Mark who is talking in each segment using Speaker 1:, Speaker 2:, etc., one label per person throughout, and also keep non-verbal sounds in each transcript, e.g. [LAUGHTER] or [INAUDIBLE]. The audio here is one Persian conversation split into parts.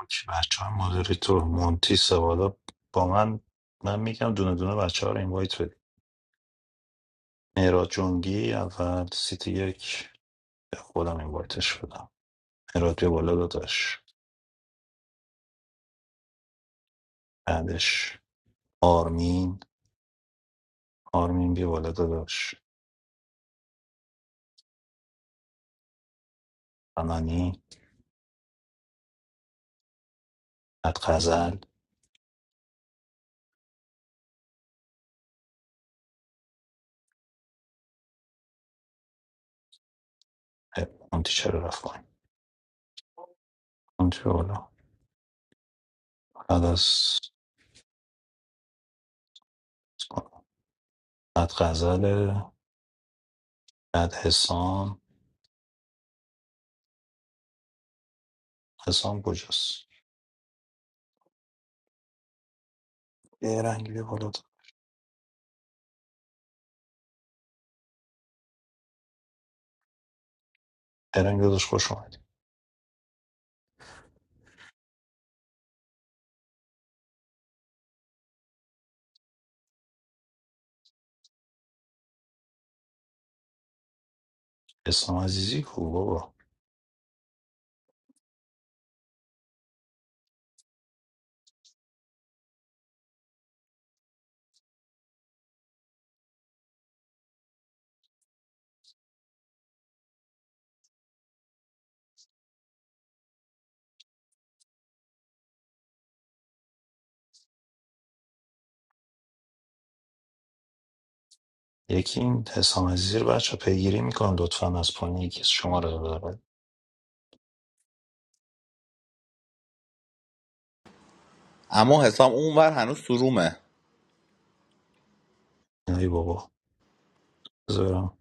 Speaker 1: اوکی بچه های مودریتور مونتی سوالا با من من میگم دونه دونه بچه ها رو اینوایت بدید مهراد جنگی اول سیتی یک به خودم اینوایتش بدم مهراد بیا بالا داداش بعدش آرمین آرمین بیا بالا داداش فنانی بعد غزل اه، مونتی چرا رفت پایین مونتی بیا بالا بعد از بعد غزل بعد حسام حسام کجاست ارنگ بیا بالا ارنگ داداش خوش اومدی اسلام عزیزی کو بابا یکی این حسام زیر بچه پیگیری میکنم لطفا از پایین یکی از شما رو ببره
Speaker 2: اما حسام اونور هنوز سرومه
Speaker 1: ای بابا بذار برم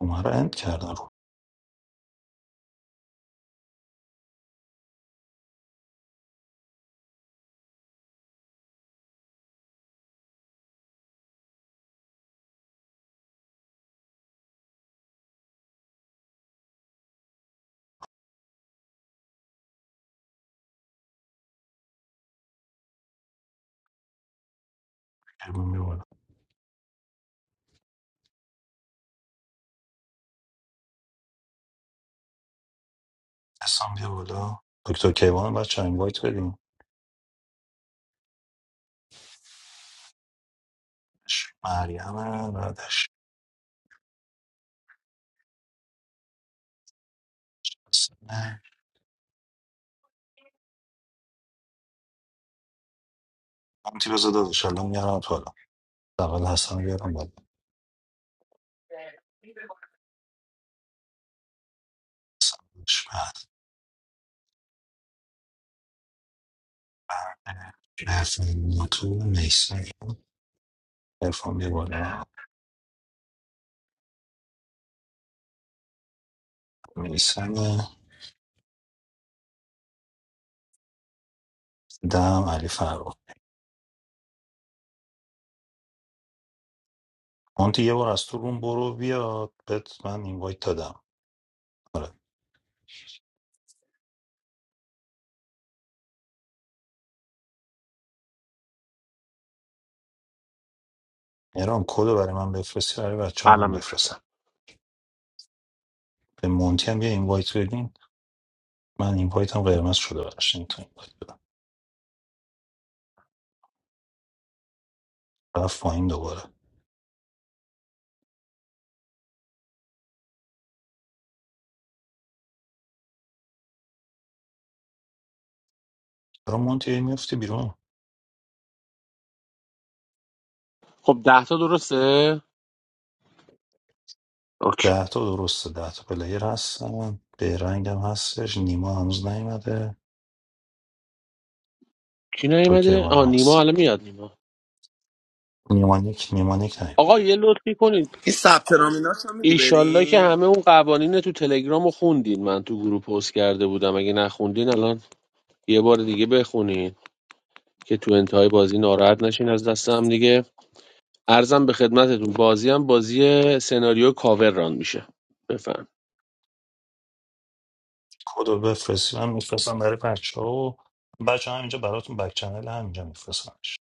Speaker 1: اونا رو اند کردن رو کیوان بیا بالا حسام بیا بالا دکتر کیوان بچه این وایت بدیم مریم هم بعدش نه همتی بذار دادش الان میارم تو بالا اول حسن رو بیارم بالا داداش، بعد مریم تو میسن ارفان بیا بالا میسن دم علی فرخ اون یه بار از تو روم برو بیاد بهت من این وایت دادم آره. مهران کدو برای من بفرستی برای بچه ها
Speaker 3: الان
Speaker 1: من
Speaker 3: میفرستم
Speaker 1: بفرستم به مونتی هم یه اینوایت بدین من اینوایت هم قرمز شده براش این تو اینوایت بدم رفت پایین دوباره چرا مونتی هی میفتی بیرون
Speaker 3: خب ده تا درسته اوکی
Speaker 1: ده تا درسته ده تا پلیر هستن به رنگم هستش نیما هنوز نیومده
Speaker 3: کی نیومده
Speaker 1: اوکیوان هم
Speaker 3: آه نیما
Speaker 1: هست
Speaker 3: الان میاد نیما
Speaker 1: نیمانیک نیمانیک نیم
Speaker 3: آقا یه لطفی کنید
Speaker 4: این ثبت نامیناش هم میدی
Speaker 3: ایشالله که
Speaker 4: بریم
Speaker 3: همه اون قوانین تو تلگرام رو خوندین من تو گروه پست کرده بودم اگه نخوندین الان یه بار دیگه بخونین که تو انتهای بازی ناراحت نشین از دست هم دیگه ارزم به خدمتتون بازی هم بازی سناریو کاور ران میشه بفرم
Speaker 1: کدو بفرستی من میفرستم برای بچه ها و بچه هم اینجا براتون بک چنل همینجا میفرستمش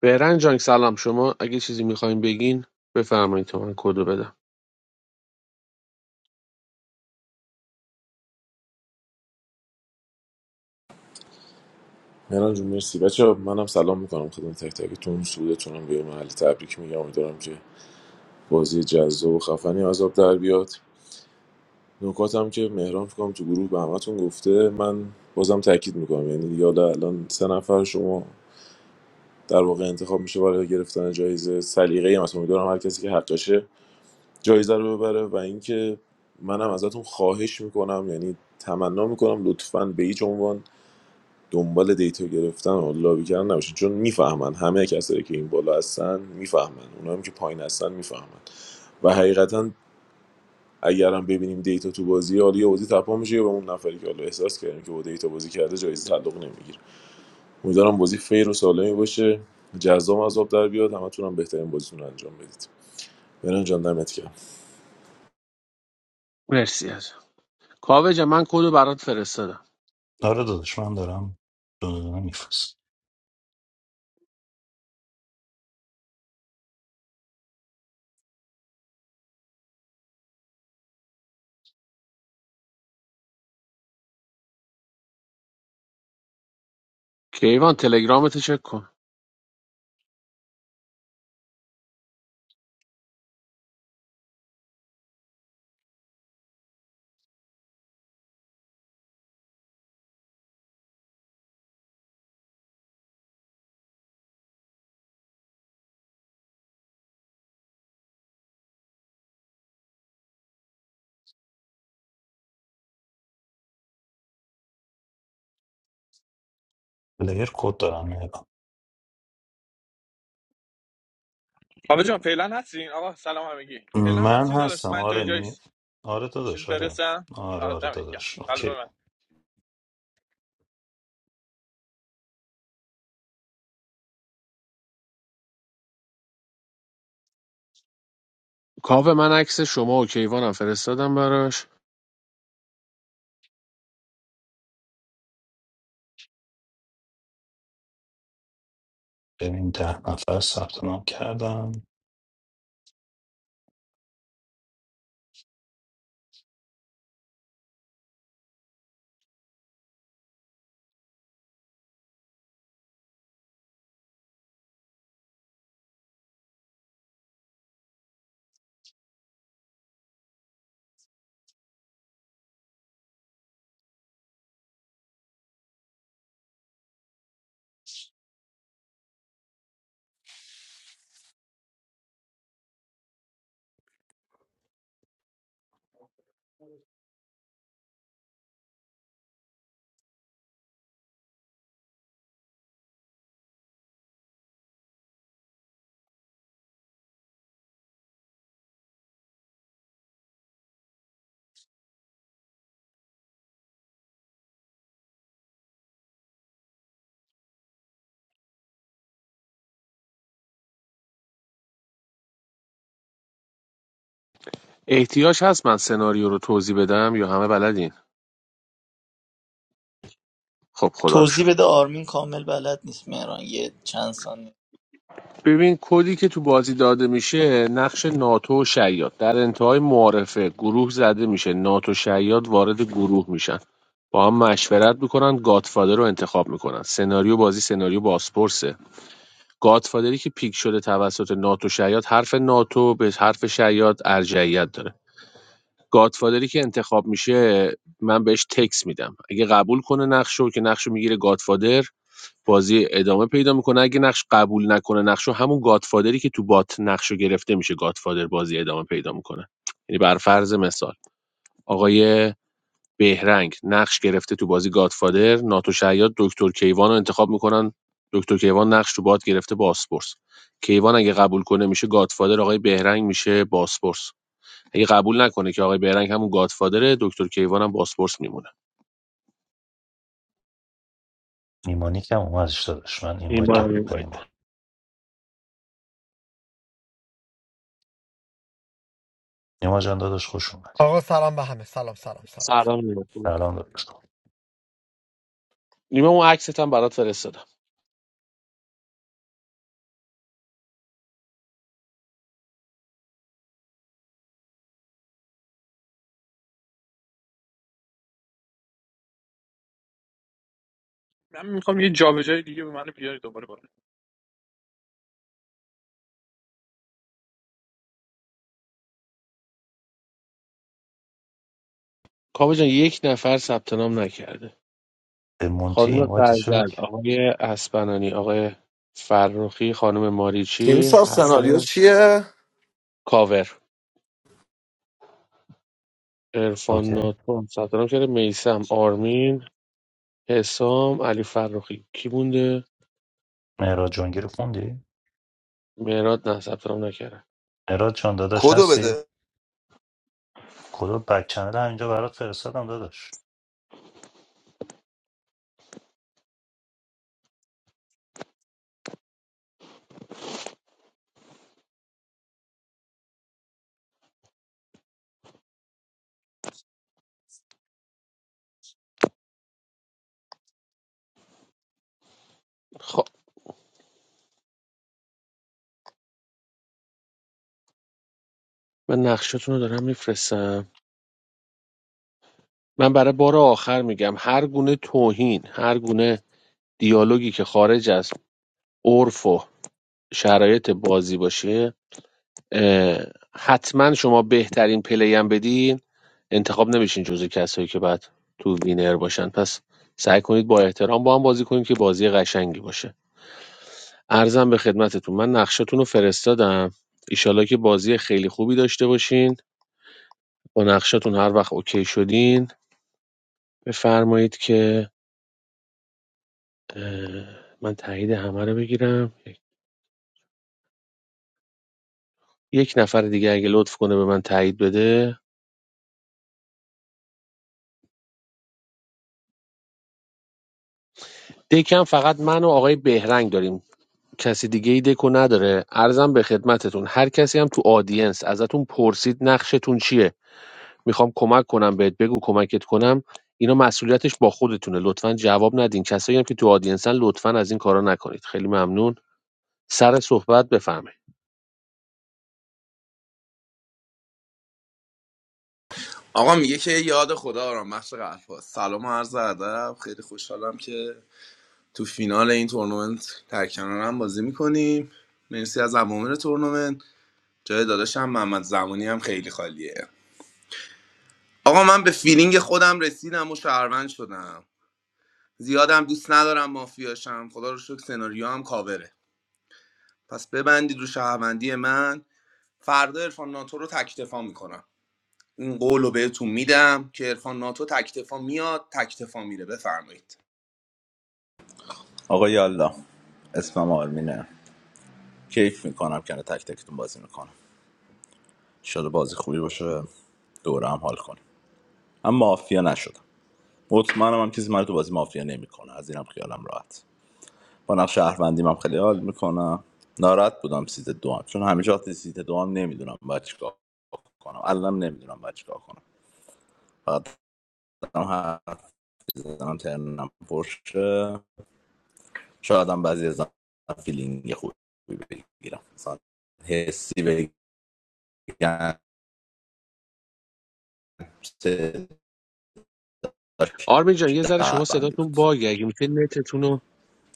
Speaker 3: بهرن جان سلام شما اگه چیزی میخواین بگین بفرمایید تا من کدو بدم
Speaker 5: مهران جون مرسی بچه منم سلام میکنم خدمت تک تکتون سودتونم به محل تبریک میگم امیدوارم که بازی جذاب و خفنی عذاب در بیاد نکاتم که مهران فکر کنم تو گروه به همتون گفته من بازم تاکید میکنم یعنی دیگه حالا الان سه نفر شما در واقع انتخاب میشه برای گرفتن جایزه سلیقه ای هم هست. امیدوارم هر کسی که حقشه جایزه رو ببره و اینکه منم ازتون خواهش میکنم یعنی تمنا میکنم لطفاً به هیچ عنوان دنبال دیتا گرفتن و لابی کردن نباشید چون میفهمن همه کسایی که این بالا هستن میفهمن اونایی که پایین هستن میفهمن و حقیقتا اگر هم ببینیم دیتا تو بازی حالا یه بازی تپا میشه یا به اون نفری که حالا احساس کردیم که با دیتا بازی کرده جایزه تعلق نمیگیره امیدوارم بازی فیر و سالمی باشه جذاب از آب در بیاد همتون هم بهترین بازیتون رو انجام بدید برن جان دمت گرم
Speaker 3: مرسی از کاوه جان، من کدو برات فرستادم
Speaker 1: آره داداش من دارم دارم میفرستم
Speaker 3: کیوان تلگرامتو چک کن
Speaker 1: پلیر کد دارم من هستم آره نی... آره داداش آره آره آره داداش اوکی
Speaker 3: کاوه من عکس شما و کیوانم فرستادم براش
Speaker 1: ببین ده نفر ثبت نام کردم
Speaker 3: احتیاج هست من سناریو رو توضیح بدم یا همه بلدین خب خدا رو
Speaker 6: توضیح
Speaker 3: شکر
Speaker 6: بده آرمین کامل بلد نیست مهران یه چند ثانیه
Speaker 3: ببین کدی که تو بازی داده میشه نقش ناتو و شیاد در انتهای معارفه گروه زده میشه ناتو و شیاد وارد گروه میشن با هم مشورت میکنن گادفادر رو انتخاب میکنن سناریو بازی سناریو بازپرسه گادفادری که پیک شده توسط ناتو و شیاد حرف ناتو به حرف شیاد ارجعیت داره گادفادری که انتخاب میشه من بهش تکس میدم اگه قبول کنه نقشو که نقشو میگیره گادفادر بازی ادامه پیدا میکنه اگه نقش قبول نکنه نقشو همون گادفادری که تو بات نقشو گرفته میشه گادفادر بازی ادامه پیدا میکنه یعنی بر فرض مثال آقای بهرنگ نقش گرفته تو بازی گادفادر ناتو شیاد دکتر کیوان رو انتخاب میکنن دکتر کیوان نقش تو بات گرفته باسپورس کیوان اگه قبول کنه میشه گادفادر آقای بهرنگ میشه باسپورس اگه قبول نکنه که آقای بیرنگ همون گادفادره دکتر کیوان هم باسپورس میمونه
Speaker 1: نیما نیکم اومدش داداش من
Speaker 3: این
Speaker 1: اینوایت
Speaker 3: بار
Speaker 1: دادم
Speaker 3: هم
Speaker 1: به
Speaker 3: باید بریم.
Speaker 1: نیما نیما جان داداش خوش اومدی
Speaker 7: آقا سلام به همه سلام سلام سلام
Speaker 3: سلام نیما خوبی؟
Speaker 1: سلام داداش
Speaker 3: نیما، اون عکست هم برات فرستادم کاوه جان یک نفر ثبت نام نکرده
Speaker 1: به مونتی
Speaker 3: خانم
Speaker 1: اینوایتشو
Speaker 3: غزل
Speaker 1: بگی
Speaker 3: آقای اسپنانی آقای فرخی خانم
Speaker 8: تیم
Speaker 3: ماریچی
Speaker 8: ساب سناریو
Speaker 3: حسن
Speaker 8: چیه؟
Speaker 3: کاور عرفان
Speaker 1: اوکی
Speaker 3: ناتون ثبت نام کرده میسم آرمین حسام علی فرخی کی مونده
Speaker 1: مهراد جانگی رو خوندی
Speaker 3: مهراد نه ثبت نام نکرده
Speaker 1: مهراد جان داداش هستی کدو بک چنل همینجا برات فرستادم داداش
Speaker 3: خب من نقشتون رو دارم میفرستم من برای بار آخر میگم هر گونه توهین هر گونه دیالوگی که خارج از عرف و شرایط بازی باشه حتما شما بهترین پلیم بدین انتخاب نمیشین جزو کسایی که بعد تو وینر باشن پس سعی کنید با احترام با هم بازی کنید که بازی قشنگی باشه ارزم به خدمتتون من نقشتون رو فرستادم ایشالله که بازی خیلی خوبی داشته باشین با نقشتون هر وقت اوکی شدین بفرمایید که اه، من تایید همه رو بگیرم یک نفر دیگه اگه لطف کنه به من تایید بده دکم فقط من و آقای بهرنگ داریم کسی دیگه ای دکو نداره عرضم به خدمتتون هر کسی هم تو آدینس ازتون پرسید نقشتون چیه میخوام کمک کنم بهت بگو کمکت کنم اینا مسئولیتش با خودتونه لطفا جواب ندین کسایی هم که تو آدینسن لطفا از این کارا نکنید خیلی ممنون سر صحبت بفرمایید
Speaker 4: آقا میگه که یاد خدا آرام بخش قلب هاست. سلام و عرض ادب خیلی خوشحالم که تو فینال این تورنمنت در کنارم بازی میکنیم مرسی از عوامل تورنمنت جای داداشم محمد زمانی هم خیلی خالیه آقا من به فیلینگ خودم رسیدم و شهروند شدم زیادم دوست ندارم مافیاشم خدا رو شکر سناریو هم کاوره پس ببندید رو شهروندی من فردا عرفان ناتو رو تکتفا میکنم این قول رو بهتون میدم که عرفان ناتو تکتفا میاد تکتفا میره بفرمایید
Speaker 2: آقا یالا اسمم آرمینه کیف میکنم کنار تک تکتون بازی میکنم شده بازی خوبی باشه دوره هم حال کنیم اما مافیا نشدم مطمئنم هم کسی من تو بازی مافیا نمیکنه از اینم خیالم راحت با نقش شهروندیم هم خیلی حال میکنم ناراحت بودم سیت دوام. چون همیشه وقتی سیت دوم نمیدونم باید چیکار کنم الانم نمیدونم باید چیکار کنم فقط دارم حرف میزنم ترنم پرشه شاید هم بعضی از فیلینگ خوبی بگیرم مثلا حسی بگم صداش
Speaker 3: آرمین جان یه ذره شما
Speaker 2: شهروندی
Speaker 3: صداتون
Speaker 2: بود
Speaker 3: باگه اگه میشه نتتون رو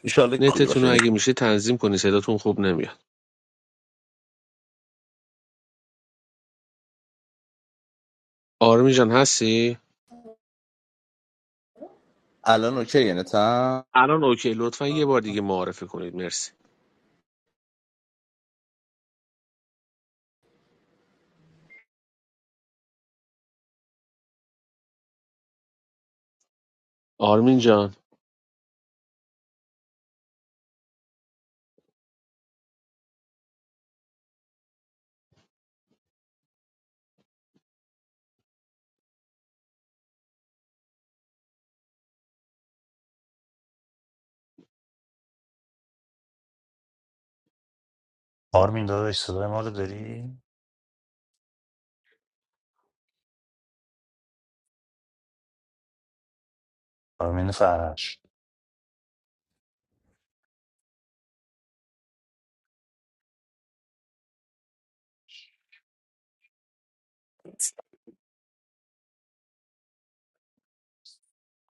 Speaker 2: ایشالله خوبی
Speaker 3: نتتون
Speaker 2: باشه
Speaker 3: رو
Speaker 2: یعنی
Speaker 3: اگه میشه تنظیم کنی صداتون خوب نمیاد آرمین جان هستی
Speaker 2: الان اوکی نتم
Speaker 3: الان اوکی لطفا یه بار دیگه معرفی کنید مرسی آرمین جان
Speaker 1: آرمین داداش صدای ما رو داری آرمین فرش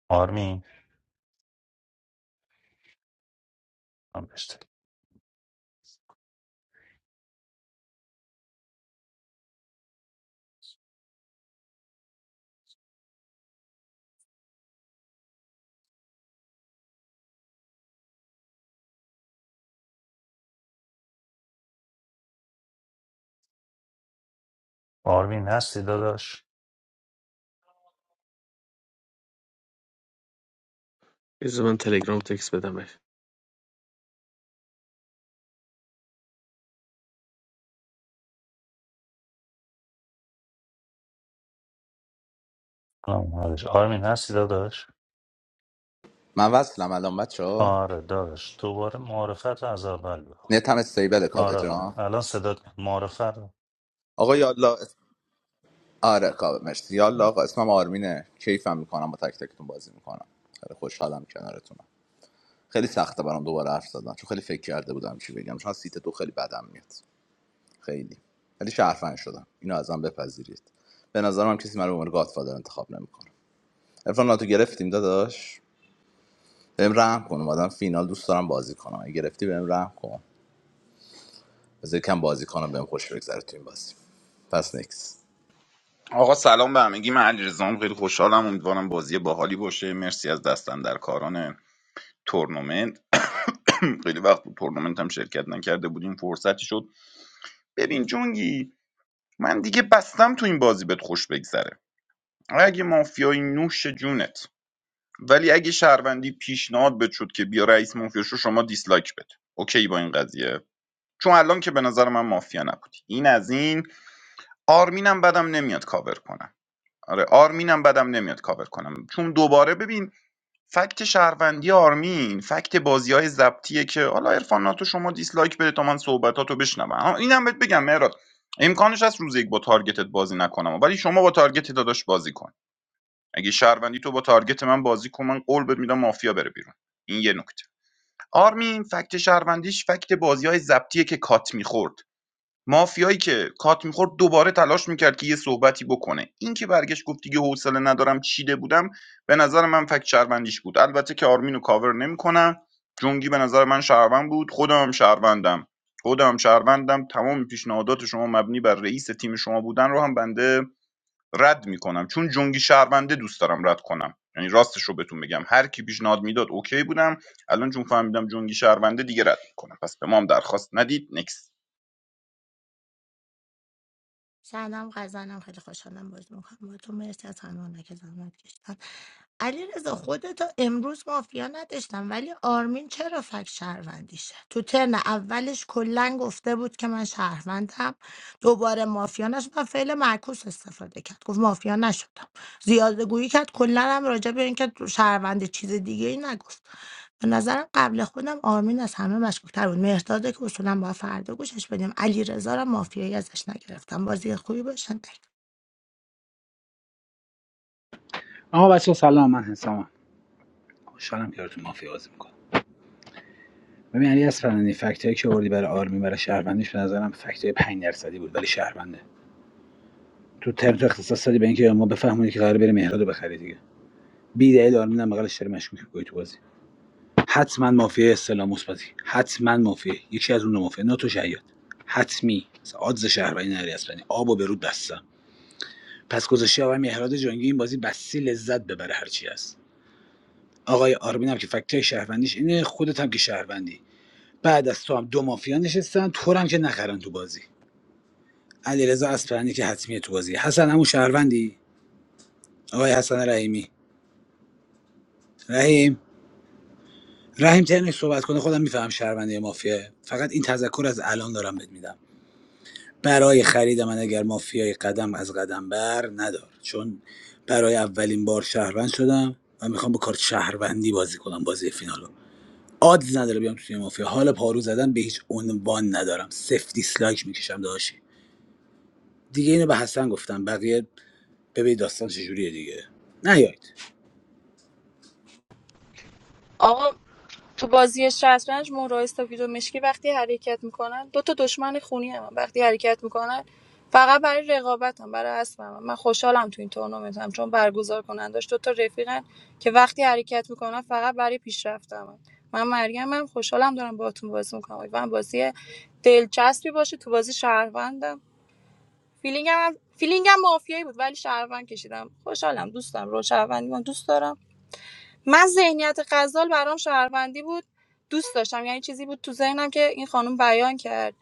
Speaker 1: آرمین من بهش تک- آرمین هستی داداش
Speaker 3: بذار من تلگرام تکس بدمش
Speaker 1: سلام حالش آرمین هستی داداش
Speaker 2: من وصلم الان بچه ها
Speaker 1: آره داداش دوباره معرفت رو از اول بکن
Speaker 2: نتم استیبله
Speaker 1: آره
Speaker 2: کابتون
Speaker 1: آره
Speaker 2: ها
Speaker 1: الان صدات میاد معرفت رو
Speaker 2: آقا یالا آره کابه مرسی یالا آقا اسمم آرمینه کیفم میکنم با تک تکتون بازی میکنم خیلی خوشحالم کنارتونم خیلی سخته برام دوباره حرف زدن چون خیلی فکر کرده بودم چی بگم چون سیت دو خیلی بدم میاد خیلی ولی شرفن شدم اینو ازم بپذیرید به نظرم هم کسی من رو به عنوان گادفادر انتخاب نمیکنه عرفان ناتو گرفتیم داداش بهم رحم کن اومدم فینال دوست دارم بازی کنم اگه گرفتی بهم رحم کن بذار کم بازی کنم بهم خوش بگذره تو این بازی پس نکس
Speaker 9: آقا سلام به همگی من علیرضام خیلی خوشحالم امیدوارم بازی باحالی باشه مرسی از دستن در کاران تورنمنت [CLEARS THROAT] خیلی وقت بود تورنمنت هم شرکت نکرده بودیم فرصتی شد ببین جونگی من دیگه بستم تو این بازی بهت خوش بگذره اگه مافیای نوش جونت ولی اگه شهروندی پیشنهاد بد شد که بیا رئیس مافیا شو شما دیسلایک بده اوکی با این قضیه چون الان که به نظر من مافیا نبودی این از این آرمینم بدم نمیاد کاور کنم آره آرمینم بدم نمیاد کاور کنم چون دوباره ببین فکت شهروندی آرمین فکت بازی های زبطیه که حالا عرفان ناتو شما دیسلایک بده تا من صحبتاتو بشنوم آها، اینم بهت بگم مهراد امکانش هست روز یک با تارگتت بازی نکنم ولی شما با تارگت داداش بازی کن اگه شهروندی تو با تارگت من بازی کن من قول بهت میدم مافیا بره بیرون این یه نکته آرمین فکت شهروندیش فکت بازی های زبطیه که کات میخورد مافیایی که کات میخورد دوباره تلاش میکرد که یه صحبتی بکنه این که برگشت گفت دیگه حوصله ندارم چیده بودم به نظر من فکت شهروندیش بود البته که آرمینو کاور نمیکنم جونگی به نظر من شهروند بود خودم هم شهروندم خودم هم شهروندم تمام پیشنهادات شما مبنی بر رئیس تیم شما بودن رو هم بنده رد میکنم چون جونگی شهرونده دوست دارم رد کنم یعنی راستش رو بهتون بگم هر کی پیشنهاد میداد اوکی بودم الان چون فهمیدم جونگی شهرونده دیگه رد میکنم پس به ما هم درخواست ندید نکس
Speaker 10: سلام غزنم خیلی خوشحالم بازی میکنم با تو مرسی از همه که زحمت کشتن علی رضا خودتو امروز مافیا نداشتم ولی آرمین چرا فک شهروندیشه تو ترن اولش کلا گفته بود که من شهروندم دوباره مافیا نشد و فعل معکوس استفاده کرد گفت مافیا نشدم زیاده گویی کرد کلا هم راجع به اینکه تو شهروند چیز دیگه ای نگفت به نظرم قبل خودم آرمین از همه مشکوک‌تر بود مهرداد که اصولا با فردا گوشش بدیم علیرضا را مافیایی ازش نگرفتم بازی خوبی باشه
Speaker 11: اما بچه سلام من حسامم خوشحالم که تو مافیا بازی میکنم ببین علی اصفهانی فکتایی که آوردی برای آرمین برای شهروندیش به نظرم فکتای 5 درصدی بود برای شهرونده تو ترم اختصاص دادی به اینکه ما بفهمونی که قراره بریم مهراد رو بخری دیگه بی دلیل آرمین هم بغلش داره مشکوک می‌کنی تو بازی حتما مافیا استلام مثبتی حتما مافیا یکی از اون دو مافیا ناتو شیاد حتمی مثلا آدز شهروندی نری اصلا آب و برود دستم پس گذاشته آقای مهراد جنگی این بازی بسی لذت ببره هرچی هست آقای آرمین هم که فکتای شهروندیش اینه خودت هم که شهروندی بعد از تو هم دو مافیا نشستن تو رو هم که نخرن تو بازی علیرضا اصفهانی که حتمیه تو بازی حسن همون شهروندی آقای حسن رحیمی رحیم رحیم تنش صحبت کنه خودم میفهم شهروندی یا مافیا فقط این تذکر از الان دارم بهت میدم برای خرید من اگر مافیای قدم از قدم بر ندار چون برای اولین بار شهروند شدم و میخوام با کارت شهروندی بازی کنم بازی فینالو آدز نداره بیام توی مافیا حال پارو زدن به هیچ عنوان ندارم سفت دیسلایک میکشم داشی دیگه اینو به حسن گفتم بقیه ببین داستان چجوریه دیگه نیاید
Speaker 12: آقا تو بازی شطرنج مهرهای سفید و مشکی وقتی حرکت میکنن دو تا دشمن خونی هم. وقتی حرکت میکنن فقط برای رقابت هم برای اسب هم. من خوشحالم تو این تورنمنت هم چون برگزار کنن داشت دو تا رفیقن که وقتی حرکت میکنن فقط برای پیشرفت هم. من مریمم خوشحالم دارم باهاتون بازی میکنم من بازی دلچسبی باشه تو بازی شهروندم فیلینگم هم... فیلینگم مافیایی بود ولی شهروند کشیدم خوشحالم دوستم رو شهروندی من دوست دارم من ذهنیت غزال برام شهروندی بود دوست داشتم یعنی چیزی بود تو ذهنم که این خانم بیان کرد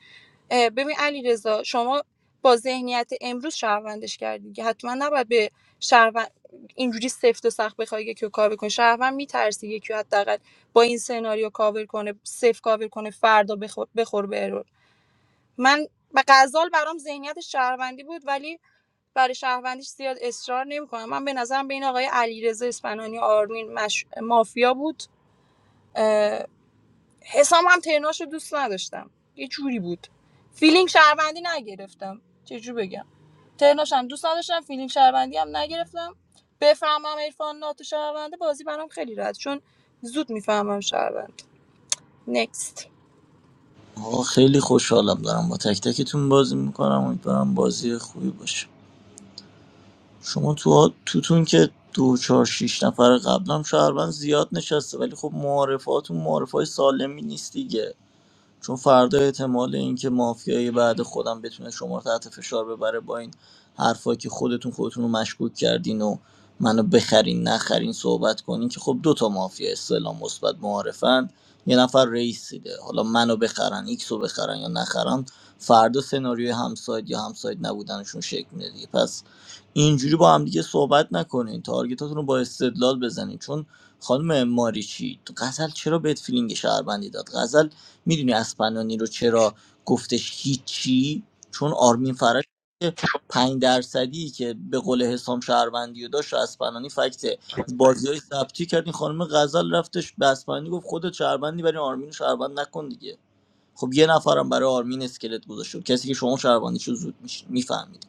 Speaker 12: اه، ببین علی شما با ذهنیت امروز شهروندش کردی که حتما نباید به شهروند اینجوری سفت و سخت بخوای یکی رو کاور کنی شهروند میترسی یکی رو حداقل با این سناریو کاور کنه سفت کاور کنه فردا بخور, بخور به ارور من به غزال برام ذهنیت شهروندی بود ولی برای شهروندیش زیاد اصرار نمیکنم من به نظرم بین آقای علیرضا اسپنانی آرمین مش... مافیا بود اه، حسام هم ترناش دوست نداشتم یه جوری بود فیلینگ شهروندی نگرفتم چجور بگم ترناش هم دوست نداشتم فیلینگ شهروندی هم نگرفتم بفهمم عرفان ناتو شهرونده بازی برام خیلی راحت چون زود میفهمم شهروند نکست
Speaker 6: آقا خیلی خوشحالم دارم با تک تکتون بازی میکنم امیدوارم بازی خوبی باشه شما تو توتون که دو چهار شیش نفر قبلم شهروند زیاد نشسته ولی خب معارفاتون معارفای سالمی نیست دیگه چون فردا احتمال اینکه مافیای بعد خودم بتونه شما رو تحت فشار ببره با این حرفایی که خودتون خودتون رو مشکوک کردین و منو بخرین نخرین صحبت کنین که خب دو تا مافیا استعلام مثبت معارفن یه نفر رئیسیده حالا منو بخرن ایکس رو بخرن یا نخرن فردا سناریوی همساید یا همساید نبودنشون شکل میده دیگه پس اینجوری با هم دیگه صحبت نکنین تارگتاتون رو با استدلال بزنین چون خانم ماریچی تو غزل چرا بهت فیلینگ شهروندی داد غزل میدونی اسپنانی رو چرا گفتش هیچی چون آرمین فرش پنج درصدی که به قول حسام شهروندی و داشت رو اسپنانی فکت بازی های ثبتی کرد این خانم غزل رفتش به اسپنانی گفت خودت شهروندی برای آرمین رو شهروند نکن دیگه خب یه نفرم برای آرمین اسکلت گذاشت کسی که شما شهروندیشو زود میفهمید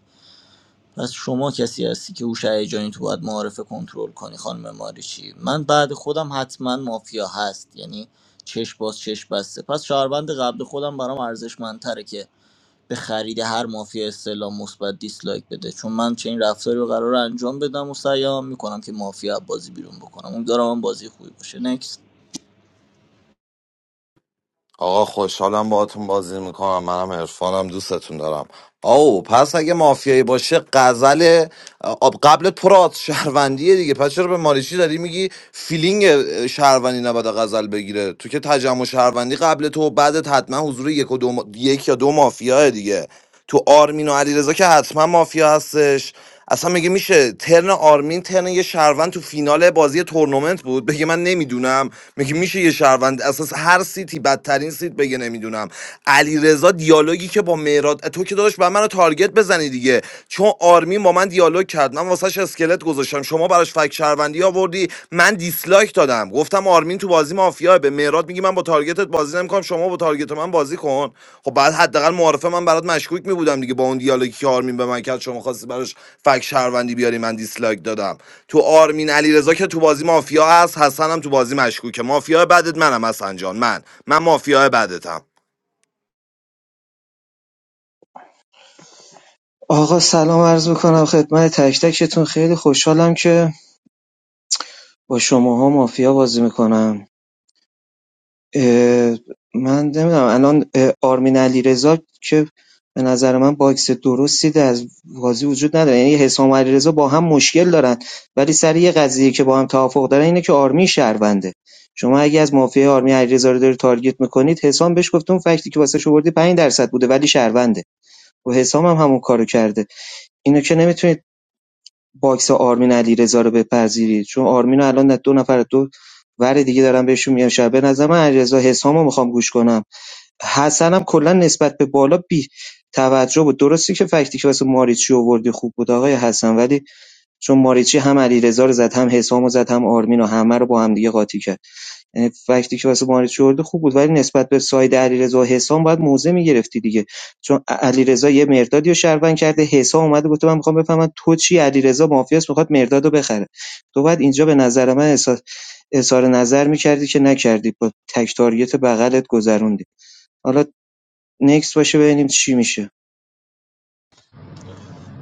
Speaker 6: پس شما کسی هستی که هوش هیجانی تو باید معارفه کنترل کنی خانم ماریچی من بعد خودم حتما مافیا هست یعنی چش باز چش بسته پس شهروند قبل خودم برام ارزشمندتره که به خرید هر مافیا استعلام مثبت دیسلایک بده چون من چنین رفتاری رو قرار انجام بدم و سیام میکنم که مافیا بازی بیرون بکنم امیدوارم هم بازی خوبی باشه نکست
Speaker 8: آقا خوشحالم باهاتون بازی میکنم منم عرفانم دوستتون دارم آو پس اگه مافیایی باشه غزل آب قبل پرات شهروندیه دیگه پس چرا به ماریچی داری میگی فیلینگ اه، شهروندی نباید غزل بگیره تو که تجمع شهروندی قبل تو و بعدت حتما حضور یک, و دو ما- یک یا دو مافیاه دیگه تو آرمین و علیرضا که حتما مافیا هستش اصلا میگه میشه ترن آرمین ترن یه شهروند تو فینال بازی تورنمنت بود بگه من نمیدونم میگه میشه یه شهروند اساس هر سیتی بدترین سیت بگه نمیدونم علیرضا دیالوگی که با مهراد تو که داداش بر منو تارگت بزنی دیگه چون آرمین با من دیالوگ کرد من واسش اسکلت گذاشتم شما براش فک شهروندی آوردی من دیسلایک لایک دادم گفتم آرمین تو بازی مافیا به مهراد میگی من با تارگتت بازی نمیکنم شما با تارگت من بازی کن خب بعد حداقل معارفه من برات مشکوک میبودم دیگه با اون دیالوگی که آرمین به من کرد شما خواستی براش فک شهروندی بیاری من دیسلایک دادم تو آرمین علیرضا که تو بازی مافیا هست حسنم تو بازی مشکوکه مافیا بعدت منم حسن جان من من مافیا بعدتم
Speaker 13: آقا سلام عرض میکنم خدمت تک تکتون خیلی خوشحالم که با شماها مافیا بازی میکنم من نمیدونم الان اه، آرمین علیرضا که به نظر من باکس درستی از بازی وجود نداره یعنی حسام و علیرضا با هم مشکل دارن ولی سر یه قضیه که با هم توافق دارن اینه که آرمین شهرونده شما اگه از مافیا آرمین علیرضا رو داری تارگت میکنید حسام بهش گفته فکتی که واسه شو 5 درصد بوده ولی شهرونده و حسام هم همون کارو کرده اینو که نمیتونید باکس آرمین علیرضا رو بپذیرید چون آرمین رو الان دو نفر دو ور دیگه دارم بهشون میگم شب نظر من علیرضا حسامو میخوام گوش کنم حسنم کلا نسبت به بالا بی توجه بود درستی که فکتی که واسه ماریچی آوردی خوب بود آقای حسن ولی چون ماریچی هم علیرضا رو زد هم حسامو زد هم آرمین و همه رو با هم دیگه قاطی کرد وقتی که واسه مهاراج اردو خوب بود ولی نسبت به ساید علیرضا و حسام باید موضع میگرفتی دیگه چون علیرضا یه مردادی رو شهروند کرده حسام اومده گفته من میخوام بفهمم تو چی علیرضا مافیاس میخواد مرداد رو بخره تو باید اینجا به نظر من اظهار اظهار نظر میکردی که نکردی با تک تارگت بغلت گذروندی حالا نکس باشه ببینیم چی میشه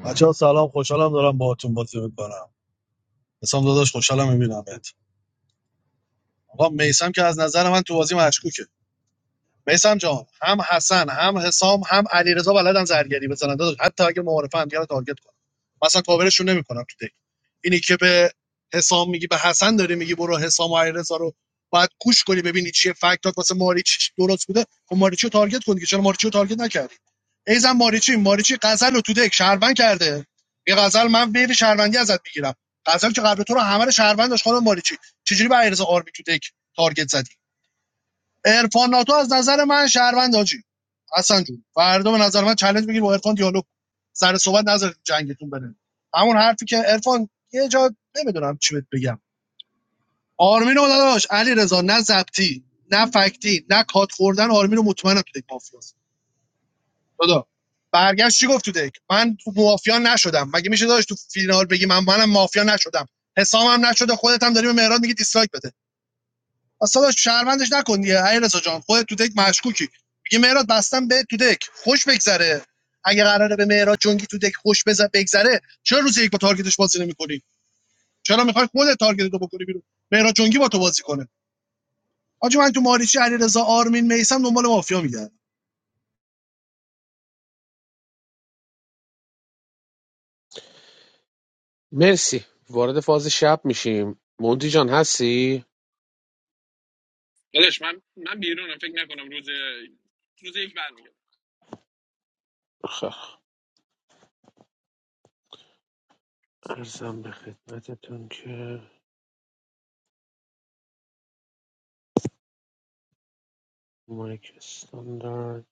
Speaker 14: بچه ها سلام خوشحالم دارم باهاتون بازی میکنم حسام داداش خوشحالم میبینمت آقا میسم که از نظر من تو بازی مشکوکه میسم جان هم حسن هم حسام هم علیرضا بلدن زرگری بزنن داداش حتی اگه معارفه هم دیگه رو تارگت کنن مثلا کاورشون نمیکنم تو دک اینی که به حسام میگی به حسن داری میگی برو حسام و علیرضا رو باید کوش کنی ببینی چیه فکتات واسه ماریچ درست بوده خب ماریچو تارگت کنی که چرا ماریچو تارگت نکردی ای زن ماریچی ماریچی غزل رو تو دک شهروند کرده یه غزل من بیل شهروندی ازت میگیرم غزل که قبل تو رو همه رو شهروند داشت خانم ماریچی چجوری به علیرضا آرمی تو دک تارگت زدی عرفان ناتو از نظر من شهروند حاجی حسن جون فردا به نظر من چالش بگیر با عرفان دیالوگ سر صحبت نظر جنگتون بره همون حرفی که عرفان یه جا نمیدونم چی بهت بگم آرمین رو داداش علیرضا رضا نه زبطی نه فکتی نه کات خوردن آرمین رو مطمئنم تو دک مافیاست. خدا برگشت چی گفت تو دک من تو مافیا نشدم مگه میشه داداش تو فینال بگی من منم مافیا نشدم حسام هم نشده خودت هم داری به مهراد میگی دیسلایک بده اصلا داش شهروندش نکن دیگه علی رضا جان خودت تو دک مشکوکی میگه مهراد بستم به تو دک خوش بگذره اگه قراره به مهراد جونگی تو دک خوش بزه بگذره چرا روز یک با تارگتش بازی نمی‌کنی چرا میخوای خودت تارگت رو بکنی بیرون مهراد جونگی با تو بازی کنه آجی من تو ماریچی علیرضا آرمین میسم دنبال مافیا میگردم
Speaker 3: مرسی وارد فاز شب میشیم مونتی جان هستی خب ارزم به خدمتتون که مایک استاندارد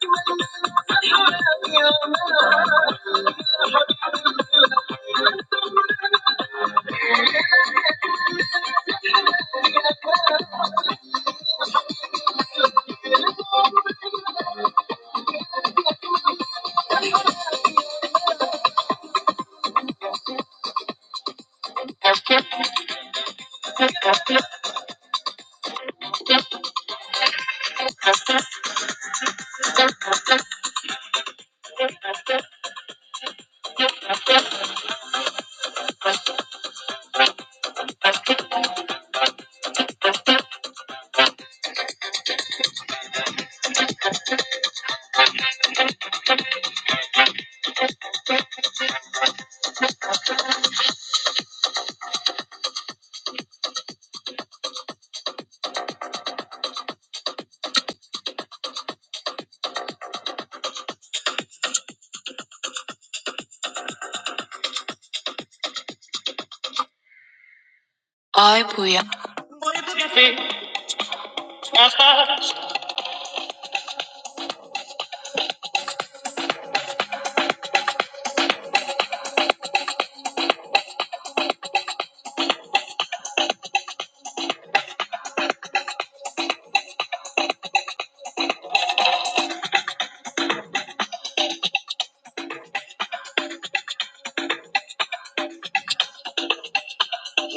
Speaker 3: [LAUGHS] Ay buia.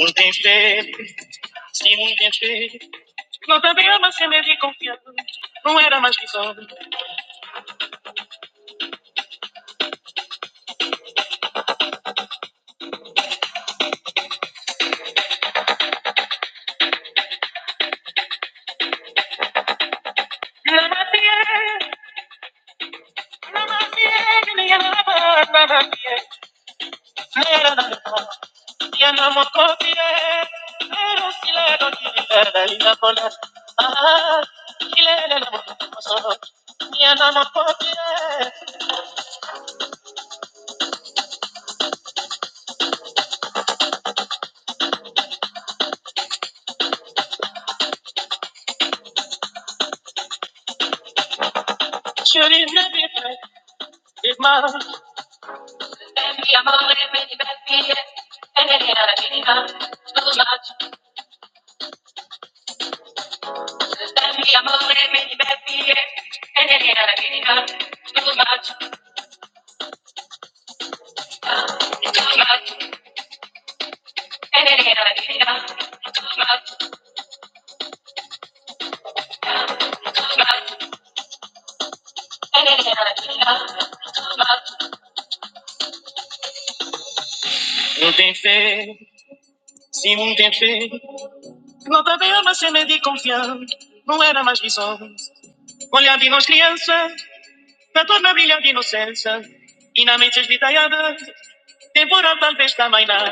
Speaker 3: Un No sabía más que me di confianza. No era más que solo. La más fiel, la más fiel, que me llamaba, la más fiel. Yana makofi eh, pero kila doki eh, ina kona. Ah, kila yana makofi. Yana makofi eh, shuri nabi eh, ima. Emi amore meni bebi eh, eneni anakina, too much. Emi amore meni bebi eh, eneni anakina, too much, too much. Eneni anakina, too much, too much. Eneni anakina, too much. Não tem fé, se não tem fé, não tá bem uma cena de confiança, não era mais visões. Olhar de nós criança, na torna brilha de inocência, e na mente esvitalhada, temporal talvez também não.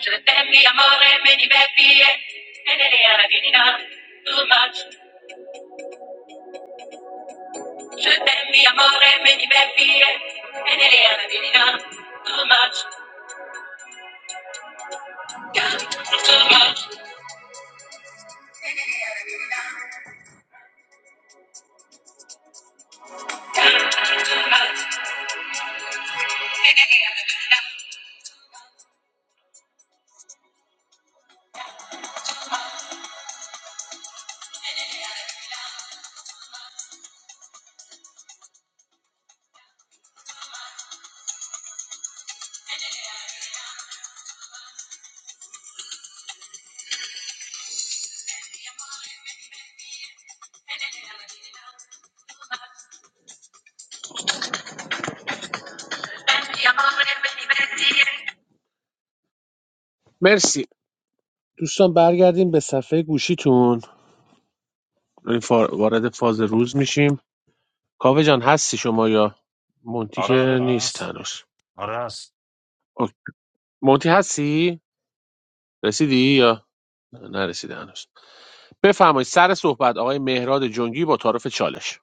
Speaker 3: Je t'aime, amore, me diverti, e nele alla divinità, too much. Je t'aime, amore, me diverti, e nele alla divinità, too much, too much. amore, me diverti. Merci. دوستان برگردیم به صفحه گوشیتون این فا- وارد فاز روز میشیم کاوه جان هستی شما یا مونتی
Speaker 1: آره آره
Speaker 3: که
Speaker 1: من
Speaker 3: نیست
Speaker 1: هستم
Speaker 3: هنوز
Speaker 1: آره هست
Speaker 3: اوکی. مونتی هستی رسیدی یا نه، نرسیده هنوز بفرمایید سر صحبت آقای مهراد جنگی با تعارف چالش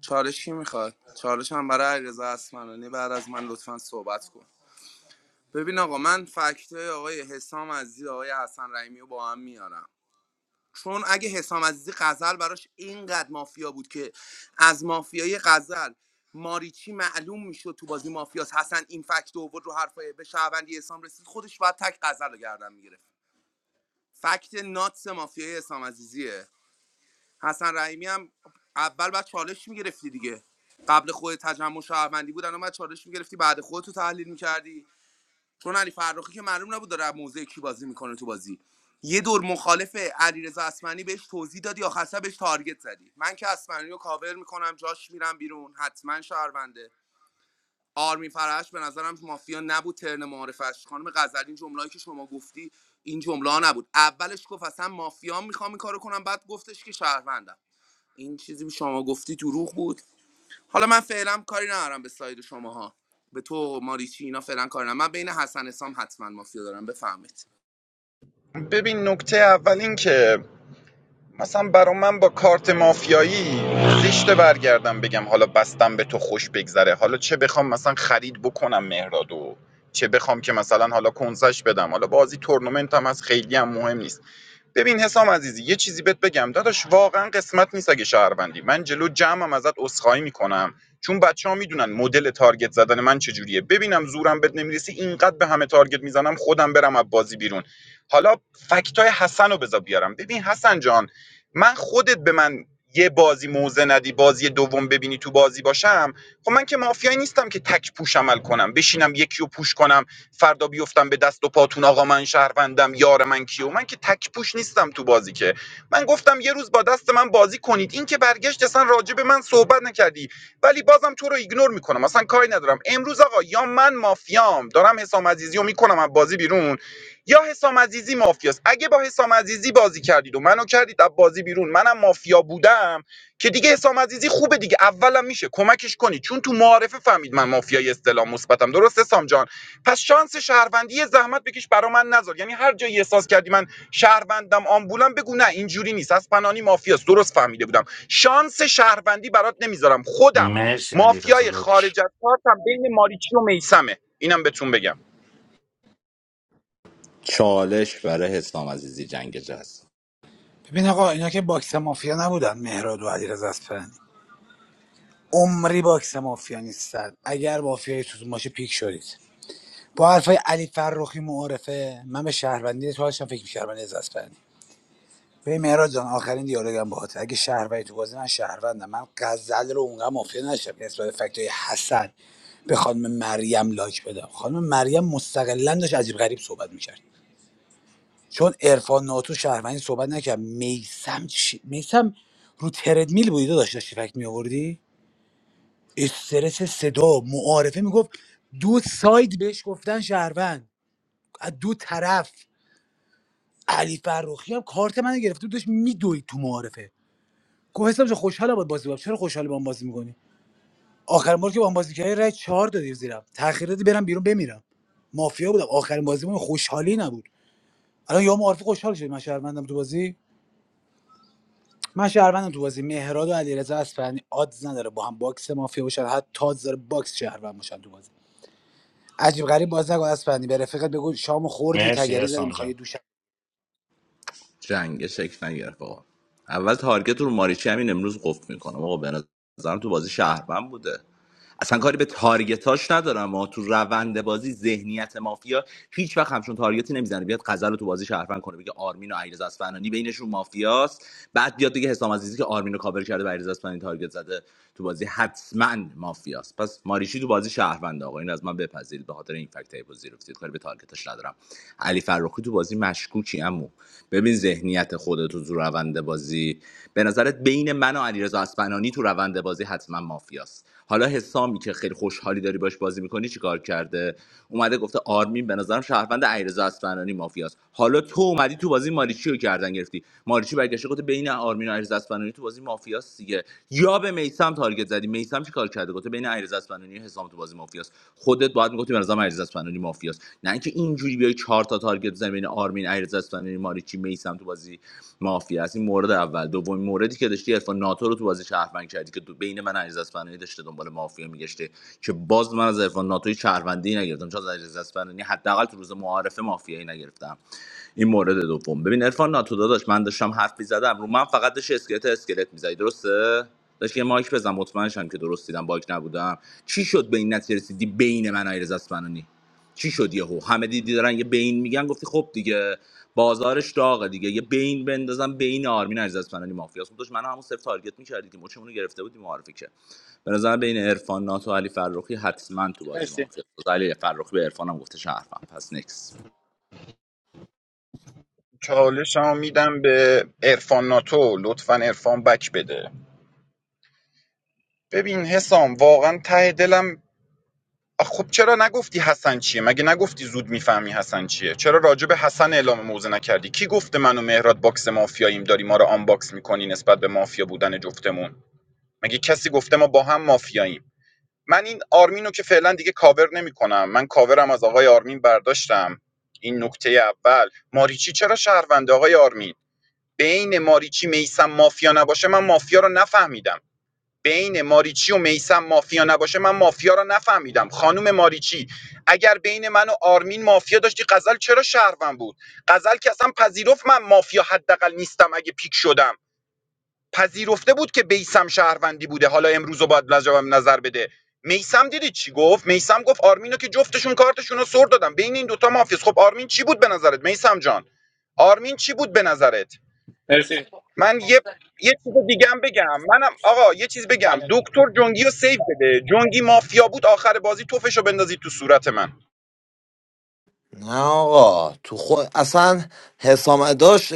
Speaker 4: چالش کی میخواد چالش هم برای علیرضا اسمانانی بعد از من لطفا صحبت کن ببین آقا من فکت آقای حسام عزیزی آقای حسن رحیمی رو با هم میارم چون اگه حسام عزیزی غزل براش اینقدر مافیا بود که از مافیای غزل ماریچی معلوم میشد تو بازی مافیاس حسن این فکت اوورد رو حرفای به شهروندی حسام رسید خودش باید تک غزل رو گردن میگرفت فکت ناتس مافیای حسام عزیزیه حسن رحیمی هم اول بعد چالش میگرفتی دیگه قبل خود تجمع شهروندی بود الان بعد چالش میگرفتی بعد خودت تو تحلیل میکردی چون علی فرخی که معلوم نبود داره از موضع کی بازی میکنه تو بازی یه دور مخالف علیرضا اسمنی بهش توضیح دادی آخرسر بهش تارگت زدی من که اسمنی رو کاور میکنم جاش میرم بیرون حتما شهرونده آرمین فرش به نظرم مافیا نبود ترن معارفش خانم غزلی این جمله‌ای که شما گفتی این جمله ها نبود اولش گفت اصلا مافیا میخوام این کارو کنم بعد گفتش که شهروندم این چیزی که شما گفتی دروغ بود حالا من فعلا کاری ندارم به ساید شماها به تو ماریچی اینا فعلا کاری ندارم من بین حسن اسام حتما مافیا دارم بفهمید
Speaker 9: ببین نکته اول این که مثلا برا من با کارت مافیایی زشته برگردم بگم حالا بستم به تو خوش بگذره حالا چه بخوام مثلا خرید بکنم مهرادو چه بخوام که مثلا حالا کنسش بدم حالا بازی تورنمنت هم از خیلی هم مهم نیست ببین حسام عزیزی یه چیزی بهت بگم داداش واقعا قسمت نیست اگه شهروندی من جلو جمعم ازت عذرخواهی میکنم چون بچه ها میدونن مدل تارگت زدن من چجوریه ببینم زورم بهت نمیرسی اینقدر به همه تارگت میزنم خودم برم از بازی بیرون حالا فکتای حسن رو بذار بیارم ببین حسن جان من خودت به من یه بازی موزه ندی بازی دوم ببینی تو بازی باشم خب من که مافیایی نیستم که تک پوش عمل کنم بشینم یکی رو پوش کنم فردا بیفتم به دست و پاتون آقا من شهروندم یار من کیو من که تک پوش نیستم تو بازی که من گفتم یه روز با دست من بازی کنید این که برگشت اصلا راجع به من صحبت نکردی ولی بازم تو رو ایگنور میکنم اصلا کاری ندارم امروز آقا یا من مافیام دارم حسام عزیزی رو میکنم از بازی بیرون یا حسام عزیزی مافیاست اگه با حسام عزیزی بازی کردید و منو کردید از بازی بیرون منم مافیا بودم که دیگه حسام عزیزی خوبه دیگه اولم میشه کمکش کنی چون تو معارفه فهمید من مافیای استلام مثبتم درست حسام جان پس شانس شهروندی زحمت بکش برا من نذار یعنی هر جایی احساس کردی من شهروندم آمبولم بگو نه اینجوری نیست از پنانی مافیاست درست فهمیده بودم شانس شهروندی برات نمیذارم خودم
Speaker 1: مرسی علی رضا
Speaker 9: مافیای
Speaker 1: داداش
Speaker 9: خارج از کارتم بین ماریچی و میسمه اینم بهتون بگم
Speaker 2: چالش برای حسام عزیزی جنگ جز
Speaker 11: ببین آقا اینا که باکس مافیا نبودن مهراد و علیرضا اصفهانی عمری باکس مافیا نیستن اگر مافیای توتون باشه پیک شدید با حرفای علی فرخی معارفه من به شهروندی تو داشتم فکر می‌کردم علی رضا اصفهانی به مهراد جان آخرین دیالوگم باهات اگه شهروندی تو بازی من شهروندم من غزل رو اونقدر مافیا نشم که نسبت به فکتای حسن به خانم مریم لایک بدم خانم مریم مستقلا داشت عجیب غریب صحبت می‌کرد چون عرفان ناتو شهروندی صحبت نکرد میسم چی؟ میسم رو تردمیل بودی داشت داشتی فکت میآوردی استرس صدا معارفه میگفت دو ساید بهش گفتن شهروند از دو طرف علی فرخی هم کارت منو گرفته بود، داشت میدوید تو معارفه گفت حسام جان خوشحالم باهات بازی می‌کنم چرا خوشحال با هم بازی میکنی آخرین بار که با هم بازی کردی رای چهار دادی زیرم تاخیر دادی برم بیرون بمیرم مافیا بودم آخرین بازیمون خوشحالی نبود الان یا معارفه خوشحال شدی من شهروندم تو بازی من شهروندم تو بازی مهراد و علیرضا اصفهانی آدز نداره با هم باکس مافیا باشن حتی تاز داره باکس شهروند باشن تو بازی عجیب غریب باز نگو اصفهانی به رفیقت بگو شامو خوردی
Speaker 1: مرسی
Speaker 11: تگری زدی
Speaker 1: احسان
Speaker 11: میخوای یه
Speaker 1: جان
Speaker 11: دوش [LAUGHS]
Speaker 2: جنگ شکل نگرفت آقا اول تارگت رو ماریچی همین امروز قفل میکنم آقا به نظرم تو بازی شهروند بوده اصلا کاری به تارگتاش ندارم ما تو روند بازی ذهنیت مافیا هیچ وقت همچون تارگتی نمیزنه بیاد غزل رو تو بازی شهروند کنه بگه آرمین و علیرضا اصفهانی بینشون مافیاست بعد بیاد بگه حسام عزیزی که آرمین رو کاور کرده و علیرضا اصفهانی تارگت زده تو بازی حتما مافیاست پس ماریچی تو بازی شهروند آقا این از من بپذیرید به خاطر این فکت های بازی رفتید کاری به تارگتش ندارم علی فرخی تو بازی مشکوکی امو ببین ذهنیت خودت تو روند بازی به نظرت بین من و علیرضا اصفهانی تو روند بازی حتما مافیاست حالا حسامی که خیلی خوشحالی داری باش بازی میکنی چیکار کرده اومده گفته آرمین به نظرم شهروند علیرضا اصفهانی مافیاست حالا تو اومدی تو بازی ماریچی رو کردن گرفتی ماریچی برگشته گفته بین آرمین و علیرضا اصفهانی تو بازی مافیاست دیگه یا به میسم تارگت زدی میسم چیکار کرده گفته بین علیرضا اصفهانی و حسام تو بازی مافیاست خودت باید میگفتی به نظرم علیرضا اصفهانی مافیاست نه اینکه اینجوری بیای چهار تا تارگت بزنی بین آرمین علیرضا اصفهانی ماریچی میسم تو بازی مافیا است این مورد اول دومین موردی که داشتی عرفان ناتو رو تو بازی شهروند کردی که تو بین من علیرضا اصفهانی داشته دنبال مافیا میگشته که باز من از عرفان ناتوی شهروندی نگرفتم چون از علیرضا اصفهانی حداقل تو روز معارفه مافیایی نگرفتم این مورد دوم ببین عرفان ناتو داداش من داشتم حرف میزدم رو من فقط داشت اسکلت اسکلت میزدی درسته داشت یه مایک بزن مطمئن شم که درست دیدم باگ نبودم چی شد به این نتیجه رسیدی بین من و ایرز اسمنانی چی شد یهو همه دیدی دارن یه بین میگن گفتی خب دیگه بازارش داغه دیگه یه بین بندازم بین آرمین عزیز از فنانی مافیاس اون داشت منو همون صرف تارگت می‌کردی که مچمون رو گرفته بودیم معرفی که به نظر بین عرفان ناتو و علی فرخی حتما تو بازی مافیاس علی فرخی به عرفانم گفته شرفم پس نکس
Speaker 9: چالشمو میدم به عرفان ناتو لطفا عرفان بک بده ببین حسام واقعا ته دلم آخ، خب چرا نگفتی حسن چیه مگه نگفتی زود میفهمی حسن چیه چرا راجع به حسن اعلام موضع نکردی کی گفته من و مهراد باکس مافیاییم داری ما رو آنباکس میکنی نسبت به مافیا بودن جفتمون مگه کسی گفته ما با هم مافیاییم من این آرمین رو که فعلا دیگه کاور نمیکنم من کاورم از آقای آرمین برداشتم این نکته اول ماریچی چرا شهرونده آقای آرمین بین ماریچی میسم مافیا نباشه من مافیا رو نفهمیدم بین ماریچی و میسم مافیا نباشه من مافیا رو نفهمیدم خانم ماریچی اگر بین من و آرمین مافیا داشتی غزل چرا شهروند بود غزل که اصلا پذیرفت من مافیا حداقل نیستم اگه پیک شدم پذیرفته بود که بیسم شهروندی بوده حالا امروز رو باید لجبم نظر بده میسم دیدی چی گفت میسم گفت آرمینو که جفتشون کارتشون رو سر دادم بین این دوتا مافیاست خب آرمین چی بود به نظرت میسم جان آرمین چی بود به نظرت من یه یه چیز دیگه بگم منم آقا یه چیز بگم دکتر جنگی رو سیو بده جنگی مافیا بود آخر بازی توفش رو بندازی تو صورت من
Speaker 8: نه آقا تو خود اصلا حسام داشت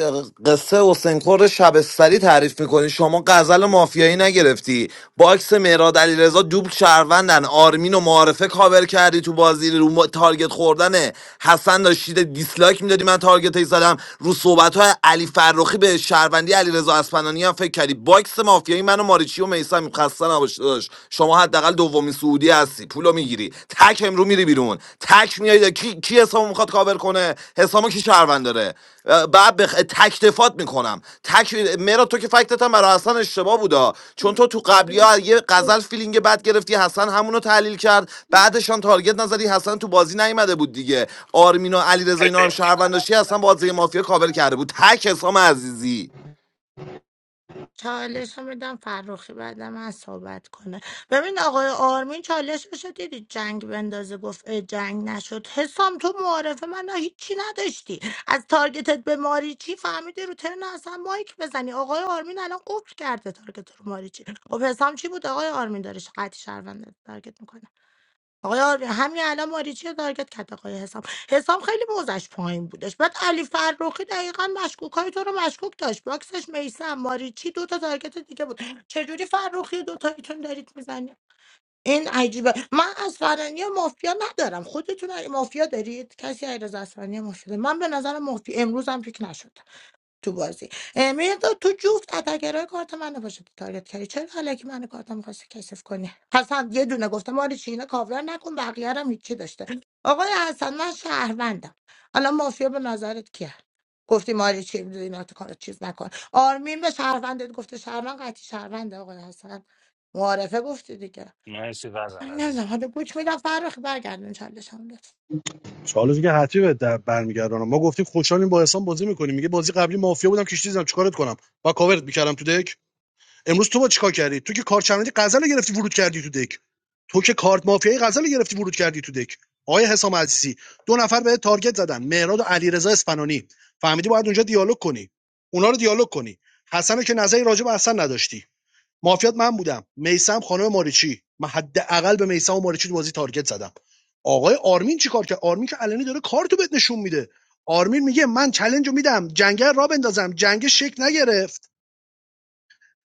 Speaker 8: قصه حسین خور شبستری تعریف میکنی شما غزل مافیایی نگرفتی باکس مهراد علیرضا دوبل شهروندن آرمین و معارفه کاور کردی تو بازی رو ما- تارگت خوردن حسن داشتید دیسلایک میدادی من تارگت ای زدم رو صحبت های علی فرخی به شهروندی علیرضا اسپنانی هم فکر کردی باکس مافیایی منو ماریچی و میسم خسته نباش داداش. شما ما حداقل دومین سعودی هستی پولو میگیری تک امرو میری بیرون تک میای کی کی حسابو میخواد کاور کنه حسابو کی شهروند داره اه، بعد بخ... تک دفات میکنم تک مرا تو که فکتت هم برای حسن اشتباه بودا چون تو تو قبلی ها یه غزل فیلینگ بد گرفتی حسن همونو تحلیل کرد بعدشان تارگت نزدی حسن تو بازی نیومده بود دیگه آرمین و علیرضا اینا هم شهروند داشتی حسن بازی مافیا کاور کرده بود تک حسام عزیزی
Speaker 10: چالش رو میدم فروخی بعد من صحبت کنه ببین آقای آرمین چالش رو دیدی جنگ بندازه گفت اه، جنگ نشد حسام تو معارفه من هیچی نداشتی از تارگتت به ماریچی فهمیدی رو ترن اصلا مایک بزنی آقای آرمین الان قفل کرده تارگت رو ماریچی خب حسام چی بود آقای آرمین داره قطعی شهروند تارگت میکنه. آقای آر- همین الان ماریچی رو تارگت کرد آقای حسام حسام خیلی موزش پایین بودش بعد علی فرخی دقیقا مشکوک های تو رو مشکوک داشت باکسش میسم ماریچی دو تا تارگت دیگه بود چجوری فرخی دو تایتون دارید میزنید این عجیبه من از فرانی مافیا ندارم خودتون مافیا دارید کسی غیر از اسفرانی مافیا داره؟ من به نظر مافیا امروز هم پیک نشد تو بازی مرداد تو جفت اتاگرای کارت منو باشه تارگت کردی چرا الکی منو کارتم میخواستی کثیف کنی حسن یه دونه گفتم آره چینه کاور نکن بقیه رو هم هیچی داشته آقای حسن من شهروندم الان مافیا به نظرت کیه گفتی ماری چی اینا تو کار چیز نکن آرمین به شهروندت گفته شهروند قطعی شهرونده آقای حسن معارفه گفتی دیگه
Speaker 1: مرسی
Speaker 10: من
Speaker 1: وزل
Speaker 10: نمیدونم
Speaker 1: عزیزم
Speaker 10: حالا گوش میدم فرخ برگردون چندشم لطفا
Speaker 14: چالش که حتی به در برمیگردانم ما گفتیم خوشحالیم با احسان بازی میکنیم میگه بازی قبلی مافیا بودم کشتیزم چیکارت کنم با کاورت میکردم تو دک امروز تو با چیکار کردی تو که کارت چرمدی غزل رو گرفتی ورود کردی تو دک تو که کارت مافیای غزل رو گرفتی ورود کردی تو دک آیا حسام عزیزی دو نفر به تارگت زدن مهراد و علیرضا اسپنانی فهمیدی باید اونجا دیالوگ کنی اونا رو دیالوگ کنی حسن رو که نظری راجع به حسن نداشتی مافیات من بودم میسم خانم ماریچی من حداقل به میسم و ماریچی تو بازی تارگت زدم آقای آرمین چیکار کرد آرمین که علنی داره کارتو بهت نشون میده آرمین میگه من چلنج رو میدم جنگل را بندازم جنگ شک نگرفت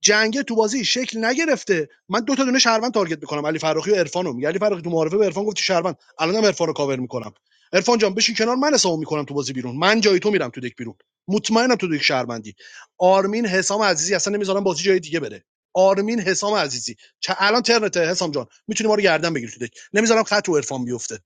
Speaker 14: جنگه تو بازی شکل نگرفته من دو تا دونه شهروند تارگت میکنم علی فراخی و عرفانو میگه علی فراخی تو معارفه به عرفان گفتی شهروند الانم عرفانو کاور میکنم عرفان جان بشین کنار من حسابو میکنم تو بازی بیرون من جای تو میرم تو دک بیرون مطمئنم تو دک شهروندی آرمین حسام عزیزی اصلا نمیذارم بازی جای دیگه بره آرمین حسام عزیزی چه الان ترنت حسام جان میتونی ما رو گردن بگیری تو دک نمیذارم خط و عرفان بیفته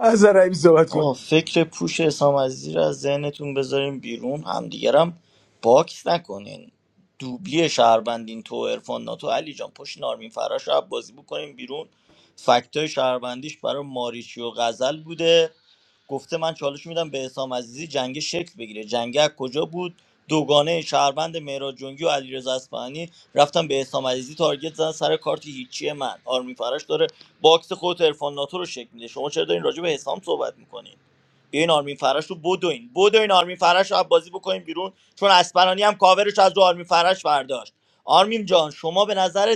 Speaker 11: از رحیم صحبت کن
Speaker 6: آقا فکر پوش حسام عزیزی رو از ذهنتون بذارین بیرون همدیگرم باکس نکنین دوبلی شهروندین تو ارفان ناتو علی جان پشت نارمین فراش رو بازی بکنین بیرون فکتای شهروندیش برای ماریچی و غزل بوده گفته من چالش میدم به حسام عزیزی جنگ شکل بگیره جنگ از کجا بود دوگانه شهروند مهراد جنگی و علیرضا اصفهانی رفتن به حسام عزیزی تارگت زدن سر کارت هیچی من آرمی فراش داره باکس خود عرفان ناتو رو شکل میده شما چرا دارین راجع به حسام صحبت میکنین بیاین آرمین فرش رو بدوین بدوین آرمین فرش رو از بازی بکنین بیرون چون اسپرانی هم کاورش از رو آرمین فرش برداشت آرمین جان شما به نظرت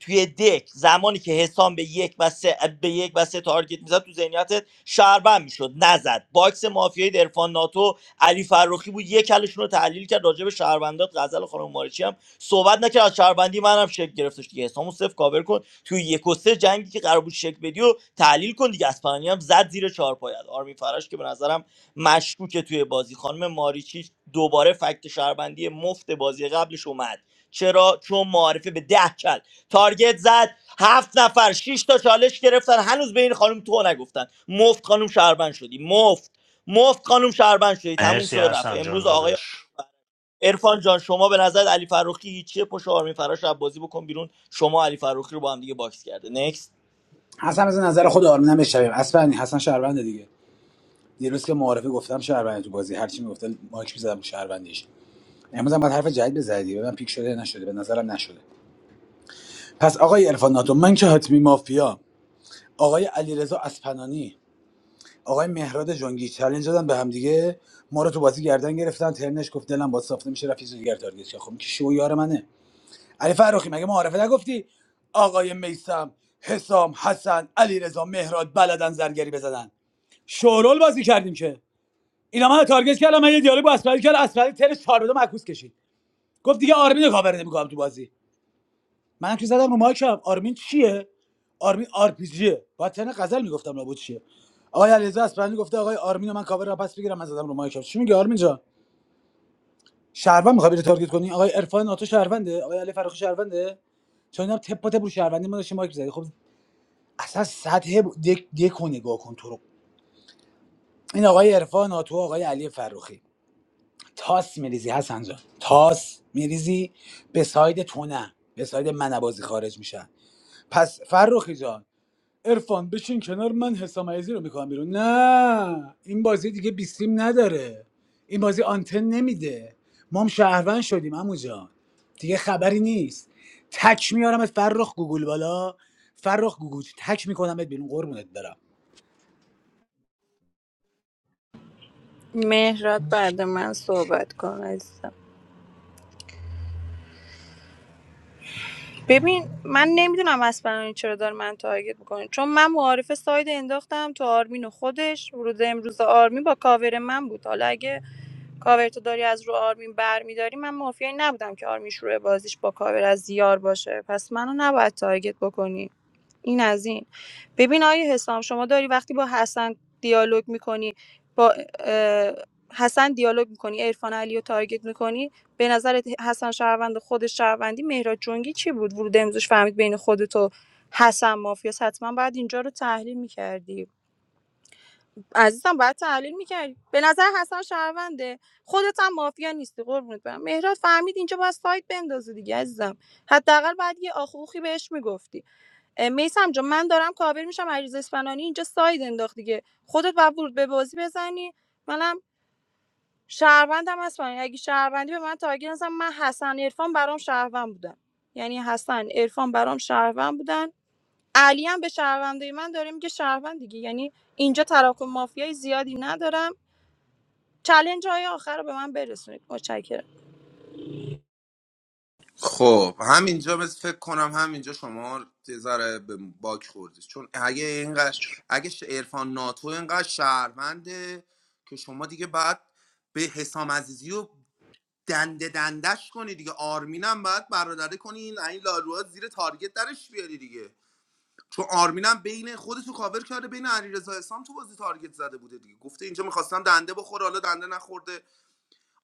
Speaker 6: توی دک زمانی که حسام به یک و سه به یک و سه تارگت میزد تو ذهنیتت شهروند میشد نزد باکس مافیای عرفان ناتو علی فروخی بود یک کلشون رو تحلیل کرد راجع به شهروندات غزل خانم مارچی هم صحبت نکرد از شهروندی منم شک گرفتش دیگه حسامو صفر کاور کن توی یک و سه جنگی که قرار بود شک بدی و تحلیل کن دیگه اسپانیا هم زد زیر چهار پایت آرمین فرش که به نظرم مشکوکه توی بازی خانم ماریچی دوباره فکت شهروندی مفت بازی قبلش اومد چرا چون معارفه به ده کل تارگت زد هفت نفر شش تا چالش گرفتن هنوز به این خانم تو نگفتن مفت خانم شهروند شدی مفت مفت خانم شهروند شدی تموم
Speaker 1: مرسی
Speaker 6: شد و رفت
Speaker 1: احسان جان
Speaker 6: امروز آقای
Speaker 1: داداش
Speaker 6: ارفان جان شما به نظر علی فروخی هیچیه پشت آرمین فراش رو بازی بکن بیرون شما علی فروخی رو با هم دیگه باکس کرده نکست
Speaker 11: حسن از نظر خود آرمینم بشویم اصفهانی حسن شهرونده دیگه دیروز که معارفه گفتم شهرونده تو بازی هرچی میگفتن مایک میزدم رو شهروندیش امروز هم باید حرف جدید بزدی به من پیک شده نشده به نظرم نشده پس آقای عرفان ناتو من که حتمی مافیا آقای علیرضا اصفهانی آقای مهراد جنگی چلنج دادن به هم دیگه ما رو تو بازی گردن گرفتن ترنش گفت دلم با ساخته میشه رفیق دیگر تارگت کرد. خب که شو یار منه علی فرخی مگه معارفه نگفتی آقای میسم حسام حسن علی رضا مهراد بلدن زرگری بزنن شورول بازی کردیم که اینا من رو تارگت کردم من یه دیالوگ با اسپری کردم اسپری ترش چهار بده معکوس کشید گفت دیگه آرمین رو کاور نمیکنم تو بازی من که زدم رو مایکم آرمین چیه آرمین آر پی جیه باید تن غزل میگفتم لابد چیه آقای علیرضا اسپرانی گفته آقای آرمین رو من کاور را پس بگیرم من زدم رو مایکم چی میگه آرمین جان شهروند میخوای بری تارگت کنی آقای عرفان ناتو شهرونده آقای علی فراخی شهرونده چون اینا تپ با تپ رو شهروندی ما داشتیم مایک زدی خب اصلا سطح ب- دک دکو نگاه کن تو رو این آقای عرفان ناتو آقای علی فروخی تاس میریزی حسن جان تاس میریزی به ساید تو نه به ساید من بازی خارج میشن پس فروخی جان ارفان بشین کنار من حسام عزیزی رو میکنم بیرون نه این بازی دیگه بیستیم نداره این بازی آنتن نمیده ما هم شهروند شدیم امو جان دیگه خبری نیست تک میارمت فرخ گوگل بالا فرخ گوگوچ تک میکنمت بیرون قربونت برم
Speaker 12: مهراد بعد من صحبت کن ببین من نمیدونم اسپرانی چرا داره من تارگت میکنه چون من معارف ساید انداختم تو آرمین و خودش ورود امروز آرمین با کاور من بود حالا اگه کاور تو داری از رو آرمین برمیداری من مافیایی نبودم که آرمین شروع بازیش با کاور از زیار باشه پس منو نباید تارگت بکنی این از این ببین آیه حسام شما داری وقتی با حسن دیالوگ میکنی با حسن دیالوگ میکنی عرفان علی رو تارگت میکنی به نظر حسن شهروند خودش شهروندی مهراد جنگی چی بود ورود امروزش فهمید بین خودت و حسن مافیاس حتما باید اینجا رو تحلیل میکردی عزیزم باید تحلیل میکردی به نظر حسن شهرونده خودت هم مافیا نیستی قربونت برم مهراد فهمید اینجا باید سایت بندازه دیگه عزیزم حداقل باید یه آخوخی بهش میگفتی میسم جون من دارم کاور میشم علیرضا اسپنانی اینجا ساید انداخت دیگه خودت باید ورود به بازی بزنی منم شهروندم اسپانیا اگه شهروندی به من تاگیر نزن من حسن عرفان برام شهروند بودن یعنی حسن عرفان برام شهروند بودن علی هم به شهروندی من داره میگه شهروند دیگه یعنی اینجا تراکم مافیای زیادی ندارم چلنج های آخر رو به من برسونید متشکرم
Speaker 4: خب همینجا بس فکر کنم همینجا شما یه ذره به باک خوردید چون اگه اینقدر اگه عرفان ناتو اینقدر شهرونده که شما دیگه باید به حسام عزیزی و دنده دندش کنی دیگه آرمینم باید برادره کنی این این لاروها زیر تارگت درش بیاری دیگه چون آرمینم بین خودتو کاور کرده بین علیرضا اسام تو بازی تارگت زده بوده دیگه گفته اینجا میخواستم دنده بخوره حالا دنده نخورده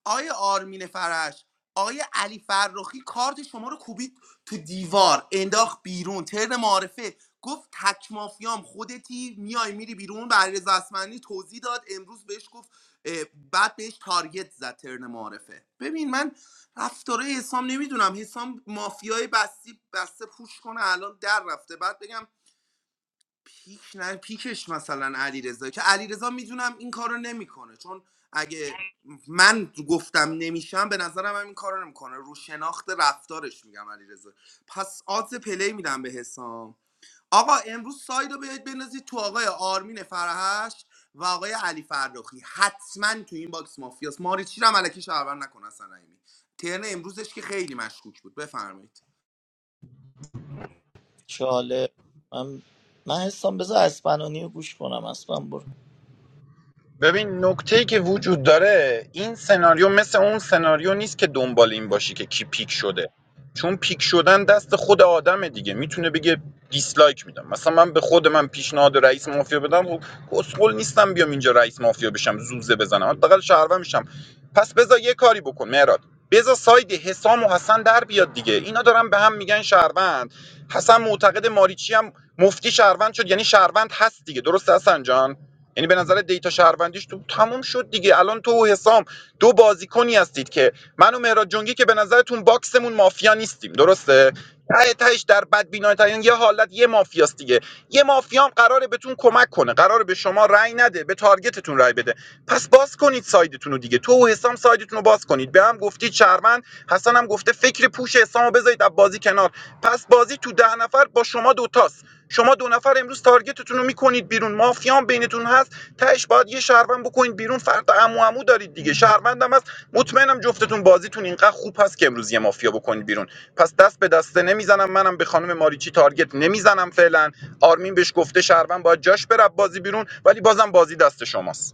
Speaker 4: آیا آرمین فرش آیا علی فرخی کارت شما رو کوبید تو دیوار انداخت بیرون ترن معارفه گفت تک مافیام خودتی میای میری بیرون به علیرضا اسمنی توضیح داد امروز بهش گفت اه، بعد بهش تارگت زد ترن معارفه ببین من رفتاره حسام نمیدونم حسام مافیای بستی بسته پوش کنه الان در رفته بعد بگم پیک نه پیکش مثلا علیرضا که علیرضا میدونم این کارو نمیکنه چون اگه من گفتم نمیشم به نظرم هم این کارو نمیکنه رو شناخت رفتارش میگم علیرضا پس آدز پلی میدم به حسام آقا امروز ساید رو بیاید بندازید تو آقای آرمین فرهش و آقای علی فرخی حتما تو این باکس مافیاس ماریچی رو ملکی شهرور نکن اصلا رحیمی. ترن امروزش که خیلی مشکوک بود بفرمایید
Speaker 6: چاله من من حسام بذار اسپنانی رو گوش کنم اسپن برو
Speaker 9: ببین نکته که وجود داره این سناریو مثل اون سناریو نیست که دنبال این باشی که کی پیک شده چون پیک شدن دست خود آدمه دیگه میتونه بگه دیسلایک میدم مثلا من به خود من پیشنهاد رئیس مافیا بدم خب کسخل نیستم بیام اینجا رئیس مافیا بشم زوزه بزنم حداقل شهروه میشم پس بذار یه کاری بکن مهراد بذار ساید حسام و حسن در بیاد دیگه اینا دارن به هم میگن شهروند حسن معتقد ماریچی هم مفتی شهروند شد یعنی شهروند هست دیگه درسته حسن جان یعنی به نظر دیتا شهروندیش تو تموم شد دیگه الان تو و حسام دو بازیکنی هستید که من و مهراد جنگی که به نظرتون باکسمون مافیا نیستیم درسته ته تهش در بد بینایترین یه حالت یه مافیاست دیگه یه مافیا هم قراره بهتون کمک کنه قراره به شما رأی نده به تارگتتون رأی بده پس باز کنید سایدتون رو دیگه تو و حسام سایدتون رو باز کنید به هم گفتید شهروند حسن هم گفته فکر پوش حسام بذارید از بازی کنار پس بازی تو ده نفر با شما دوتاست شما دو نفر امروز تارگتتون رو میکنید بیرون مافیان بینتون هست تهش باید یه شهروند بکنید بیرون فردا عمو عمو دارید دیگه شهروندم هست مطمئنم جفتتون بازیتون اینقدر خوب هست که امروز یه مافیا بکنید بیرون پس دست به دسته نمیزنم منم به خانم ماریچی تارگت نمیزنم فعلا آرمین بهش گفته شهروند باید جاش بره بازی بیرون ولی بازم بازی دست شماست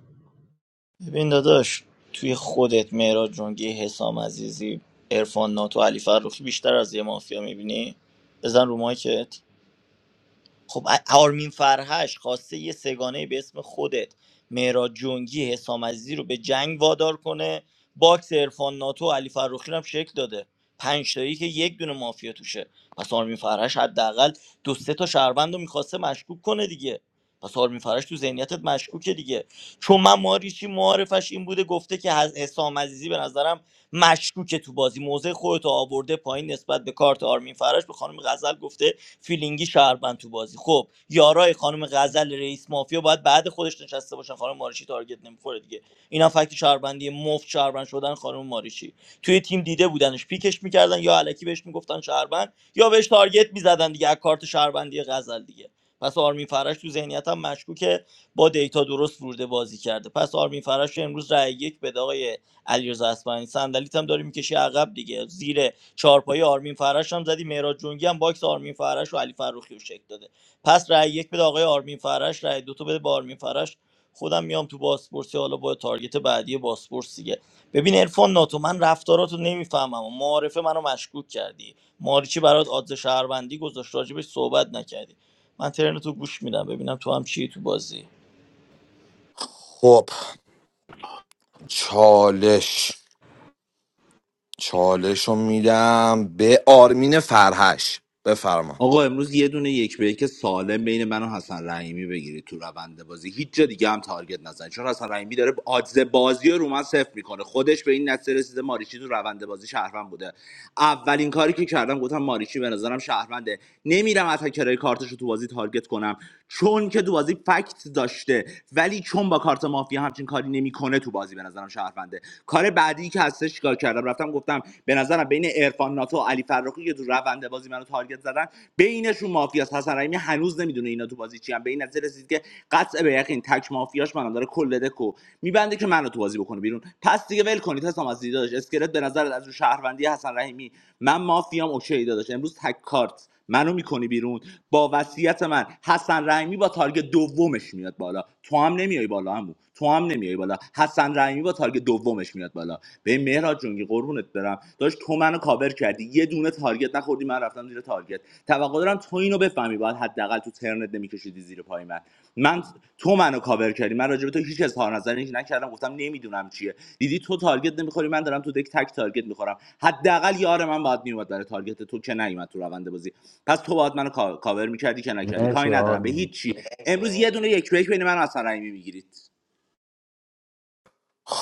Speaker 6: ببین داداش توی خودت مهراد جنگی حسام عزیزی عرفان ناتو علی فرخی بیشتر از یه مافیا میبینی بزن رو مایکت خب ا- آرمین فرهش خواسته یه سگانه به اسم خودت مهراد جنگی حسام عزیزی رو به جنگ وادار کنه باکس عرفان ناتو و علی فروخی رو هم شکل داده پنج تایی که یک دونه مافیا توشه پس آرمین فرهش حداقل دو سه تا شهروند رو میخواسته مشکوک کنه دیگه پس آرمین فرهش تو ذهنیتت مشکوکه دیگه چون من ماریچی معارفش این بوده گفته که حس- حسام عزیزی به نظرم مشکوکه تو بازی موضع خودتو آورده پایین نسبت به کارت آرمین فرهش به خانم غزل گفته فیلینگی شهروند تو بازی خب یارای خانم غزل رئیس مافیا باید بعد خودش نشسته باشن خانم ماریچی تارگت نمیخوره دیگه اینا فکت شهروندی مفت شهروند شدن خانم ماریچی توی تیم دیده بودنش پیکش میکردن یا علکی بهش میگفتن شهروند یا بهش تارگت میزدن دیگه از کارت شهروندی غزل دیگه پس آرمین فرش تو ذهنیت هم مشکوکه با دیتا درست ورده بازی کرده پس آرمین فرش امروز رای یک به آقای علیرضا اصفهانی صندلیت هم داری میکشی عقب دیگه زیر چهارپای آرمین فرش هم زدی مهراد جنگی هم باکس آرمین فرش و علی فروخی رو شکل داده پس رأی یک بده آقای آرمین فرش رأی دو تو بده به آرمین فرش خودم میام تو باسپورسی حالا با تارگت بعدی باسپورس دیگه ببین عرفان ناتو من رفتاراتو نمیفهمم و معارفه منو مشکوک کردی ماریچی برات آدز شهروندی گذاشت راجبش صحبت نکردی من ترنتو گوش میدم ببینم تو هم چی تو بازی
Speaker 8: خب چالش چالش رو میدم به آرمین فرهش بفرما
Speaker 2: آقا امروز یه دونه یک به یک سالم بین من و حسن رحیمی بگیرید تو روند بازی هیچ جا دیگه هم تارگت نزنید چون حسن رحیمی داره آدز بازی رو رو من صفر میکنه خودش به این نتیجه رسیده ماریچی تو روند بازی شهروند بوده اولین کاری که کردم گفتم ماریچی به نظرم شهرونده نمیرم اتکرای کارتش رو تو بازی تارگت کنم چون که تو بازی فکت داشته ولی چون با کارت مافیا همچین کاری نمیکنه تو بازی به نظرم شهرونده کار بعدی که هستش چیکار کردم رفتم گفتم به نظرم بین عرفان ناتو و علی فرخی که تو روند بازی منو تارگت زدن بینشون مافیاس حسن رحیمی هنوز نمیدونه اینا تو بازی چی ان. به این نظر رسید که قطع به یقین تک مافیاش منو داره کل دکو میبنده که منو تو بازی بکنه بیرون پس دیگه ول کنید حسام از دیداش اسکلت به نظرت از رو شهروندی حسن رحیمی من مافیام اوکی داداش امروز تک کارت منو میکنی بیرون با وصیت من حسن رحیمی با تارگ دومش میاد بالا تو هم نمیای بالا همو تو هم نمیای بالا حسن رحیمی با تارگ دومش میاد بالا به مهراد جونگی قربونت برم داشت تو منو کاور کردی یه دونه تارگت نخوردی من رفتم زیر تارگت توقع دارم تو اینو بفهمی باید حداقل تو ترنت نمیکشیدی کشیدی زیر پای من من تو منو کاور کردی من راجع به تو هیچ اظهار نظری نکردم گفتم نمیدونم چیه دیدی تو تارگت نمیخوری من دارم تو دک تک تارگت میخورم حداقل یار من باید میومد برای تارگت تو که نیومد تو روند بازی پس تو باید منو کا- کاور میکردی که نکردی
Speaker 1: مرسی
Speaker 2: کاری ندارم به هیچ
Speaker 1: آرمین
Speaker 2: چی امروز یه دونه یک به یک بین من و حسن رحیمی میگیرید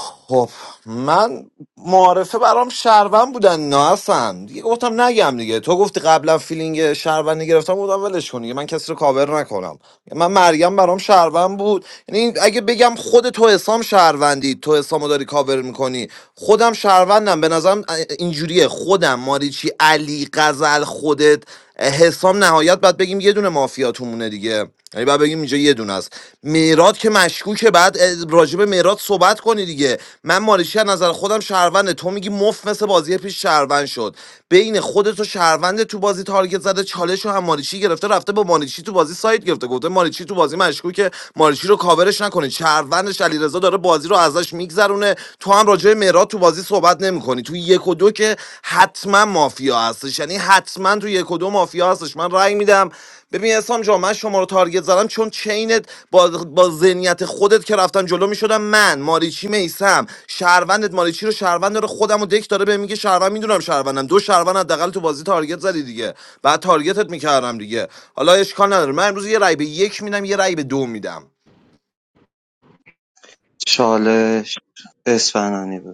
Speaker 8: خب من معارفه برام شهروند بودن نه اصلا دیگه گفتم نگم دیگه تو گفتی قبلا فیلینگ شهروندی گرفتم گفتم ولش کن دیگه من کسی رو کاور نکنم من مریم برام شهروند بود یعنی اگه بگم خود تو حسام شهروندی تو حسامو داری کاور میکنی خودم شهروندم به نظرم اینجوریه خودم ماریچی علی غزل خودت حسام نهایت باید بگیم یه دونه مافیا. جفتیاتون دیگه یعنی بعد بگیم اینجا یه دونه است میراد که مشکوکه بعد راجب میراد صحبت کنی دیگه من مالشی از نظر خودم شهرونده تو میگی مف مثل بازی پیش شهروند شد بین خودت و شهروند تو بازی تارگت زده چالش رو هم مالشی گرفته رفته با مالشی تو بازی سایت گرفته گفته مالشی تو بازی مشکوکه مارشی رو کاورش نکنه شهروندش علیرضا داره بازی رو ازش میگذرونه تو هم راجع میراد تو بازی صحبت نمیکنی تو یک و دو که حتما مافیا هستش یعنی حتما تو یک و دو مافیا هستش من رأی میدم ببین اسام جا من شما رو تارگت زدم چون چینت با با ذهنیت خودت که رفتن جلو میشدم من ماریچی میسم شهروندت ماریچی رو شهروند داره خودم و دک داره به میگه شهروند میدونم شهروندم دو شهروند حداقل تو بازی تارگت زدی دیگه بعد تارگتت میکردم دیگه حالا اشکال نداره من امروز یه رای به یک میدم یه رای به دو میدم
Speaker 13: چالش اسفنانی بود.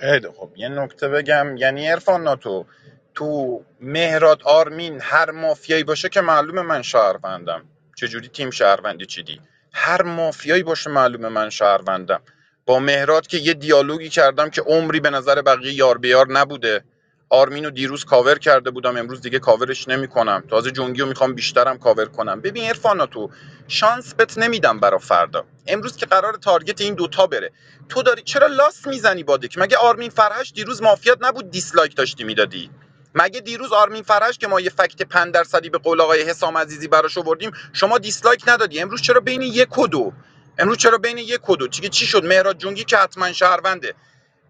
Speaker 9: خیلی خب یه نکته بگم یعنی عرفان ناتو تو مهراد آرمین هر مافیایی باشه که معلومه من شهروندم چجوری تیم شهروندی چیدی هر مافیایی باشه معلومه من شهروندم با مهراد که یه دیالوگی کردم که عمری به نظر بقیه یار بیار نبوده آرمینو دیروز کاور کرده بودم امروز دیگه کاورش نمیکنم تازه جنگیو میخوام بیشترم کاور کنم ببین عرفان تو شانس بت نمیدم برا فردا امروز که قرار تارگت این دوتا بره تو داری چرا لاس میزنی بادک مگه آرمین فرهش دیروز مافیات نبود دیسلایک داشتی میدادی مگه دیروز آرمین فرهش که ما یه فکت 5 درصدی به قول آقای حسام عزیزی براش آوردیم شما دیسلایک ندادی امروز چرا بین یک و دو امروز چرا بین یک و دو چی چی شد مهراد جنگی که حتما شهرونده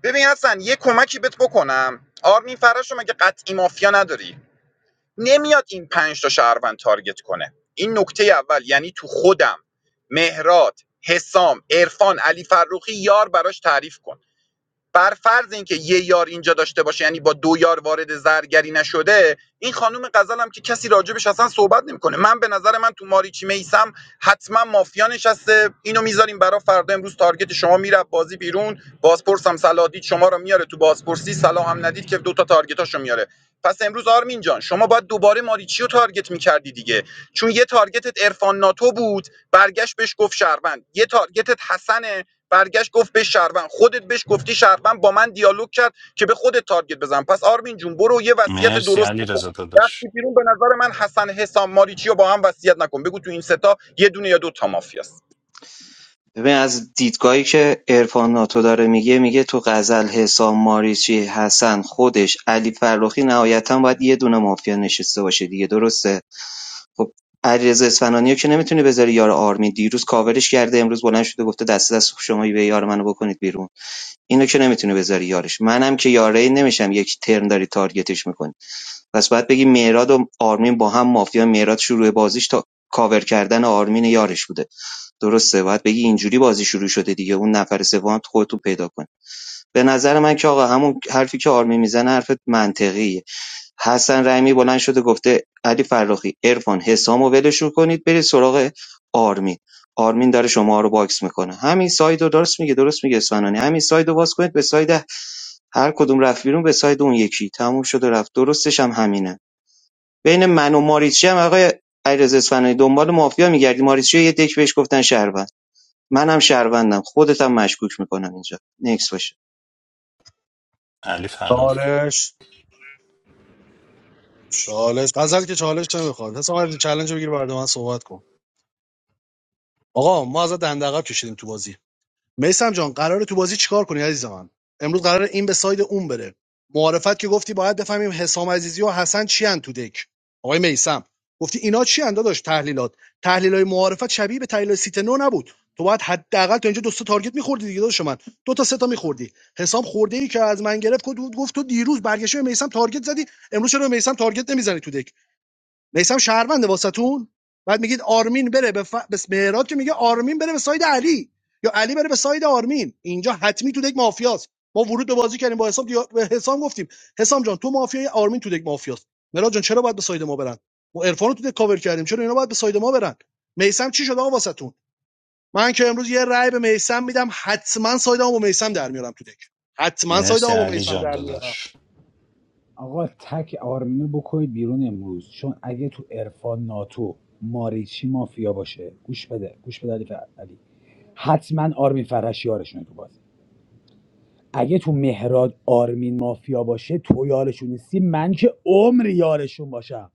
Speaker 9: ببین حسن یه کمکی بهت بکنم آرمین فرهش رو مگه قطعی مافیا نداری نمیاد این پنج تا شهروند تارگت کنه این نکته اول یعنی تو خودم مهرات حسام عرفان علی فروخی یار براش تعریف کن بر فرض اینکه یه یار اینجا داشته باشه یعنی با دو یار وارد زرگری نشده این خانم غزل هم که کسی راجبش اصلا صحبت نمیکنه من به نظر من تو ماریچی میسم حتما مافیا نشسته اینو میذاریم برای فردا امروز تارگت شما میره بازی بیرون بازپرس هم سلادید شما رو میاره تو بازپرسی سلام هم ندید که دوتا تارگتاشو میاره پس امروز آرمین جان شما باید دوباره ماریچی رو تارگت میکردی دیگه چون یه تارگتت عرفان ناتو بود برگشت بهش گفت شهروند یه تارگتت حسن برگشت گفت به شهروند خودت بهش گفتی شهروند با من دیالوگ کرد که به خودت تارگت بزن پس آرمین جون برو یه وصیت
Speaker 1: مرسی
Speaker 9: درست
Speaker 1: علی
Speaker 9: بکن
Speaker 1: رضا داداش
Speaker 9: رفتی بیرون به نظر من حسن حسام ماریچی رو با هم وصیت نکن بگو تو این ستا یه دونه یا دو تا مافیاست
Speaker 13: ببین از دیدگاهی که عرفان ناتو داره میگه میگه تو غزل حسام ماریچی حسن خودش علی فرخی نهایتا باید یه دونه مافیا نشسته باشه دیگه درسته خب علیرضا اصفهانی رو که نمیتونی بذاری یار آرمین دیروز کاورش کرده امروز بلند شده گفته دست دست شما به یار منو بکنید بیرون اینو که نمیتونی بذاری یارش منم که یاره نمیشم یک ترن داری تارگتش میکنی پس باید بگی مهراد و آرمین با هم مافیا مهراد شروع بازیش تا کاور کردن آرمین یارش بوده درسته باید بگی اینجوری بازی شروع شده دیگه اون نفر سوم خودتون پیدا کن؟ به نظر من که آقا همون حرفی که آرمی میزنه حرف منطقیه حسن رحیمی بلند شده گفته علی فراخی عرفان حسامو ولشون کنید برید سراغ آرمین آرمین داره شما رو باکس میکنه همین سایدو درست میگه درست میگه اسفنانی همین سایدو واس کنید به ساید هر کدوم رفت بیرون به ساید اون یکی تموم شد و رفت درستش هم همینه بین من و ماریچی هم آقای علیرضا اصفهانی دنبال مافیا میگردی ماریچی یه دک بهش گفتن شهروند منم شهروندم خودتم مشکوک میکنم اینجا نکس باشه
Speaker 1: علی فروخی
Speaker 14: چالش چالش غزل که چالش نمیخواد حسام عزیزی چالش بگیر بعد من صحبت کن آقا ما از دندقب کشیدیم تو بازی میسم جان قراره تو بازی چیکار کنی عزیز من امروز قراره این به ساید اون بره معارفت که گفتی باید بفهمیم حسام عزیزی و حسن چی ان تو دک آقای میسم گفتی اینا چی اند داداش تحلیلات تحلیلای معارفت شبیه به تحلیل سیت نو نبود تو باید حداقل تا اینجا دو تا تارگت میخوردی دیگه داداش من دو تا سه تا میخوردی حسام خورده ای که از من گرفت گفت گفت تو دیروز برگشته به میسم تارگت زدی امروز چرا به میسم تارگت نمیزنی تو دک میسم شهرونده واسطون بعد میگید آرمین بره به, ف... به مهراد که میگه آرمین بره به ساید علی یا علی بره به ساید آرمین اینجا حتمی تو دک مافیاست ما ورود به بازی کردیم با حسام دیا... به حسام گفتیم حسام جان تو مافیای آرمین تو دک مافیاست مهراد جان چرا باید به ساید ما برن ما عرفان رو تو دک کاور کردیم چرا اینا باید به ساید ما برن میسم چی شد آقا واسطون من که امروز یه رأی به میسم میدم حتما سایدمو با میسم در میارم تو دک حتما
Speaker 1: مرسی
Speaker 14: سایدمو با
Speaker 1: علی
Speaker 14: میسم
Speaker 1: جان
Speaker 14: در میارم
Speaker 1: داداش
Speaker 11: آقا تک آرمینو بکنید بیرون امروز چون اگه تو عرفان ناتو ماریچی مافیا باشه گوش بده گوش بده علی, فر- علی. حتما آرمین فرش یارشونه تو بازی اگه تو مهراد آرمین مافیا باشه تو یارشون نیستی من که عمر یارشون باشم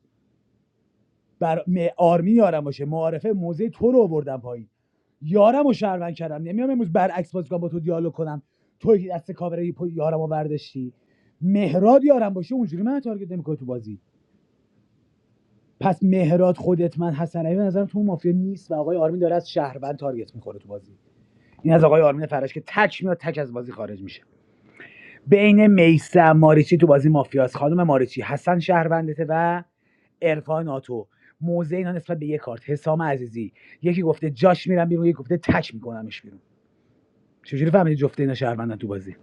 Speaker 11: بر م- آرمین یارم باشه معارفه موزه تو رو آوردم پایین یارم رو شهروند کردم نمیام امروز برعکس بازی کنم با تو دیالوگ کنم تو که دست کاوره پای یارم رو برداشتی مهراد یارم باشه اونجوری من تارگت نمیکنه تو بازی پس مهراد خودت من حسن علی به نظرم تو مافیا نیست و آقای آرمین داره از شهروند تارگت میخوره تو بازی این از آقای آرمین فرش که تک میاد تک از بازی خارج میشه بین میسم ماریچی تو بازی مافیاس خانم ماریچی حسن شهروندته و عرفان ناتو موزه اینا نسبت به یه کارت حسام عزیزی یکی گفته جاش میرم بیرون یکی گفته تک میکنمش بیرون چجوری فهمیدی جفته اینا شهروندن تو بازی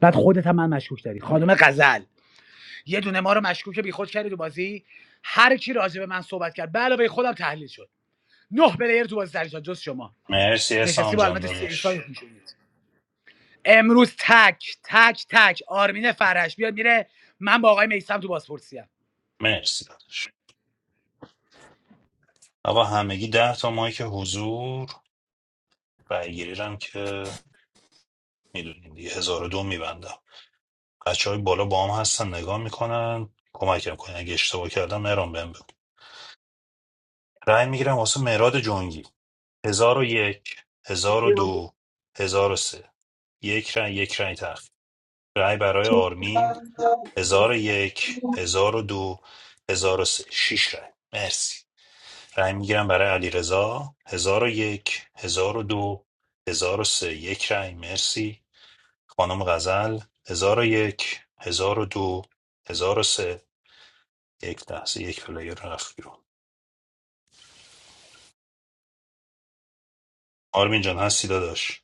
Speaker 11: بعد خودت هم من مشکوک داری خانم غزل یه دونه ما رو مشکوک بیخود کردی تو بازی هر کی راجع به من صحبت کرد به علاوه خودم تحلیل شد نه پلیر تو بازی در جز شما
Speaker 1: مرسی
Speaker 11: نشستی
Speaker 1: احسان
Speaker 11: با
Speaker 1: جان
Speaker 11: علامت سی ایکس
Speaker 1: داداش
Speaker 11: میشونید. امروز تک تک تک آرمین فرش بیاد میره من با آقای میسم تو بازپرسی ام
Speaker 1: مرسی داداش آقا همگی ده تا مایک حضور رأیگیری هم که میدونین دیگه هزار و دو میبندم بچه های بالا با هم هستن نگاه میکنن کمکم کنین اگه اشتباه کردم مهران بهم بگو رأی میگیرم واسه مهراد جنگی هزار و یک هزار و دو هزار و سه یک رأی یک رأی تخت رأی برای آرمین هزار و یک هزار و دو هزار و سه شیش رأی مرسی رأی میگیرم برای علی رضا هزار و یک هزار و دو هزار و سه یک رأی مرسی خانم غزل هزار و یک هزار و دو هزار و سه یک لحظه یک پلیر رفت بیرون آرمین جان هستی داداش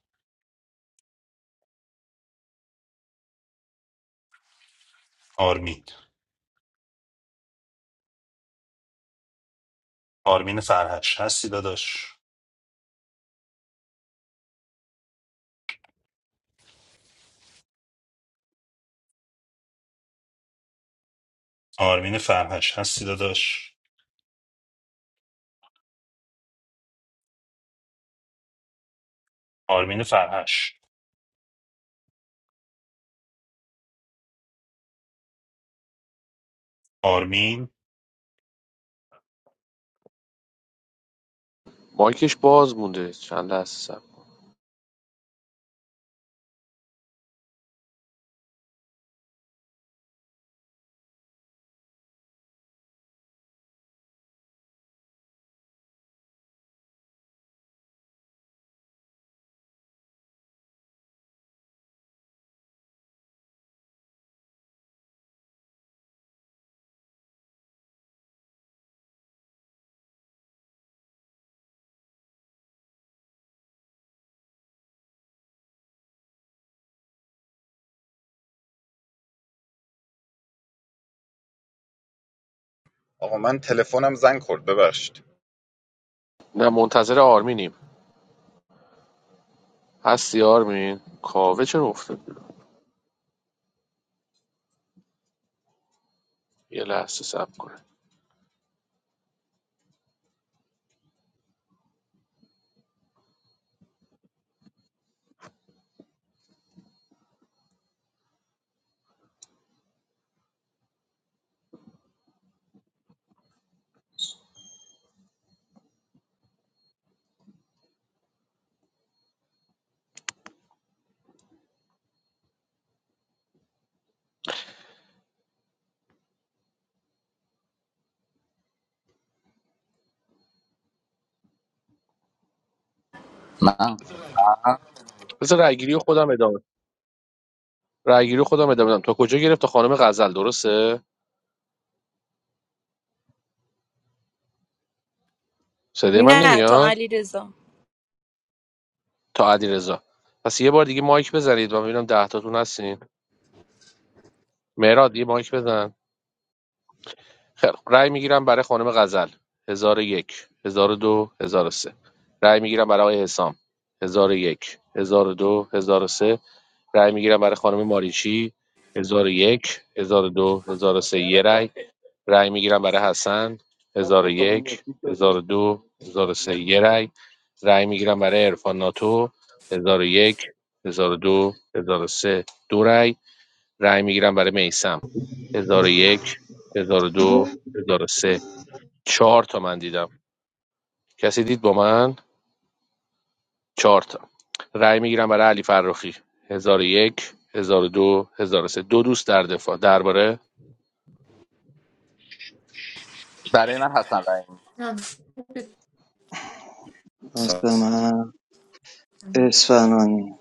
Speaker 1: آرمین آرمین فرهش هستی داداش آرمین فرهش هستی داداش آرمین فرهش آرمین
Speaker 3: مایکش باز مونده چند لحظه سب
Speaker 9: آقا من تلفنم زنگ خورد ببخشید
Speaker 3: نه منتظر آرمینیم هستی آرمین کاوه چرا افتاد بیرون؟ یه لحظه سب کنه
Speaker 2: من
Speaker 3: بذار رأیگیری رو خودم ادامه رأیگیری رو خودم ادامه بدم تا کجا گرفت تا خانم غزل درسته صدای من
Speaker 12: نه تا
Speaker 3: نمیاد
Speaker 12: علی رضا
Speaker 3: تا علیرضا پس یه بار دیگه مایک بزنید من ببینم 10 تاتون هستین مهراد یه مایک بزن خیلی خوب. رأی میگیرم برای خانم غزل 1001 1002 1003 رأی میگیرم برای آقای حسام 1001 1002 1003 رأی میگیرم برای خانم ماریچی 1001 1002 1003 یه رأی رأی میگیرم برای حسن 1001 1002 1003 یه رأی رأی میگیرم برای عرفان ناتو 1001 1002 1003 دو هزار و سه. دو رأی رأی میگیرم برای میسم 1001 1002 1003 4 تا من دیدم کسی دید با من 4 تا رأی میگیرم برای علی فرخی 1001 1002 1003 دو هزار و سه. دو دوست در دفاع درباره
Speaker 2: برای من حسن رحیمی
Speaker 13: من اسفنانی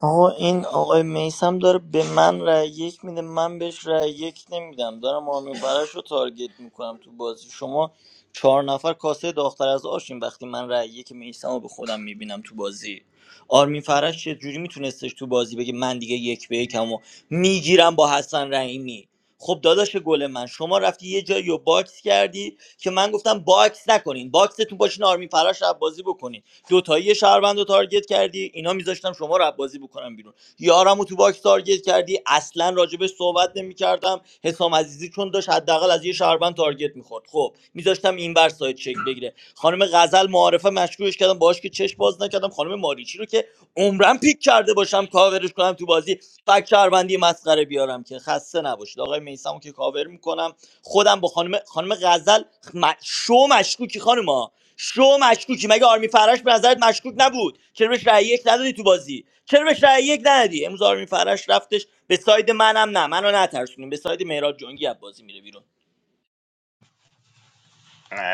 Speaker 6: آقا این آقای میسم داره به من رأی یک میده من بهش رأی یک نمیدم دارم آرمین فرش رو تارگت میکنم تو بازی شما چهار نفر کاسه داختر از آشین وقتی من رأی یک میسم رو به خودم میبینم تو بازی آرمین فرش چه جوری میتونستش تو بازی بگه من دیگه یک به یکم و میگیرم با حسن رحیمی خب داداش گل من شما رفتی یه جایی رو باکس کردی که من گفتم باکس نکنین باکستون باشین آرمین فراش رو بازی بکنین دوتایی یه شهروند رو تارگت کردی اینا میذاشتم شما رو بازی بکنم بیرون یارمو تو باکس تارگت کردی اصلا راجبش صحبت نمیکردم حسام عزیزی چون داشت حداقل از یه شهروند تارگت میخورد خب میذاشتم این ور سایت چک بگیره خانم غزل معارفه مشکوکش کردم باهاش که چش باز نکردم خانم ماریچی رو که عمرم پیک کرده باشم کاورش کنم تو بازی فک شهروندی مسخره بیارم که خسته نباشید آقای میسمو که کاور میکنم خودم با خانم خانم غزل م... شو مشکوکی خانم شو مشکوکی مگه آرمی فرش به نظرت مشکوک نبود چرا بهش رأی یک ندادی تو بازی چرا بهش رأی یک ندادی امروز آرمی فرش رفتش به ساید منم نه منو نترسونیم به ساید مهراد جنگی از بازی میره بیرون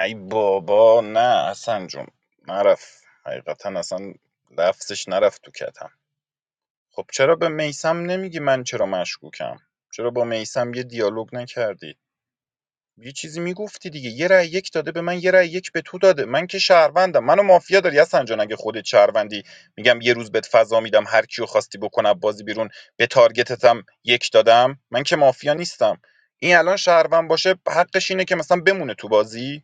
Speaker 9: ای بابا نه حسن جون نرفت حقیقتا اصلا لفظش نرفت تو کتم خب چرا به میسم نمیگی من چرا مشکوکم چرا با میسم یه دیالوگ نکردی یه چیزی میگفتی دیگه یه رأی یک داده به من یه رأی یک به تو داده من که شهروندم منو مافیا داری حسن جان اگه خودت شهروندی میگم یه روز بهت فضا میدم هر کیو خواستی بکنه بازی بیرون به تارگتتم یک دادم من که مافیا نیستم این الان شهروند باشه حقش اینه که مثلا بمونه تو بازی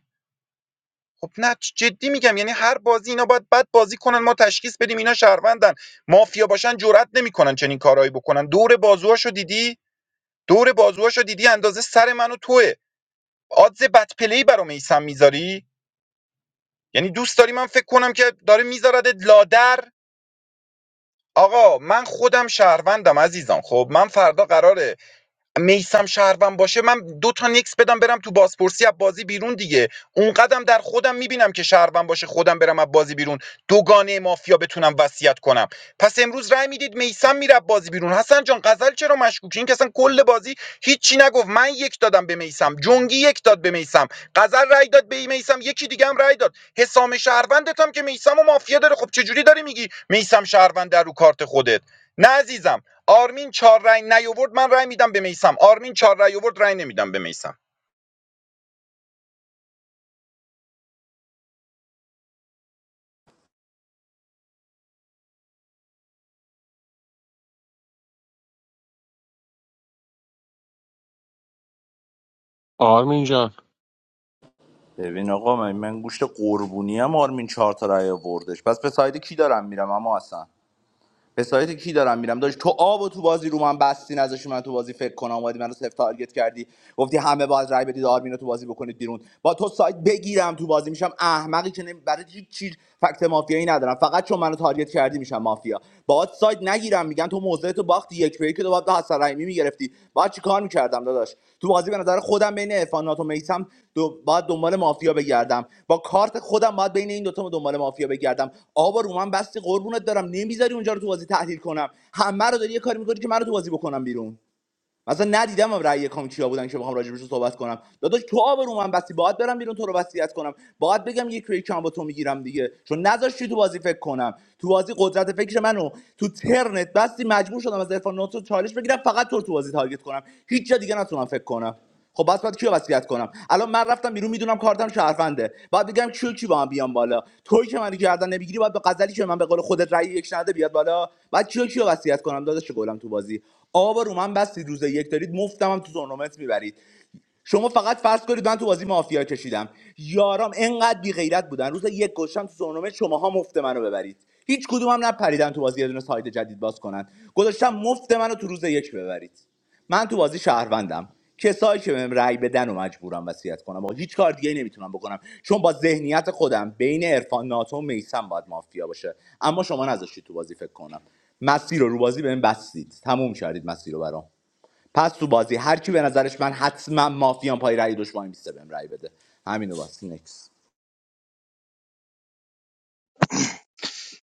Speaker 9: خب نه جدی میگم یعنی هر بازی اینا باید بد بازی کنن ما تشخیص بدیم اینا شهروندن مافیا باشن جرئت نمیکنن چنین کارهایی بکنن دور بازوهاشو دیدی دور بازوهاشو دیدی اندازه سر منو توه آدز بد پلی برا میسم میذاری یعنی دوست داری من فکر کنم که داره میذارد لادر آقا من خودم شهروندم عزیزان خب من فردا قراره میسم شهروند باشه من دو تا نیکس بدم برم تو بازپرسی از بازی بیرون دیگه اون قدم در خودم میبینم که شهروند باشه خودم برم از بازی بیرون دوگانه مافیا بتونم وصیت کنم پس امروز رأی میدید میسم میره بازی بیرون حسن جان غزل چرا مشکوکی این که اصلا کل بازی هیچی نگفت من یک دادم به میسم جنگی یک داد به میسم غزل رأی داد به میسم یکی دیگه هم رأی داد حسام شهروندت هم که میسم و مافیا داره خب چه جوری داری میگی میسم شهروند در رو کارت خودت نه عزیزم آرمین چهار رای نیاورد من رای میدم به میسم آرمین چهار رای آورد رای نمیدم به میسم
Speaker 3: آرمین جان
Speaker 2: ببین آقا من, من گوشت قربونی هم آرمین چهار تا رای آوردش پس به ساید کی دارم میرم اما حسن به سایت کی دارم میرم داشت تو آب و تو بازی رو من بستین ازش من تو بازی فکر کنم اومدی منو سفت تارگت کردی گفتی همه باز رای بدید آرمین رو تو بازی بکنید بیرون با تو سایت بگیرم تو بازی میشم احمقی که نمی- برای هیچ چیز فکت مافیایی ندارم فقط چون منو تارگت کردی میشم مافیا باهات سایت نگیرم میگن تو موضع باختی یک به یک تو باید به حسن رحیمی میگرفتی بعد چیکار میکردم داداش تو بازی به نظر خودم بین عرفانات و میسم دو بعد دنبال مافیا بگردم با کارت خودم باید بین این دوتا تا دنبال مافیا بگردم آبا رو من بستی قربونت دارم نمیذاری اونجا رو تو بازی تحلیل کنم همه رو داری یه کاری میکنی که منو تو بازی بکنم بیرون مثلا ندیدم هم رأی یکام کیا بودن که بخوام راجبش رو صحبت کنم داداش تو آبرو من بسی باید برم بیرون تو رو وصیت کنم باید بگم یک به یکم با تو میگیرم دیگه چون نذاشتی تو بازی فکر کنم تو بازی قدرت فکر منو تو ترنت بستی مجبور شدم از عرفان ناتو چالش بگیرم فقط تو رو تو بازی تارگت کنم هیچ جا دیگه نتونم فکر کنم خب بس باید کیو وصیت کنم الان من رفتم بیرون میدونم کارتم شرفنده باید بگم کیو کی با من بیام بالا توی که منو گردن نمیگیری باید به غزلی که من به قول خودت رأی یک نده بیاد بالا بعد کیو کیو وصیت کنم داداش گلم تو بازی آب رو من بستید روز یک دارید مفتم هم تو تورنمنت میبرید شما فقط فرض کنید من تو بازی مافیا کشیدم یارام انقدر بی غیرت بودن روز یک گشتم تو تورنمنت شماها مفت منو ببرید هیچ کدوم هم نپریدن تو بازی یه دونه سایت جدید باز کنن گذاشتم مفت منو تو روز یک ببرید من تو بازی شهروندم کسایی که بهم رأی بدن و مجبورم وصیت کنم آقا هیچ کار دیگه نمیتونم بکنم چون با ذهنیت خودم بین عرفان ناتو و میسم باید مافیا باشه اما شما نذاشتید تو بازی فکر کنم مسیر رو رو بازی بهم بستید تموم کردید مسیر رو برام پس تو بازی هر کی به نظرش من حتما مافیان پای رأی دشمن میسته بهم رأی بده همینو بس نکس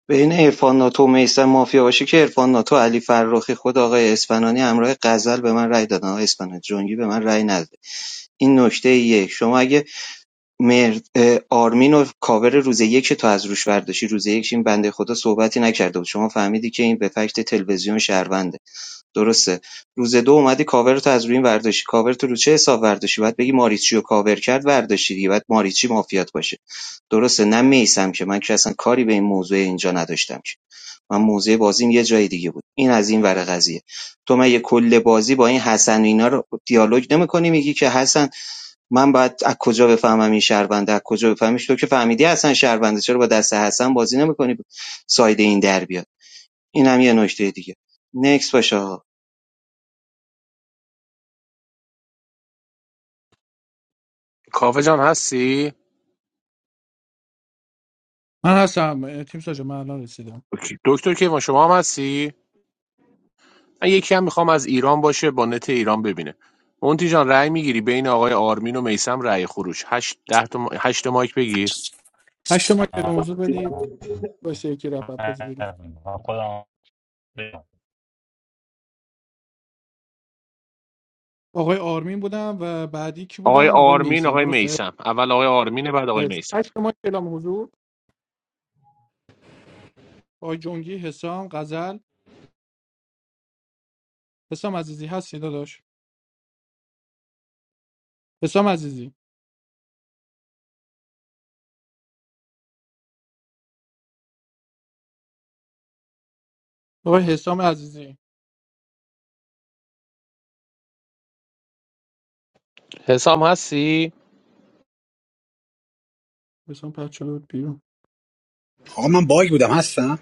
Speaker 13: بین عرفان ناتو و میسم مافیا باشه که عرفان ناتو علی فرخی خود آقای اسفنانی همراه غزل به من رأی دادن آقای اسفنانی جنگی به من رأی نداد. این نکته یک شما اگه مرد آرمین و کاور روز یک تو از روش برداشتی روز یک این بنده خدا صحبتی نکرده بود شما فهمیدی که این به فکت تلویزیون شهرونده درسته روز دو اومدی کاورتو از روی این ورداشتی کاورتو رو چه حساب ورداشتی باید بگی ماریچی رو کاور کرد ورداشتی دیگه باید ماریچی مافیات باشه درسته نه میسم که من که اصلا کاری به این موضوع اینجا نداشتم که من موضوع بازیم یه جای دیگه بود این از این ور قضیه تو من یه کل بازی با این حسن و اینا رو دیالوگ نمیکنی میگی که حسن من باید از کجا بفهمم این شهربنده از کجا بفهمیش تو که فهمیدی حسن شهربنده چرا با دست حسن بازی نمیکنی ساید این در بیاد این هم یه نکته دیگه نکس باشه
Speaker 3: کاوه جان هستی اوکی. دکتر که ما شما هم هستی من یکی هم میخوام از ایران باشه با نت ایران ببینه مونتی جان رأی میگیری بین آقای آرمین و میسم رأی خروج 8 10 تا ما- هشت تا مایک بگیر
Speaker 1: من خودم
Speaker 3: آقای آرمین آقای میسم اول آقای آرمینه بعد آقای میسم حسام هستی؟
Speaker 11: آقا من باگ بودم هستم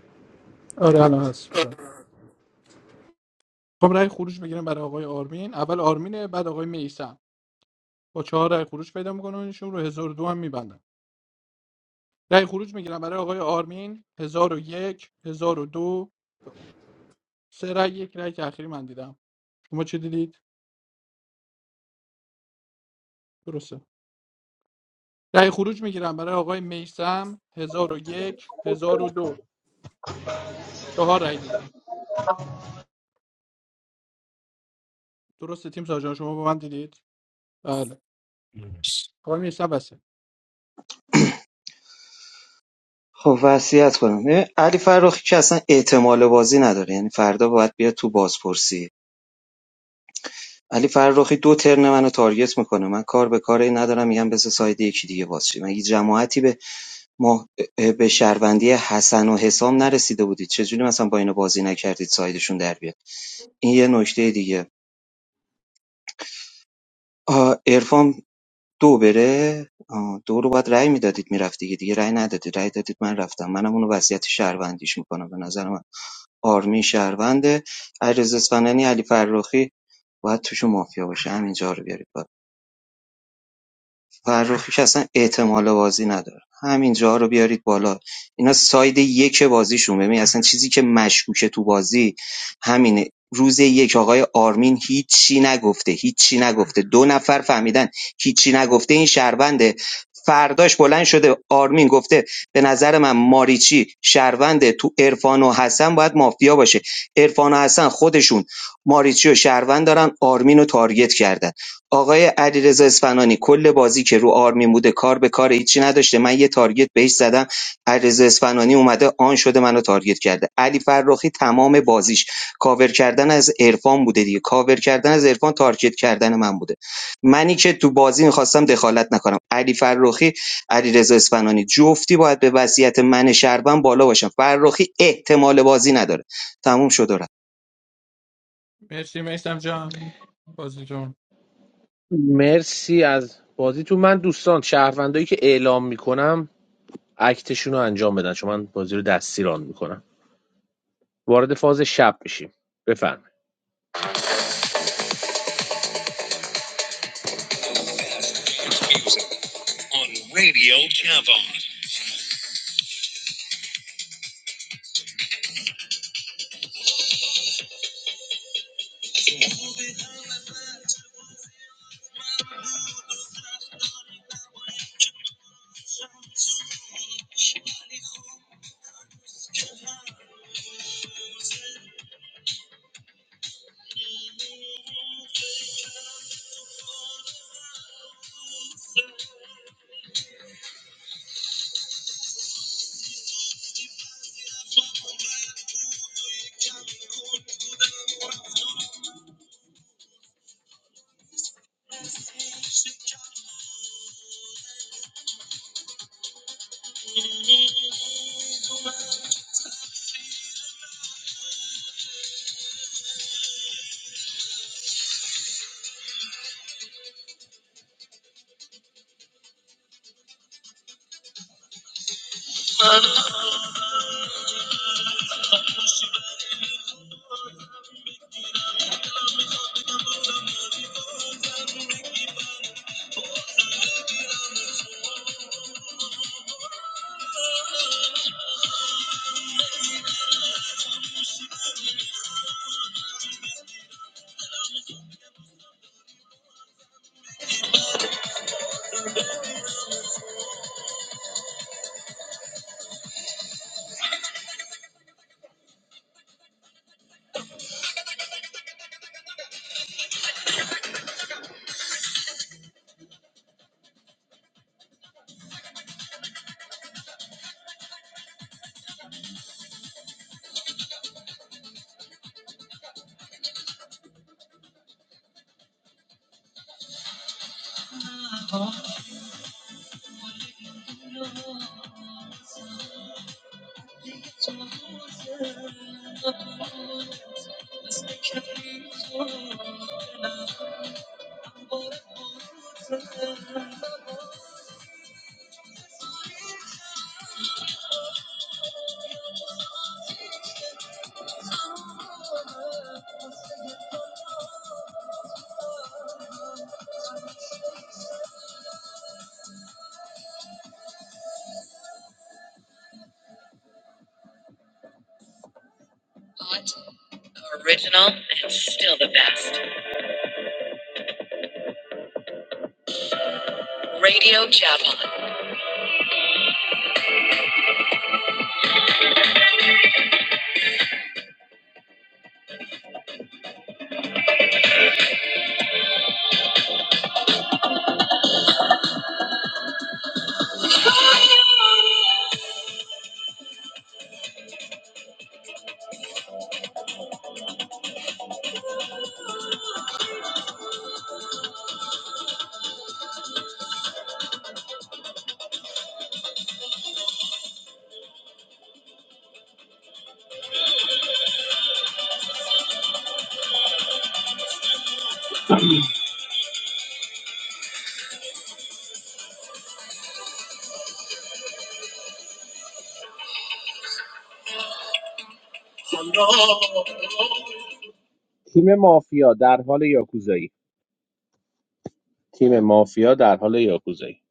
Speaker 13: خب وصیت کنم ببین علی فرخی که اصلا احتمال بازی نداره یعنی فردا باید بیاد تو بازپرسی علی فرخی دو ترن منو تارگت میکنه من کار به کاری ندارم میگم بس ساید یکی دیگه باز شه مگه جماعتی به ما به شهروندی حسن و حسام نرسیده بودید چجوری مثلا با اینو بازی نکردید سایدشون در بیاد این یه نکته دیگه آه، عرفان دو بره آه، دو رو باید رأی میدادید میرفت دیگه دیگه رأی ندادید رأی دادید من رفتم منم اونو وضعیت شهروندیش میکنم به نظر من آرمی شهرونده علیرضا اصفهانی علی فرخی باید توشون مافیا باشه همینجا رو بیارید فرخی که اصلا احتمال بازی نداره همین جاها رو بیارید بالا اینا ساید یک بازیشون ببین اصلا چیزی که مشکوکه تو بازی همینه روز یک آقای آرمین هیچی نگفته هیچی نگفته دو نفر فهمیدن هیچی نگفته این شهرونده فرداش بلند شده آرمین گفته به نظر من ماریچی شهرونده تو عرفان و حسن باید مافیا باشه عرفان و حسن خودشون ماریچی و شهروند دارن آرمین رو تارگت کردن آقای علیرضا اصفهانی کل بازی که رو آرمین بوده کار به کار هیچی نداشته من یه تارگت بهش زدم علیرضا اصفهانی اومده آن شده منو تارگت کرده علی فرخی تمام بازیش کاور کردن از عرفان بوده دیگه کاور کردن از عرفان تارگت کردن من بوده منی که تو بازی میخواستم دخالت نکنم علی فرخی علیرضا اصفهانی جفتی باید به وصیت من شربن بالا باشم فرخی احتمال بازی نداره تموم شد و رفت
Speaker 3: مرسی از بازیتون من دوستان شهروندایی که اعلام میکنم اکتشون رو انجام بدن چون من بازی رو دستی ران میکنم وارد فاز شب میشیم بفرمایید تیم مافیا در حال یاکوزایی تیم مافیا در حال یاکوزایی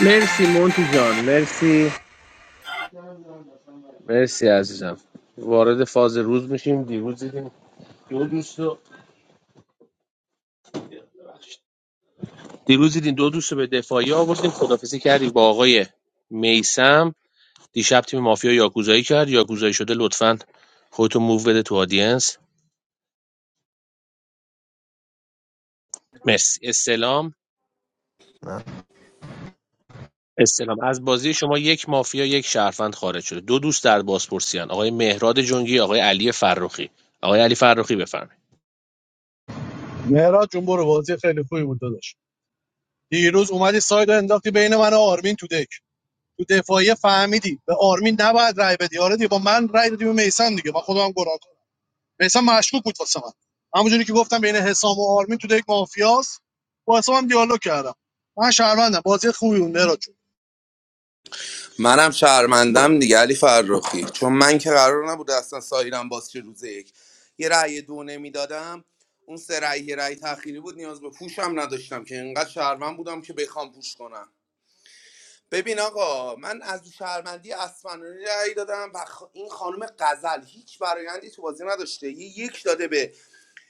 Speaker 3: مرسی مونتی جان مرسی مرسی عزیزم وارد فاز روز میشیم دیروز دیدیم دو دوست دیروز دیدین دو دوست رو به دفاعی آوردیم خدافزی کردیم با آقای میسم دیشب تیم مافیا یاکوزایی کرد یاکوزایی شده لطفاً خودتون موو بده تو آدینس مرسی استلام استلام از بازی شما یک مافیا یک شهروند خارج شده دو دوست در بازپرسیان آقای مهراد جنگی آقای علی فرخی آقای علی فرخی بفرمایید
Speaker 14: مهراد جون برو بازی خیلی خوبی بود داداش دیروز اومدی ساید و انداختی بین من و آرمین تو دک تو دفاعی فهمیدی به آرمین نباید رای بدی آره دیگه با من رای دادی به میسم دیگه من خودم گناه کنم میسم مشکوک بود واسه من همونجوری که گفتم بین حسام و آرمین تو دک مافیاس با حسام دیالوگ کردم من شهروندم بازی خوبی بود مهراد جون
Speaker 4: منم شهرمندم دیگه علی فرخی چون من که قرار نبود اصلا سایرم باز چه روز یک یه رأی دو نمیدادم اون سه رأی یه رأی تأخیری بود نیاز به پوشم نداشتم که اینقدر شهروند بودم که بخوام پوش کنم ببین آقا من از شهرمندی اسفنانی رأی دادم و خ- این خانم غزل هیچ برایندی تو بازی نداشته یه یک داده به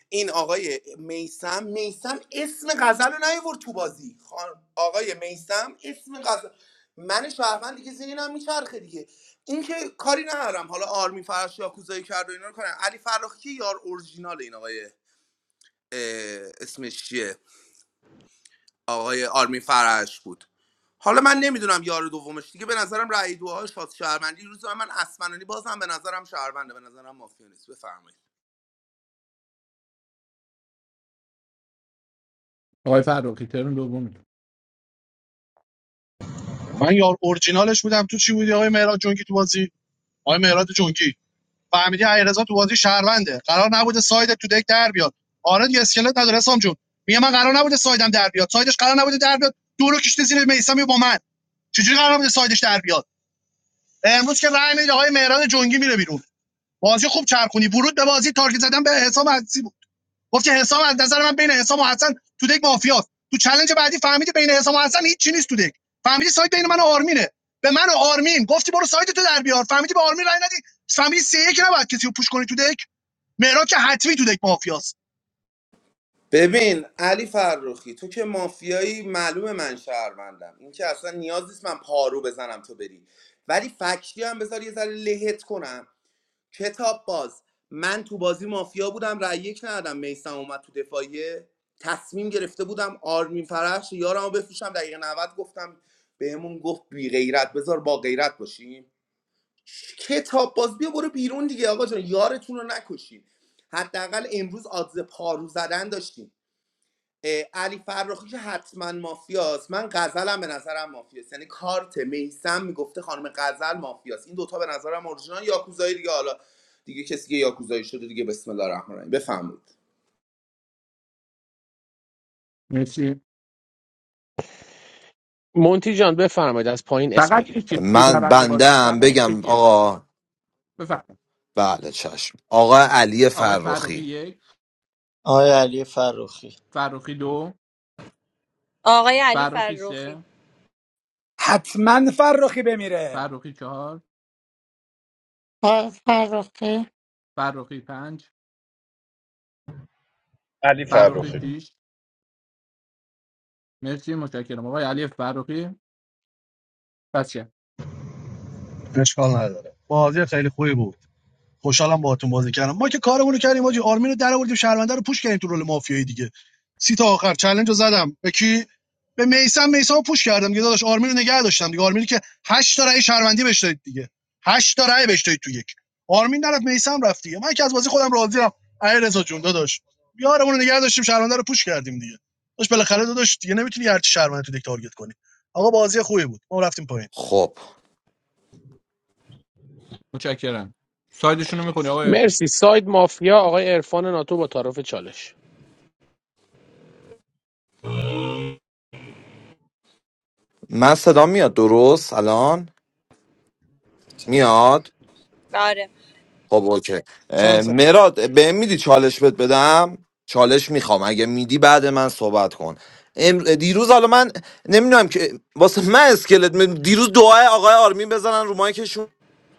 Speaker 4: این آقای میسم میسم اسم غزل رو نیورد تو بازی خان- آقای میسم اسم غزل من شهروند دیگه ذهنم میچرخه دیگه این که کاری ندارم حالا آرمی فرش یا کوزایی کرد و اینا رو کنن علی فرخی که یار اورجینال این آقای اه، اسمش چیه آقای آرمی فرش بود حالا من نمیدونم یار دومش دیگه به نظرم رأی دوهاش واسه شهروندی روز من اسمنانی بازم به نظرم شهرونده به نظرم مافیا نیست بفرمایید
Speaker 14: من یار اورجینالش بودم تو چی بودی آقای مهراد جونگی تو بازی آقای مهراد جونگی فهمیدی علیرضا تو بازی شهرونده قرار نبوده ساید تو دک در بیاد آره دیگه اسکلت نداره سام جون میگه من قرار نبوده سایدم در بیاد سایدش قرار نبوده در بیاد دورو کشته زیر میسم با من چجوری قرار بوده سایدش در بیاد امروز که رای میده آقای مهران جنگی میره بیرون بازی خوب چرخونی ورود به بازی تارگت زدن به حساب عزیزی بود گفت که حساب از نظر من بین حساب و حسن تو دک مافیاست تو چالش بعدی فهمیدی بین حساب و حسن هیچ چی نیست تو دک فهمیدی سایت بین من و آرمینه به من و آرمین گفتی برو سایت تو در بیار فهمیدی به آرمین رای ندی فهمیدی سه یک نباید کسی رو پوش کنی تو دک مهراد که حتمی تو دک مافیاست
Speaker 4: ببین علی فرخی تو که مافیایی معلومه من شهروندم این که اصلا نیاز نیست من پارو بزنم تو بری ولی فکتی هم بذار یه ذره لهت کنم کتاب باز من تو بازی مافیا بودم رأی یک ندادم میسم اومد تو دفاعیه تصمیم گرفته بودم آرمین فرش یارمو بفروشم دقیقه 90 گفتم بهمون گفت بی غیرت بذار با غیرت باشیم کتاب باز بیا برو بیرون دیگه آقا جان یارتون رو نکشین حداقل امروز آدز پارو زدن داشتین اه، علی فرخی که حتما مافیاست من غزلم به نظرم مافیاست یعنی کارت میسم میگفته خانم غزل مافیاست این دوتا به نظرم اورجینال یاکوزایی دیگه حالا دیگه کسی که یاکوزایی شده دیگه بسم الله الرحمن الرحیم بفهمید
Speaker 3: مونتی جان بفرمایید از پایین اسم بگیرید
Speaker 8: من بندم بگم آقا بله چشم آقا علی فرخی
Speaker 6: آقای علی فروخی
Speaker 12: آقای علی فرخی
Speaker 11: حتما فرخی بمیره
Speaker 10: آقای فرخی
Speaker 9: علی فرخی
Speaker 14: اشکال نداره بازی خیلی خوبی بود خوشحالم باهاتون بازی کردم ما که کارمون رو کردیم حاجی آرمین رو درآوردیم شهرونده رو پوش کردیم تو رول مافیایی دیگه سی تا آخر چالش رو زدم به کی به میسم میسم رو پوش کردم دیگه داداش آرمین رو نگه داشتم دیگه آرمینی که هشت تا رأی شهروندی بهش دادید دیگه هشت تا رأی بهش دادید تو یک آرمین نرفت میسم رفت دیگه من که از بازی خودم راضی‌ام علی رضا جون داداش یارمون رو نگه داشتیم شهرونده رو پوش کردیم دیگه داش بالاخره داداش دیگه نمیتونی هر چی شهرونده تو دک تارگت کنی آقا بازی خوبی بود ما رفتیم پایین
Speaker 8: خب
Speaker 3: مرسی ساید مافیا آقای عرفان ناتو با تعارف چالش
Speaker 8: من صدا میاد درست الان
Speaker 11: چند
Speaker 8: میاد
Speaker 12: آره
Speaker 8: خب اوکی
Speaker 11: چند
Speaker 8: اه،
Speaker 11: چند-
Speaker 8: مراد به میدی چالش بهت بدم چالش میخوام اگه میدی بعد من صحبت کن امر... دیروز حالا من نمیدونم که واسه من اسکلت می- دیروز دعای آقای آرمین بزنن رو مایکشون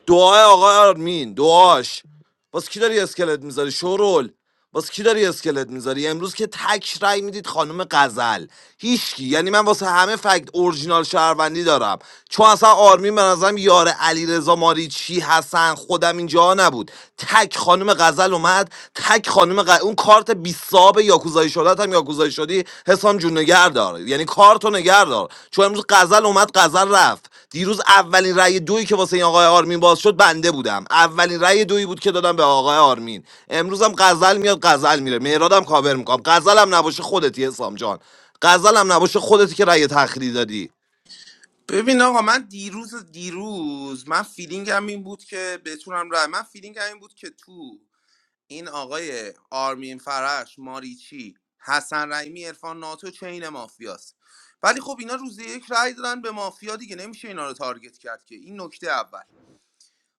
Speaker 8: دعای آقای آرمین دعاش باز کی داری اسکلت میذاری شورول باز کی داری اسکلت میذاری امروز که تک رای میدید خانم غزل هیچکی یعنی من واسه همه فکت اورجینال شهروندی دارم چون اصلا آرمین به نظرم یار علیرضا ماریچی حسن خودم اینجا نبود تک خانم غزل اومد تک خانم غ... اون کارت 20 صاب یاکوزایی شده هم یاکوزایی شدی حسام جون نگه دار یعنی کارتو نگه دار چون امروز غزل اومد غزل رفت دیروز اولین رأی دویی که واسه این آقای آرمین باز شد بنده بودم اولین رأی دویی بود که دادم به آقای آرمین امروزم غزل میاد غزل میره مهرادم کاور میکنم غزلم نباشه خودتی حسام جان غزلم نباشه خودتی که رأی تخریب دادی
Speaker 4: ببین آقا من دیروز دیروز من فیلینگم این بود که بتونم رای من فیلینگم این بود که تو این آقای آرمین فرش ماریچی حسن رحیمی عرفان ناتو چین مافیاست ولی خب اینا روز یک رای دادن به مافیا دیگه نمیشه اینا رو تارگت کرد که این نکته اول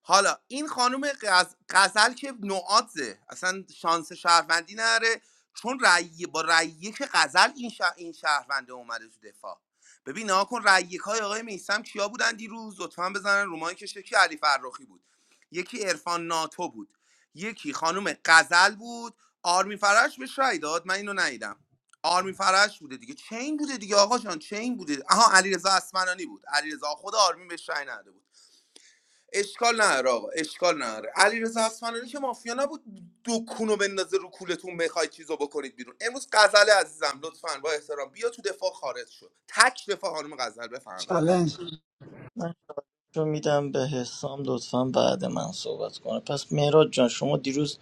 Speaker 4: حالا این خانم غز- غزل که نوعاته اصلا شانس شهروندی نره چون رأی با رأی یک غزل این, شهر این شهرونده اومده تو دفاع ببین نها کن رأی های آقای میسم کیا بودن دیروز لطفا بزنن رومایی که یکی علی فرخی بود یکی عرفان ناتو بود یکی خانم غزل بود آرمی فرش بهش رأی داد من اینو ندیدم آرمی فرش بوده دیگه چین بوده دیگه آقا جان چین بوده آها علیرضا اسمنانی بود علیرضا خود آرمی بهش رأی نداده بود اشکال نداره آقا اشکال نداره علیرضا اصفهانی که مافیا نبود دکونو بندازه رو کولتون بخوای چیزو بکنید بیرون امروز غزل عزیزم لطفا با احترام بیا تو دفاع خارج شو تک دفاع خانم غزل بفهمید
Speaker 11: چالنج
Speaker 6: من رو میدم به حسام لطفا بعد من صحبت کنه پس مهراد جان شما دیروز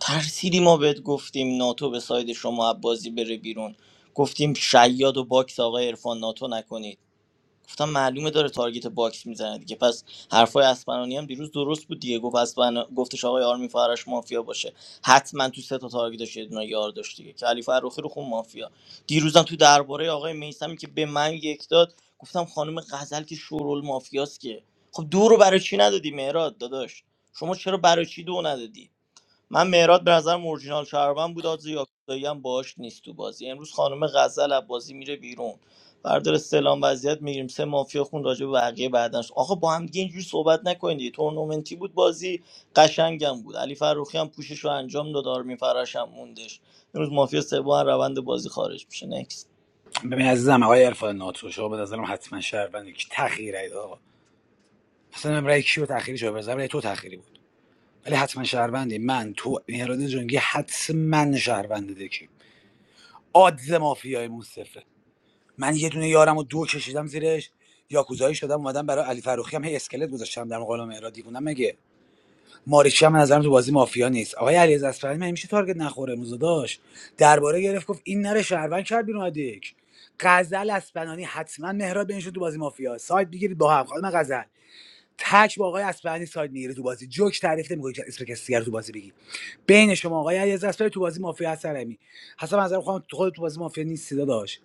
Speaker 6: ترسیدی ما بهت گفتیم ناتو به ساید شما بازی بره بیرون گفتیم شیاد و باکس آقای عرفان ناتو نکنید گفتم معلومه داره تارگت باکس میزنه دیگه پس حرفای اسپنانی هم دیروز درست بود دیگه گفت اسپنا گفتش آقای آرمین فرش مافیا باشه حتما تو سه تا تارگتش یه دونه یار داشت دیگه که علی فرخی رو خون مافیا دیروزم تو درباره آقای میسمی که به من یک داد گفتم خانم غزل که شورول مافیاست که خب دو رو برای چی ندادی مهراد داداش شما چرا برای چی دو ندادی من مهراد به نظرم اورجینال شهروند بود آدز یاکودایی هم باش نیست تو بازی امروز خانم غزل از بازی میره بیرون بردار استعلام وضعیت میگیریم سه مافیا خون راجع به بقیه بعدنش آقا با هم دیگه اینجوری صحبت نکنید دیگه. تورنمنتی بود بازی قشنگم بود علی فروخی هم پوشش رو انجام داد آرمین فراش هم موندش امروز مافیا سوم از روند بازی خارج میشه
Speaker 11: ببین عزیزم آقای عرفان ناتو شما به نظرم حتما شهروندی که تخیری رای داد آقا اصلا من رای کیو تخیری شو بزنم رای تو تأخیری بود ولی حتما شهروندی من تو مهراد جنگی حتما شهروند دکی آدز مافیایمون صفره من یه دونه یارم و دو کشیدم زیرش یاکوزایی شدم اومدم برای علی فروخی هم هی اسکلت گذاشتم در مقابل مهراد دیوونم مگه ماریچی هم به نظرم تو بازی مافیا نیست آقای علی اصفهانی من میشه تارگت نخوره موزه درباره گرفت گفت این نره شهروند کرد بیرون از دیک غزل اسپنانی حتما مهراد بینشون تو بازی مافیا سایت بگیرید با هم خانم غزل تک با آقای اسپرانی ساید میگیره تو بازی جوک تعریف نمی‌کنی که اسم کسی دیگر تو بازی بگی بین شما آقای علیرضا اصفهانی تو بازی مافیا هست رمی حسب نظر خودم تو خود تو بازی مافیا نیستی داشت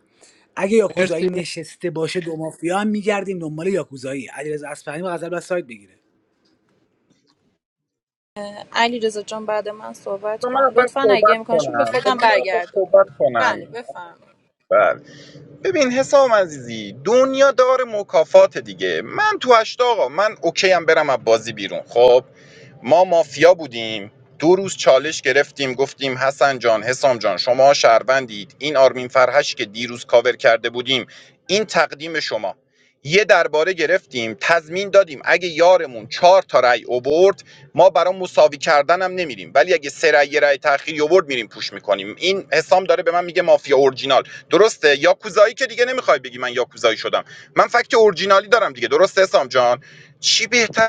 Speaker 11: اگه یاکوزایی نشسته باشه دو مافیا هم میگردیم دنبال یاکوزایی علیرضا اصفهانی با غزل بس ساید بگیره
Speaker 12: علی رزا جان بعد من صحبت
Speaker 9: بذار من
Speaker 12: کن
Speaker 9: اول
Speaker 12: لطفا اگه
Speaker 9: صحبت
Speaker 12: امکانش بود به
Speaker 9: کنم بذار
Speaker 12: خودم
Speaker 9: من اول
Speaker 12: برگردون
Speaker 9: صحبت کنم
Speaker 12: بله بفهم
Speaker 9: بله ببین حسام عزیزی دنیا دار مکافات دیگه من تو هشت آقا من اوکی هم برم از بازی بیرون خب ما مافیا بودیم دو روز چالش گرفتیم گفتیم حسن جان حسام جان شما شهروندید این آرمین فرهش که دیروز کاور کرده بودیم این تقدیم شما یه درباره گرفتیم تضمین دادیم اگه یارمون چهار تا رأی اوورد ما برای مساوی کردن هم نمیریم ولی اگه سه رأی یه رأی تأخیری اوورد میریم پوش میکنیم این حسام داره به من میگه مافیا اورجینال درسته یاکوزایی که دیگه نمیخوای بگی من یاکوزایی شدم من فکت اورجینالی دارم دیگه درسته حسام جان چی بهتر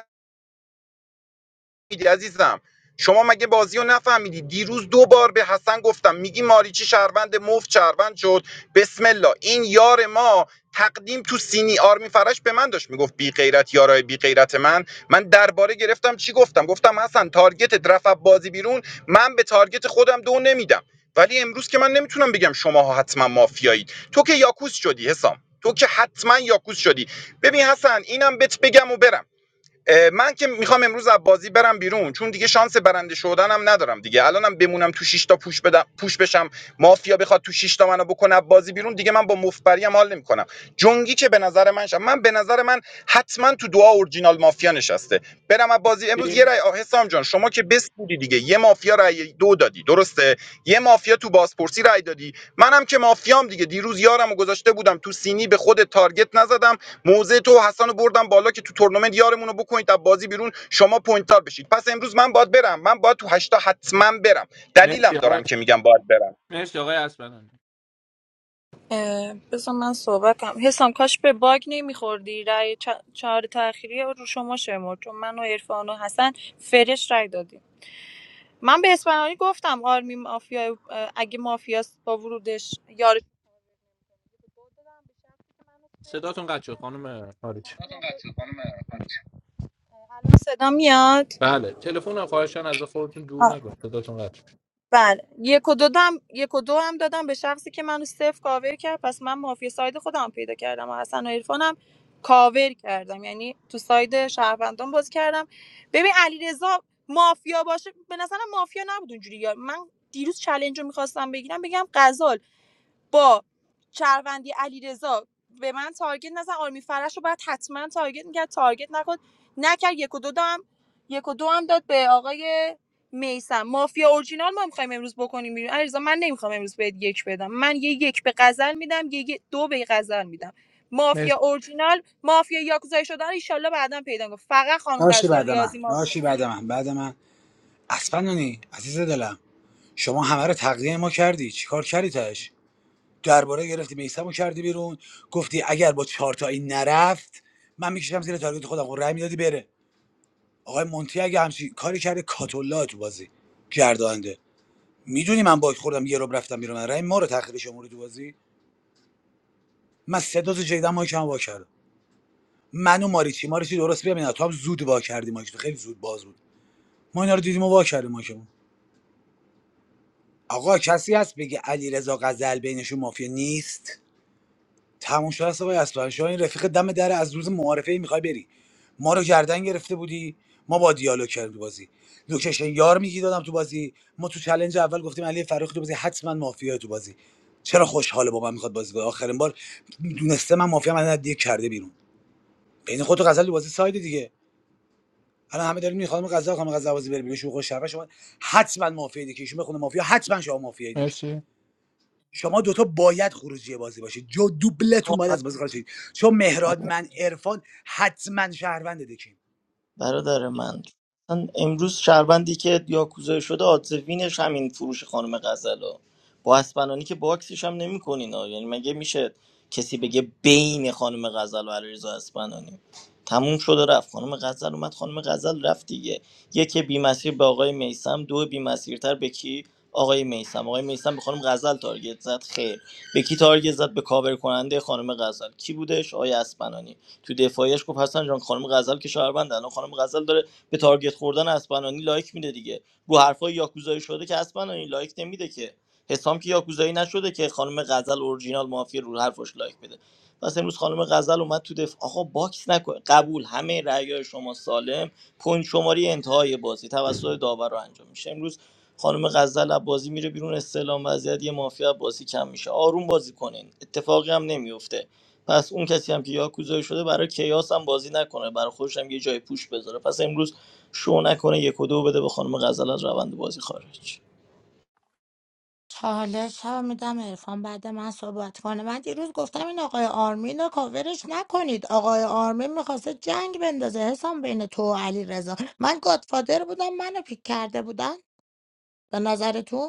Speaker 9: میگی عزیزم شما مگه بازی رو نفهمیدی دیروز دو بار به حسن گفتم میگی ماریچی شهروند مفت شهروند شد بسم الله این یار ما تقدیم تو سینی آرمی فرش به من داشت میگفت بی غیرت یارای بی غیرت من من درباره گرفتم چی گفتم گفتم حسن تارگت رفع بازی بیرون من به تارگت خودم دو نمیدم ولی امروز که من نمیتونم بگم شماها حتما مافیایید تو که یاکوس شدی حسام تو که حتما یاکوس شدی ببین حسن اینم بهت بگم و برم من که میخوام امروز از بازی برم بیرون چون دیگه شانس برنده شدنم ندارم دیگه الانم بمونم تو شش تا پوش بدم پوش بشم مافیا بخواد تو شش تا منو بکنه بازی بیرون دیگه من با مفبری هم حال نمیکنم جنگی که به نظر من شم. من به نظر من حتما تو دعا اورجینال مافیا نشسته برم از بازی امروز یه رای آه، حسام جان شما که بس بودی دیگه یه مافیا رای دو دادی درسته یه مافیا تو بازپرسی رای دادی منم که مافیام دیگه دیروز یارم و گذاشته بودم تو سینی به خود تارگت نزدم موزه تو و حسن بردم بالا که تو تورنمنت یارمون رو بکنید از بازی بیرون شما پوینت تار بشید پس امروز من باید برم من باید تو هشتا حتما برم دلیلم دارم که میگم باید برم
Speaker 12: بذار من صحبت کنم حسام کاش به باگ نمیخوردی رأی چه- چهار تأخیری رو شما شمرد چون من و عرفان و حسن فرش رای دادیم من به اسپانیایی گفتم آرمی مافیا اه، اگه مافیاست با ورودش یارش رو برد دادم به شخصی که منو صفر کاور کرد. الان صدا میاد بله یک و دو دم یک و دو هم دادم به شخصی که منو صفر کاور کرد پس من مافیا ساید خودم پیدا کردم و حسن و عرفانم کاور کردم یعنی تو ساید شهروندان باز کردم ببین علیرضا مافیا باشه به نظرم مافیا نبود اونجوری یا من دیروز چلنج رو میخواستم بگیرم بگم غزال با شهروندی علیرضا به من تارگت نزن آرمی فرش رو باید حتما تارگت میکرد تارگت نکن نکرد یک و دو دام یک و دو هم داد به آقای میسم مافیا اورجینال ما میخوایم امروز بکنیم بیرون علیرضا من نمیخوام امروز بهت یک بدم من یه یک به غزل میدم یه دو به غزل میدم مافیا اورجینال مافیا یاکوزایی شدن رو ایشالله بعدا پیدا کنم فقط خانم
Speaker 11: ناشی
Speaker 12: غزال
Speaker 11: بعد من
Speaker 12: ریاضی مافیا
Speaker 11: ناشی بعد من بعد من اسپنانی عزیز دلم شما همه رو تقدیم ما کردی چیکار کردی تاش درباره گرفتی میسمو کردی بیرون گفتی اگر با چهار تایی نرفت من میکشم زیر تارگت خودم رای میدادی بره آقای مونتی اگه همچین کاری کرده کاتولا تو بازی گردانده میدونی من باک خوردم یه رب رفتم بیرون من رای ما رو تخریب شماره تو بازی من سه دو تا جیدم مایک هم وا کردم من و ماریچی ماریچی درست ببین تو هم زود وا کردی مایک تو خیلی زود باز بود ما اینا رو دیدیم و وا کردیم مایکمون آقا کسی هست بگه علی رضا غزل بینشون مافیا نیست تموم شده است آقای اسپرانشاه این رفیق دم در از روز معارفه ای میخوای بری ما رو گردن گرفته بودی ما با دیالوگ کردیم تو بازی لوکیشن یار میگی دادم تو بازی ما تو چلنج اول گفتیم علی فرخی تو بازی حتما مافیا تو بازی چرا خوشحاله با من میخواد بازی کنه آخرین بار دونسته من مافیا من دیگه کرده بیرون بین خود و غزل تو بازی ساید دیگه الان همه داریم میخوام غزل خانم غزل بازی بره بیرون شو خوش شرفه شما حتما مافیا دیگه ایشون بخونه مافیا حتما شما مافیا شما دوتا باید خروجی بازی باشید جو دوبلتون
Speaker 6: نکست
Speaker 11: باید از بازی خارج شید چون مهراد من عرفان حتما شهروند دکیم
Speaker 6: برادر من اصلا امروز شهروندی که یاکوزایی شده آدز وینش همین فروش خانم غزلو با اسپنانی که باکسش هم نمیکنین یعنی مگه میشه کسی بگه بین خانم غزل و علیرضا اسپنانی تموم شده رفت خانم غزل اومد خانم غزل رفت دیگه یکی بی مسیر به آقای میسم دو بی مسیرتر به کی آقای میسم آقای میسم به خانم غزل تارگت زد خیر به کی تارگت زد به کاور کننده خانم غزل کی بودش آقای اسپنانی تو دفاعیش گفت حسن جان خانم غزل که شهروند الان خانم غزل داره به تارگت خوردن اسپنانی لایک میده دیگه رو حرفای یاکوزایی شده که اسپنانی لایک نمیده که حسام که یاکوزایی نشده که خانم غزل اورجینال مافیا رو حرفش لایک بده پس امروز خانم غزل اومد تو دفاع آقا باکس نکن قبول همه رأیای شما سالم پوینت شماری انتهای بازی توسط داور رو انجام میشه امروز خانم غزل از بازی میره بیرون استعلام وضعیت یه مافیا بازی کم میشه آروم بازی کنین اتفاقی هم نمیفته پس اون کسی هم که یاکوزایی شده برای کیاس هم بازی نکنه برای خودش هم یه جای پوش بذاره پس امروز شو نکنه یک و دو بده به خانم غزل از روند بازی خارج
Speaker 10: چالش ها میدم عرفان بعد من صحبت کنه من دیروز گفتم این آقای آرمین رو کاورش نکنید آقای آرمین میخواسته جنگ بندازه حسام بین تو و علی رضا من گادفادر بودم منو پیک کرده بودن به نظرتون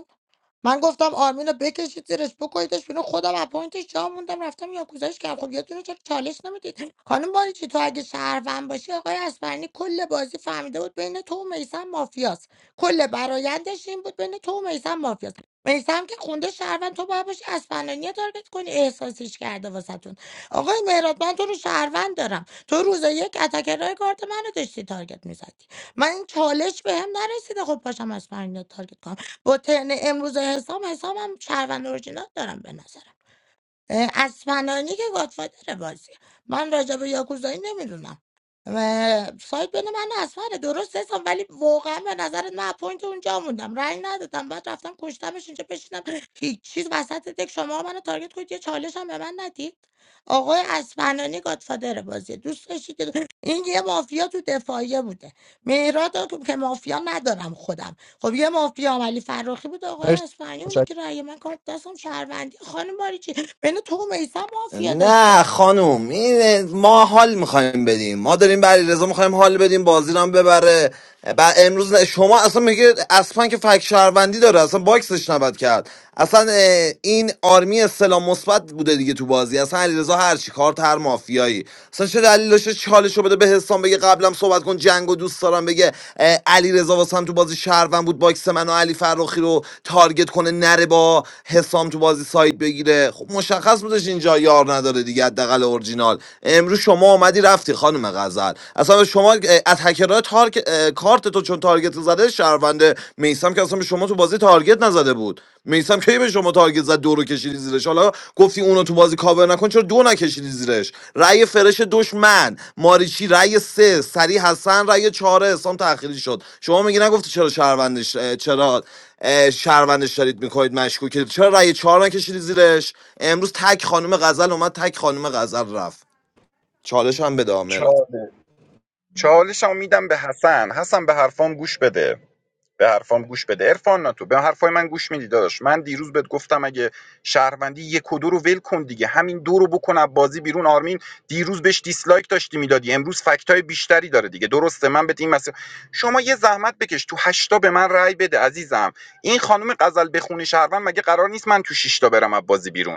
Speaker 10: من گفتم آرمین رو بکشید زیرش بکنیدش بیرون خودم اپوینتش جا موندم رفتم یا گذاشت کردم خب یه دونه چرا چالش نمیدید خانم باریچی تو اگه شهروند باشی آقای اسپرنی کل بازی فهمیده بود بین تو و میسم مافیاست کل برایندش این بود بین تو و میسم مافیاست میسم که خونده شهروند تو باید باشی اسپرنانی رو تارگت کنی احساسش کرده واسهتون آقای مهراد من تو رو شهروند دارم تو روز یک اتکرای کارت منو داشتی تارگت میزدی من این چالش بهم نرسیده خب پاشم اسپرنانی رو تارگت کنم. با ترن امروز حسام حسامم شهروند اورجینال دارم به نظرم اه، اسپنانی که گادفادر بازی من راجع به یاکوزایی نمیدونم سایت بین من و اسپنه درست حسام ولی واقعا به نظرت من پوینت اونجا موندم رنگ ندادم بعد رفتم کشتمش اینجا بشینم هیچ چیز وسط دک شما منو تارگت کنید یه چالش هم به من ندید آقای اسفنانی گادفادر بازی دوست داشتید که- این یه مافیا تو دفاعیه بوده مهراد رو که مافیا ندارم خودم خب یه مافیا علی فراخی بود آقای اصفهانی اونی که رأی من کارت دستم شهروندی خانم باریچی بین تو و میسم مافیا
Speaker 8: نه
Speaker 10: داشته
Speaker 8: خانوم این ما حال میخوایم بدیم ما داریم برای رضا میخوایم حال بدیم بازی رو هم ببره بعد امروز نه- شما اصلا میگه اصلا که فک شهروندی داره اصلا باکسش نبد کرد اصلا اه، این آرمی سلام مثبت بوده دیگه تو بازی اصلا علیرضا هر چی کارت هر مافیایی اصلا چه دلیل داشته چالش رو بده به حسام بگه قبلم صحبت کن جنگ و دوست دارم بگه علی رضا واسم تو بازی شهروند بود باکس من و علی فرخی رو تارگت کنه نره با حسام تو بازی سایت بگیره خب مشخص بودش اینجا یار نداره دیگه حداقل اورجینال امروز شما آمدی رفتی خانم غزل اصلا به شما اه، از هکرها تارک کارت تو چون تارگت زده شهرونده میسم که اصلا به شما تو بازی تارگت نزده بود میسم کی به شما تارگت زد دو رو کشیدی زیرش حالا گفتی اونو تو بازی کاور نکن چرا دو نکشیدی زیرش رأی فرش دشمن ماریچی رأی سه سری حسن رأی چهاره اسلام تأخیری شد شما میگی نگفتی چرا شهروندش اه، چرا اه، شهروندش دارید میکنید مشکوک چرا رأی چهار نکشیدی زیرش امروز تک خانم غزل اومد تک خانم غزل رفت چالش هم به دامه
Speaker 9: چاله چالشمو میدم به حسن حسن به حرفام گوش بده به حرفام گوش بده عرفان ناتو به حرفای من گوش میدی داداش من دیروز بهت گفتم اگه شهروندی یک و دو رو ول کن دیگه همین دو رو بکن از بازی بیرون آرمین دیروز بهش دیسلایک داشتی میدادی امروز فکتای بیشتری داره دیگه درسته من بهت این مسئله شما یه زحمت بکش تو هشتا به من رأی بده عزیزم این خانم غزل بخونه شهروند مگه قرار نیست من تو شیشتا برم از بازی بیرون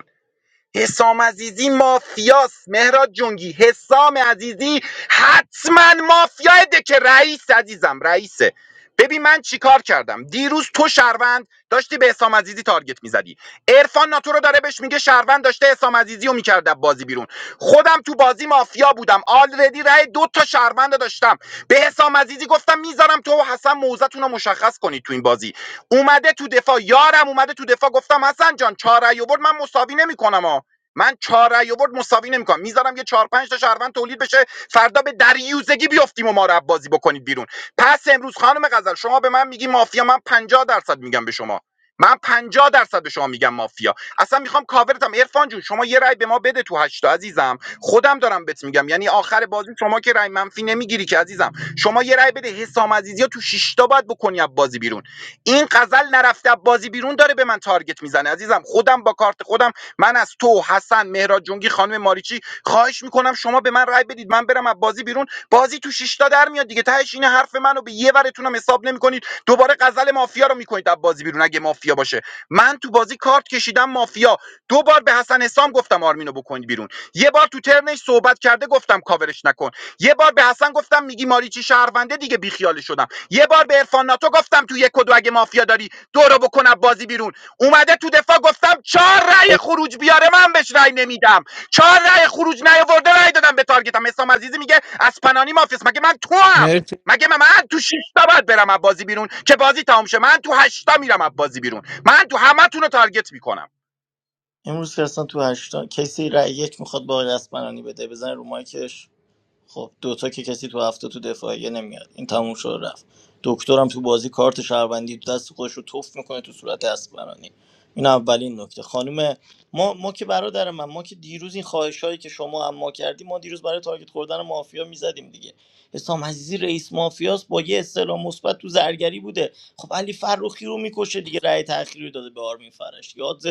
Speaker 9: حسام عزیزی مافیاست مهراد جنگی حسام عزیزی حتما مافیای دکه رئیس عزیزم رئیسه ببین من چیکار کردم دیروز تو شهروند داشتی به حسام عزیزی تارگت میزدی عرفان ناتو رو داره بهش میگه شهروند داشته حسام عزیزی رو میکرده بازی بیرون خودم تو بازی مافیا بودم آلردی رای دو تا شهروند رو داشتم به حسام عزیزی گفتم میذارم تو و حسن موزتون رو مشخص کنید تو این بازی اومده تو دفاع یارم اومده تو دفاع گفتم حسن جان چهار رای آورد من مساوی نمیکنم من چهار رأی آورد مساوی نمیکنم میذارم یه چهار پنج تا شهروند تولید بشه فردا به دریوزگی بیافتیم و ما رو بازی بکنید بیرون پس امروز خانم غزل شما به من میگی مافیا من پنجاه درصد میگم به شما من پنجاه درصد به شما میگم مافیا اصلا میخوام کاورتم عرفان جون شما یه رأی به ما بده تو هشتا عزیزم خودم دارم بهت میگم یعنی آخر بازی شما که رأی منفی نمیگیری که عزیزم شما یه رأی بده حسام عزیزی تو شش تا باید بکنی از بازی بیرون این غزل نرفته از بازی بیرون داره به من تارگت میزنه عزیزم خودم با کارت خودم من از تو حسن مهراد جنگی خانم ماریچی خواهش میکنم شما به من رأی بدید من برم از بازی بیرون بازی تو شیشتا در میاد دیگه تهش این حرف منو به یه ورتونم حساب نمیکنید دوباره غزل مافیا رو میکنید از بازی بیرون اگه مافیا باشه من تو بازی کارت کشیدم مافیا دو بار به حسن حسام گفتم آرمینو بکنید بیرون یه بار تو ترنش صحبت صحبت کرده گفتم کاورش نکن یه بار به حسن گفتم میگی ماریچی شهرونده دیگه بیخیال شدم یه بار به عرفان ناتو گفتم تو یک و دو اگه مافیا داری دو رو بکنم بازی بیرون اومده تو دفاع گفتم چهار رأی خروج بیاره من بهش رأی نمیدم چهار رأی خروج نیاورده رأی دادم به تارگتم حسام عزیزی میگه از پنانی مافیاس مگه من تو هم مگه من, من تو شش تا باید برم از بازی بیرون که بازی تمام شه من تو 8 تا میرم از بازی بیرون من تو همتون رو تارگت میکنم
Speaker 6: امروز که اصلا تو هشتان کسی رأی یک میخواد با آقای اسمنانی بده بزن رو مایکش خب دوتا که کسی تو هفته تو دفاعیه نمیاد این تموم شد رفت دکترم تو بازی کارت شهروندی تو دست خودش رو توف میکنه تو صورت اسبرانی این اولین نکته خانم ما ما که برادر من ما که دیروز این خواهش هایی که شما هم ما کردیم ما دیروز برای تارگت خوردن مافیا میزدیم دیگه حسام عزیزی رئیس مافیاس با یه اصطلاح مثبت تو زرگری بوده خب علی فروخی رو میکشه دیگه رأی تأخیری رو داده به آرمین فرش یاد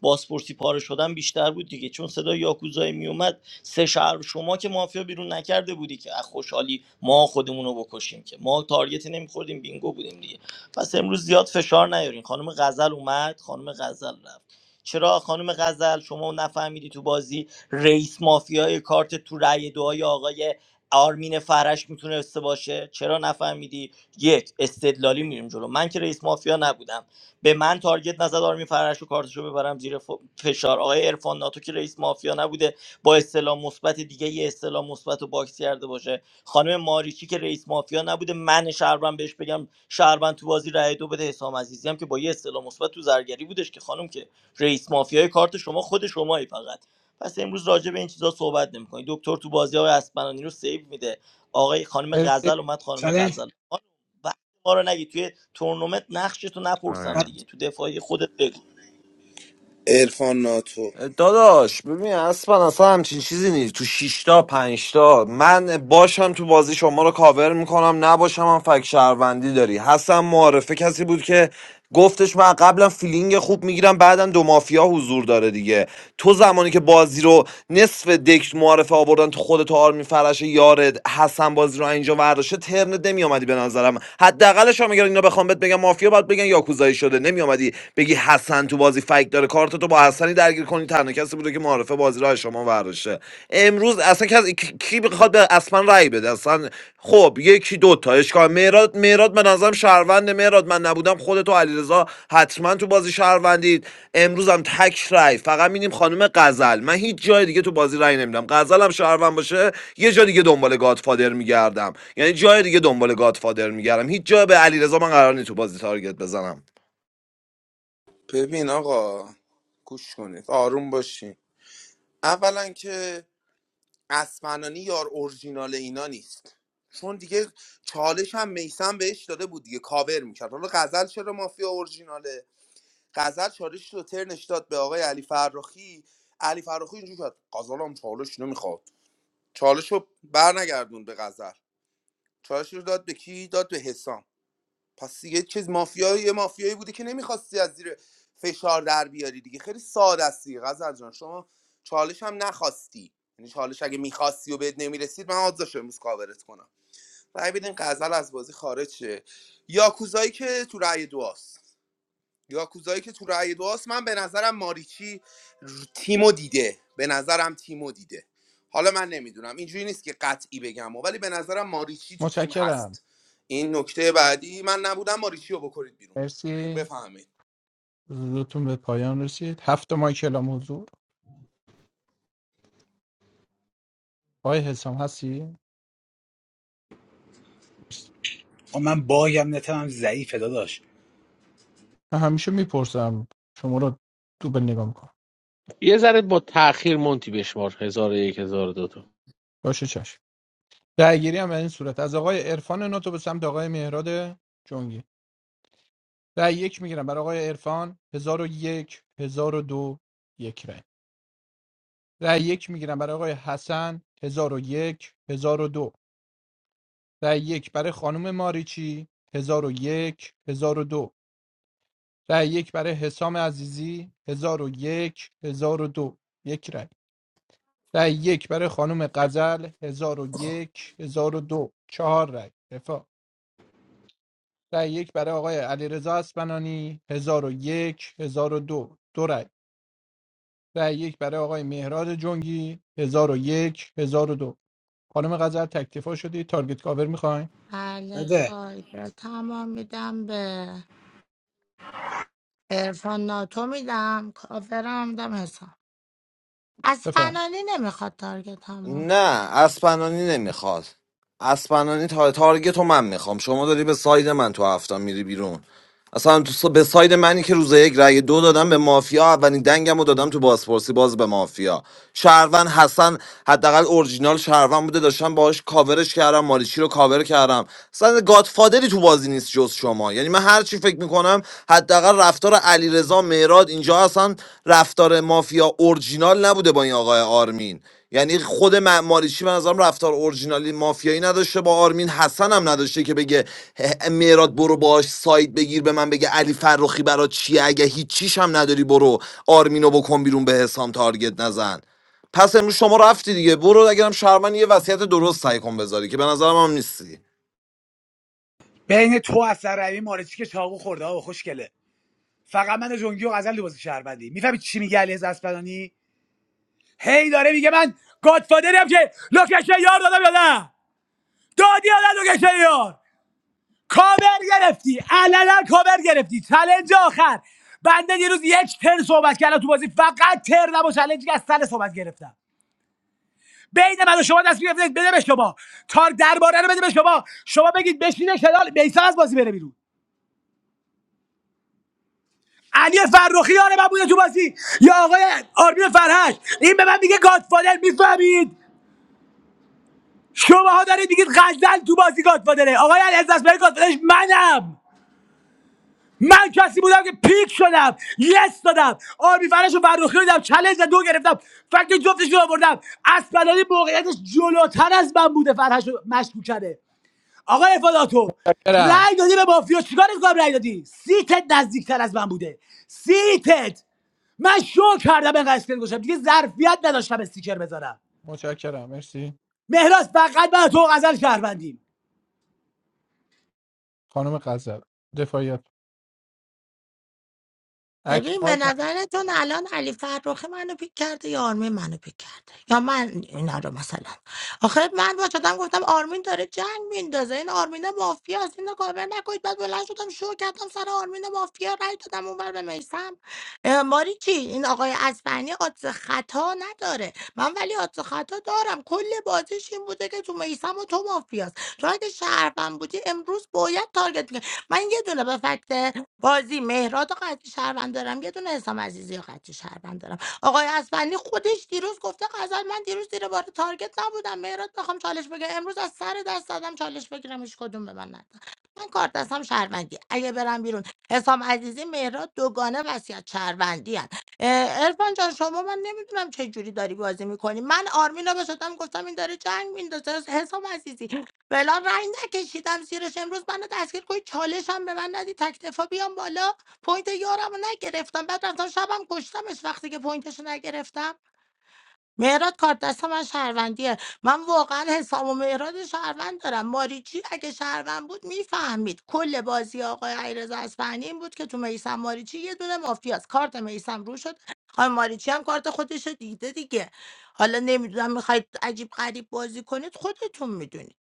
Speaker 6: بازپرسی پاره شدن بیشتر بود دیگه چون صدای یاکوزایی میومد سه شهر شما که مافیا بیرون نکرده بودی که از خوشحالی ما خودمون رو بکشیم که ما تارگتی نمیخوردیم بینگو بودیم دیگه پس امروز زیاد فشار نیارین خانم غزل اومد خانم غزل رفت چرا خانم غزل شما نفهمیدی تو بازی رئیس مافیای کارت تو رأی دعای آقای آرمین فرش میتونسته باشه چرا نفهمیدی یک استدلالی میریم جلو من که رئیس مافیا نبودم به من تارگت نزد آرمین فرش و کارتشو ببرم زیر ف- فشار آقای عرفان ناتو که رئیس مافیا نبوده با اصطلاح مثبت دیگه یه اصطلاح مثبت رو باکس کرده باشه خانم ماریچی که رئیس مافیا نبوده من شهروند بهش بگم شهروند تو بازی رای دو بده حسام عزیزی هم که با یه اصطلاح مثبت تو زرگری بودش که خانم که رئیس مافیای کارت شما خود شمایی فقط پس امروز راجع به این چیزا صحبت نمی‌کنی دکتر تو بازی های اسپنانی رو سیو میده آقای خانم غزل اومد خانم
Speaker 11: چالش
Speaker 6: غزل خانم، وقت ما رو نگی توی تورنمنت نقشتو نپرسم
Speaker 11: آه،
Speaker 6: دیگه تو دفاعی خودت بگو
Speaker 4: عرفان ناتو
Speaker 8: داداش ببین اصلا اصلا همچین چیزی نیست تو شیشتا پنجتا من باشم تو بازی شما رو کاور میکنم نباشم هم فک شهروندی داری حسن معارفه کسی بود که گفتش من قبلا فیلینگ خوب میگیرم بعدم دو مافیا حضور داره دیگه تو زمانی که بازی رو نصف دکت معارفه آوردن تو خودت آرمی فرش یارد حسن بازی رو اینجا ورداشه ترنت نمیومدی به نظرم حداقلش هم اگر اینا بخوام بهت بگم مافیا باید بگن یاکوزایی شده نمیومدی بگی حسن تو تو بازی فک داره کارت تو با حسنی درگیر کنی تنها کسی بوده که معارفه بازی را از شما برداشته امروز اصلا کسی کی بخواد به اصلا رأی بده اصلا خب یکی دو تا اشکال مهراد مهراد به نظرم شهروند مهراد من نبودم خودت و علیرضا حتما تو بازی شهروندید امروز هم تک رأی فقط میدیم خانم غزل من هیچ جای دیگه تو بازی رأی نمیدم غزل هم شهروند باشه یه جای دیگه دنبال گادفادر میگردم یعنی جای دیگه دنبال گادفادر میگردم هیچ جا به علیرضا من قرار نیست تو بازی تارگت بزنم
Speaker 4: ببین آقا گوش کنید آروم باشین اولا که اسپنانی یار اورجینال اینا نیست چون دیگه چالش هم میسم بهش داده بود دیگه کاور میکرد حالا غزل چرا مافیا اورجیناله غزل چالش رو ترنش داد به آقای علی فرخی علی فرخی اینجوری کرد غزل هم چالش نمیخواد چالش رو بر نگردون به غزل چالش رو داد به کی داد به حسام پس دیگه چیز مافیایی یه مافیایی بوده که نمیخواستی از زیر فشار در بیاری دیگه خیلی ساده است دیگه غزل جان شما چالش هم نخواستی یعنی چالش اگه میخواستی و بهت نمیرسید من آدزاش امروز کاورت کنم رای بدین غزل از بازی خارج شه یاکوزایی که تو رأی دعاست یاکوزایی که تو رأی دوست من به نظرم ماریچی ر- تیمو دیده به نظرم تیمو دیده حالا من نمیدونم اینجوری نیست که قطعی بگم و ولی به نظرم ماریچی تو تیم هست این نکته بعدی من نبودم ماریچی رو بکنید بیرون بفهمید
Speaker 11: من باگم نتم ضعیفه داداش
Speaker 3: یه ذره با تاخیر مونتی بشمار 1001 1002
Speaker 10: بله
Speaker 11: بده
Speaker 10: تایگر تمام میدم به ارفان ناتو میدم کافرم میدم حسام از فنانی نمیخواد تارگت هم
Speaker 8: نه اسپنانی نمیخواد اسپنانی تا تارگت رو من میخوام شما داری به ساید من تو هفته میری بیرون اصلا تو س- به ساید منی که روز یک رأی دو دادم به مافیا اولین دنگم رو دادم تو بازپرسی باز به مافیا شهروند حسن حداقل اورجینال شهروند بوده داشتم باهاش کاورش کردم ماریچی رو کاور کردم اصلا گادفادری تو بازی نیست جز شما یعنی من هر چی فکر میکنم حداقل رفتار علیرضا مهراد اینجا اصلا رفتار مافیا اورجینال نبوده با این آقای آرمین یعنی خود م- ماریچی به نظرم رفتار اورجینالی مافیایی نداشته با آرمین حسن هم نداشته که بگه میراد برو باش ساید بگیر به من بگه علی فرخی برا چیه اگه هیچیش هم نداری برو آرمینو بکن بیرون به حسام تارگت نزن پس امروز شما رفتی دیگه برو اگرم شرمن یه وصیت درست سعی کن بذاری که به نظرم هم نیستی
Speaker 11: بین تو اصلا روی مارچی که چاقو خورده ها خوشگله فقط من و جنگی و غزل لباس شهروندی میفهمی چی میگه علی اسپدانی هی داره میگه من گادفادرم که لوکیشن یار دادم یا نه دادی یا نه لوکیشن یار کاور گرفتی علنا کاور گرفتی چلنج آخر بنده یه روز یک تر صحبت کردم تو بازی فقط تر و چلنجی که از سر صحبت گرفتم بین من و شما دست میگرفتید بده به شما تار درباره رو بده به شما شما بگید بشینه کنار بیسا از بازی بره بیرون علی فرخی آره من بوده تو بازی یا آقای آرمین فرهش این به من میگه گادفادر میفهمید شماها دارید میگید غزل تو بازی گادفادره آقای علی از دست برای گادفادرش منم من کسی بودم که پیک شدم یس دادم آبی فرش و فرخی دادم چلنج دو گرفتم فکر جفتش رو آوردم اسپلالی موقعیتش جلوتر از من بوده فرهش رو مشکوک کرده آقا افاداتو رای دادی به مافیا چیکار کنم رای دادی سیتت نزدیکتر از من بوده سیتت من شو کردم اینقدر اسکل گوشم دیگه ظرفیت نداشتم استیکر بذارم مهراز فقط من و تو و غزل شهروندیم
Speaker 10: ببین به نظرتون الان علی فرخی منو پیک کرده یا آرمین منو پیک کرده یا من اینا رو مثلا آخه من با شدم گفتم آرمین داره جنگ میندازه این آرمین مافیا است اینو کابر نکنید بعد بلند شدم شو کردم سر آرمین مافیا رای دادم اونور به میسم ماری چی این آقای اسفنی آدز خطا نداره من ولی آدز خطا دارم کل بازیش این بوده که تو میسم و تو مافیاست تو اگه شهروند بودی امروز باید تارگت میکرد من یه دونه به فکت بازی مهراد و قطعی شهروند دارم یه دونه حسام عزیزی و قطعی شهروند دارم آقای اسفندی خودش دیروز گفته غزل من دیروز زیر بار تارگت نبودم مهراد بخوام چالش بگیرم امروز از سر دست دادم چالش بگیرم هیچ کدوم به من نداد من کارت دستم شهروندی اگه برم بیرون حسام عزیزی مهراد دوگانه وصیت شهروندی هن. ارفان جان شما من نمیدونم چه جوری داری بازی میکنی من آرمینا رو شدم گفتم این داره جنگ میندازه حسام عزیزی فعلا رنگ نکشیدم زیرش امروز منو دستگیر کنید چالش هم به من ندی تک دفاع بیام بالا پوینت یارم رو نگرفتم بعد رفتم شبم کشتمش وقتی که پوینتش رو نگرفتم مهراد کارت دست من شهروندیه من واقعا حسام و مهراد شهروند دارم ماریچی اگه شهروند بود میفهمید کل بازی آقای علیرضا اصفهانی این بود که تو میسم ماریچی یه دونه مافیاست کارت میسم رو شد آقای ماریچی هم کارت خودش رو دیده دیگه حالا نمیدونم میخواید عجیب غریب بازی کنید خودتون میدونید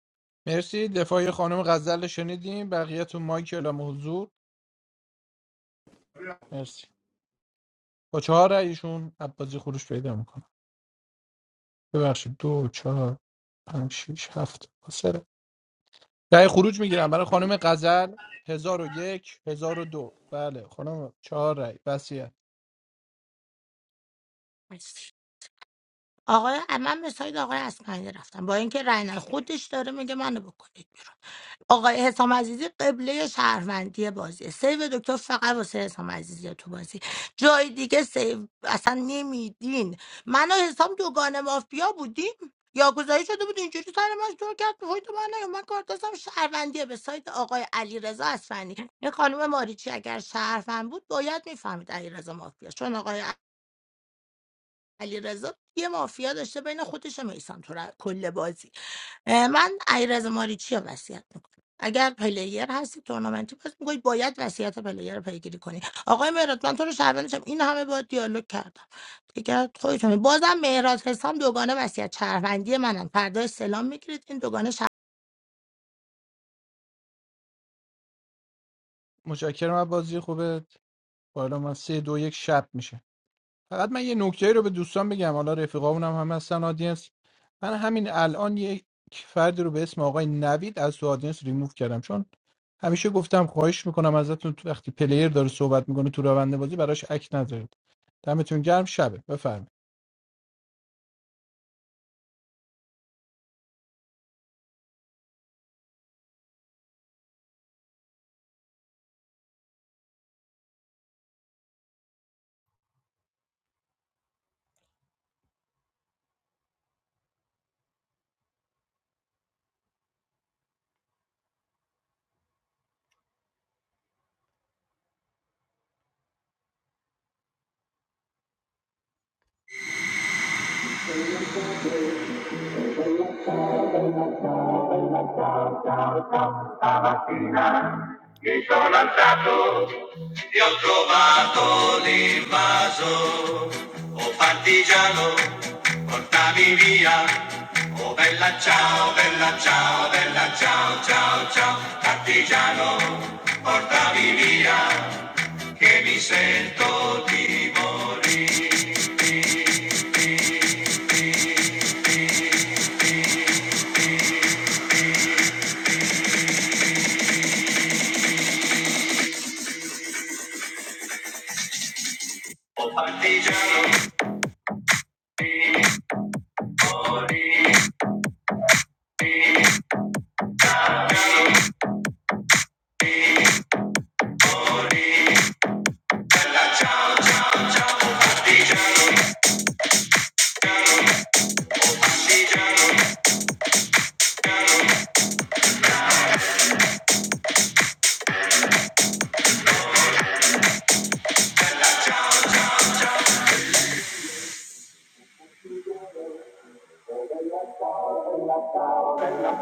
Speaker 10: آقای من به ساید آقای اسمعیلی رفتم با اینکه رأی نداد. خودش داره میگه منو بکنید بیرون آقای حسام عزیزی قبله شهروندی بازیه سیو دکتر فقط واسه حسام عزیزی تو بازی جای دیگه سیو اصلا نمیدین من و حسام دوگان مافیا بودیم یاگوزایی شده بود اینجوری سر من دور کرد وای تو من نیا. من کار دستم شهروندیه به سایت آقای علی رضا اصفهانی این خانم ماریچی اگر شهروند بود باید میفهمید علی رضا مافیا چون آقای علیرضا یه مافیا داشته بین خودش و میسان تو را- کل بازی اه، من علیرضا ماریچی رو وصیت میکنم اگر پلیر هستی تورنمنتی پس میگوید باید وصیت پلیر رو پیگیری کنی آقای مهراد من تو رو شهروندشم این همه با دیالوگ کردم دیگه خودتون بازم مهراد حسام دوگانه وصیت شهروندی منن فردا سلام میگیرید این دوگانه
Speaker 15: Ti ho trovato l'invaso, oh partigiano, portami via. Oh bella ciao, bella ciao, bella ciao, ciao, ciao, partigiano, portami via, che mi sento di morire. Oh partigiano.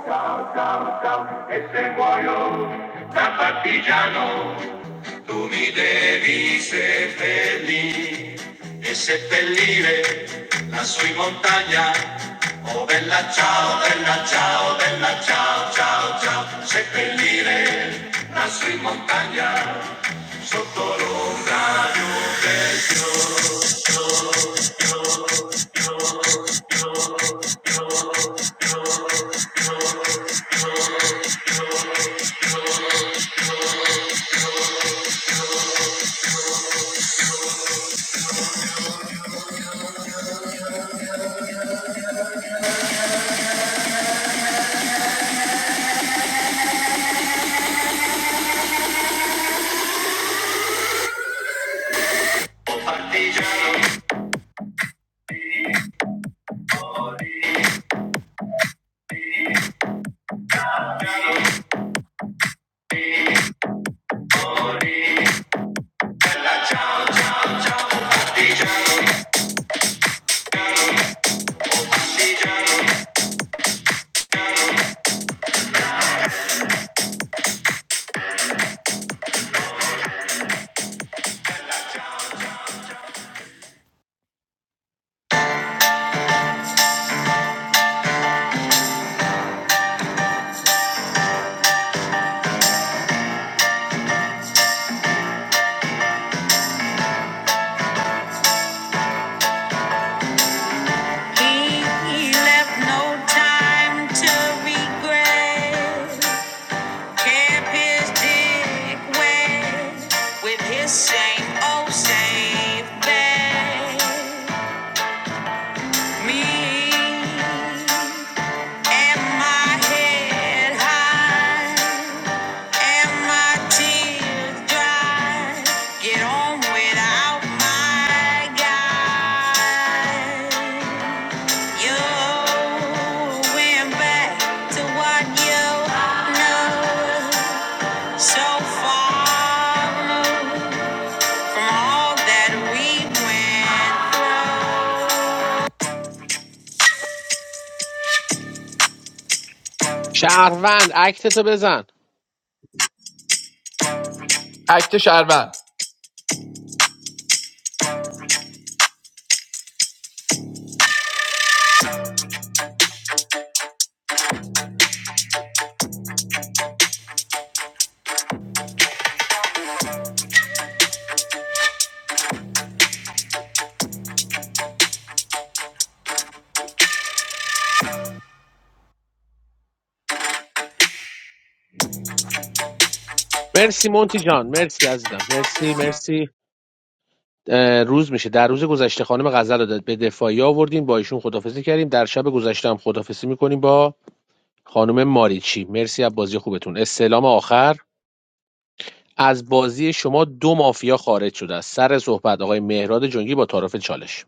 Speaker 15: Cao, cao, cao, e se muoio da partigiano, tu mi devi seppellire e seppellire lassù in montagna. Oh bella ciao, bella ciao, bella ciao, ciao, ciao, seppellire lassù in montagna, sotto l'ombra. Oh partigiano, partigiano. He left no time to regret. Camp is Dick West with his same old same thing. Me and my head high and my tears dry. Get on without my guy. You went back to what you know. So far from all that we
Speaker 3: شهروند عکتتو بزن مرسی مونتی جان مرسی عزیزم مرسی مرسی اه، روز میشه در روز گذشته خانم غزل رو داد به دفاعی آوردیم با ایشون خدافزی کردیم در شب گذشته هم خدافزی میکنیم با خانم ماریچی مرسی از بازی خوبتون استعلام آخر از بازی شما دو مافیا خارج شده است سر صحبت آقای مهراد جنگی با تعارف چالش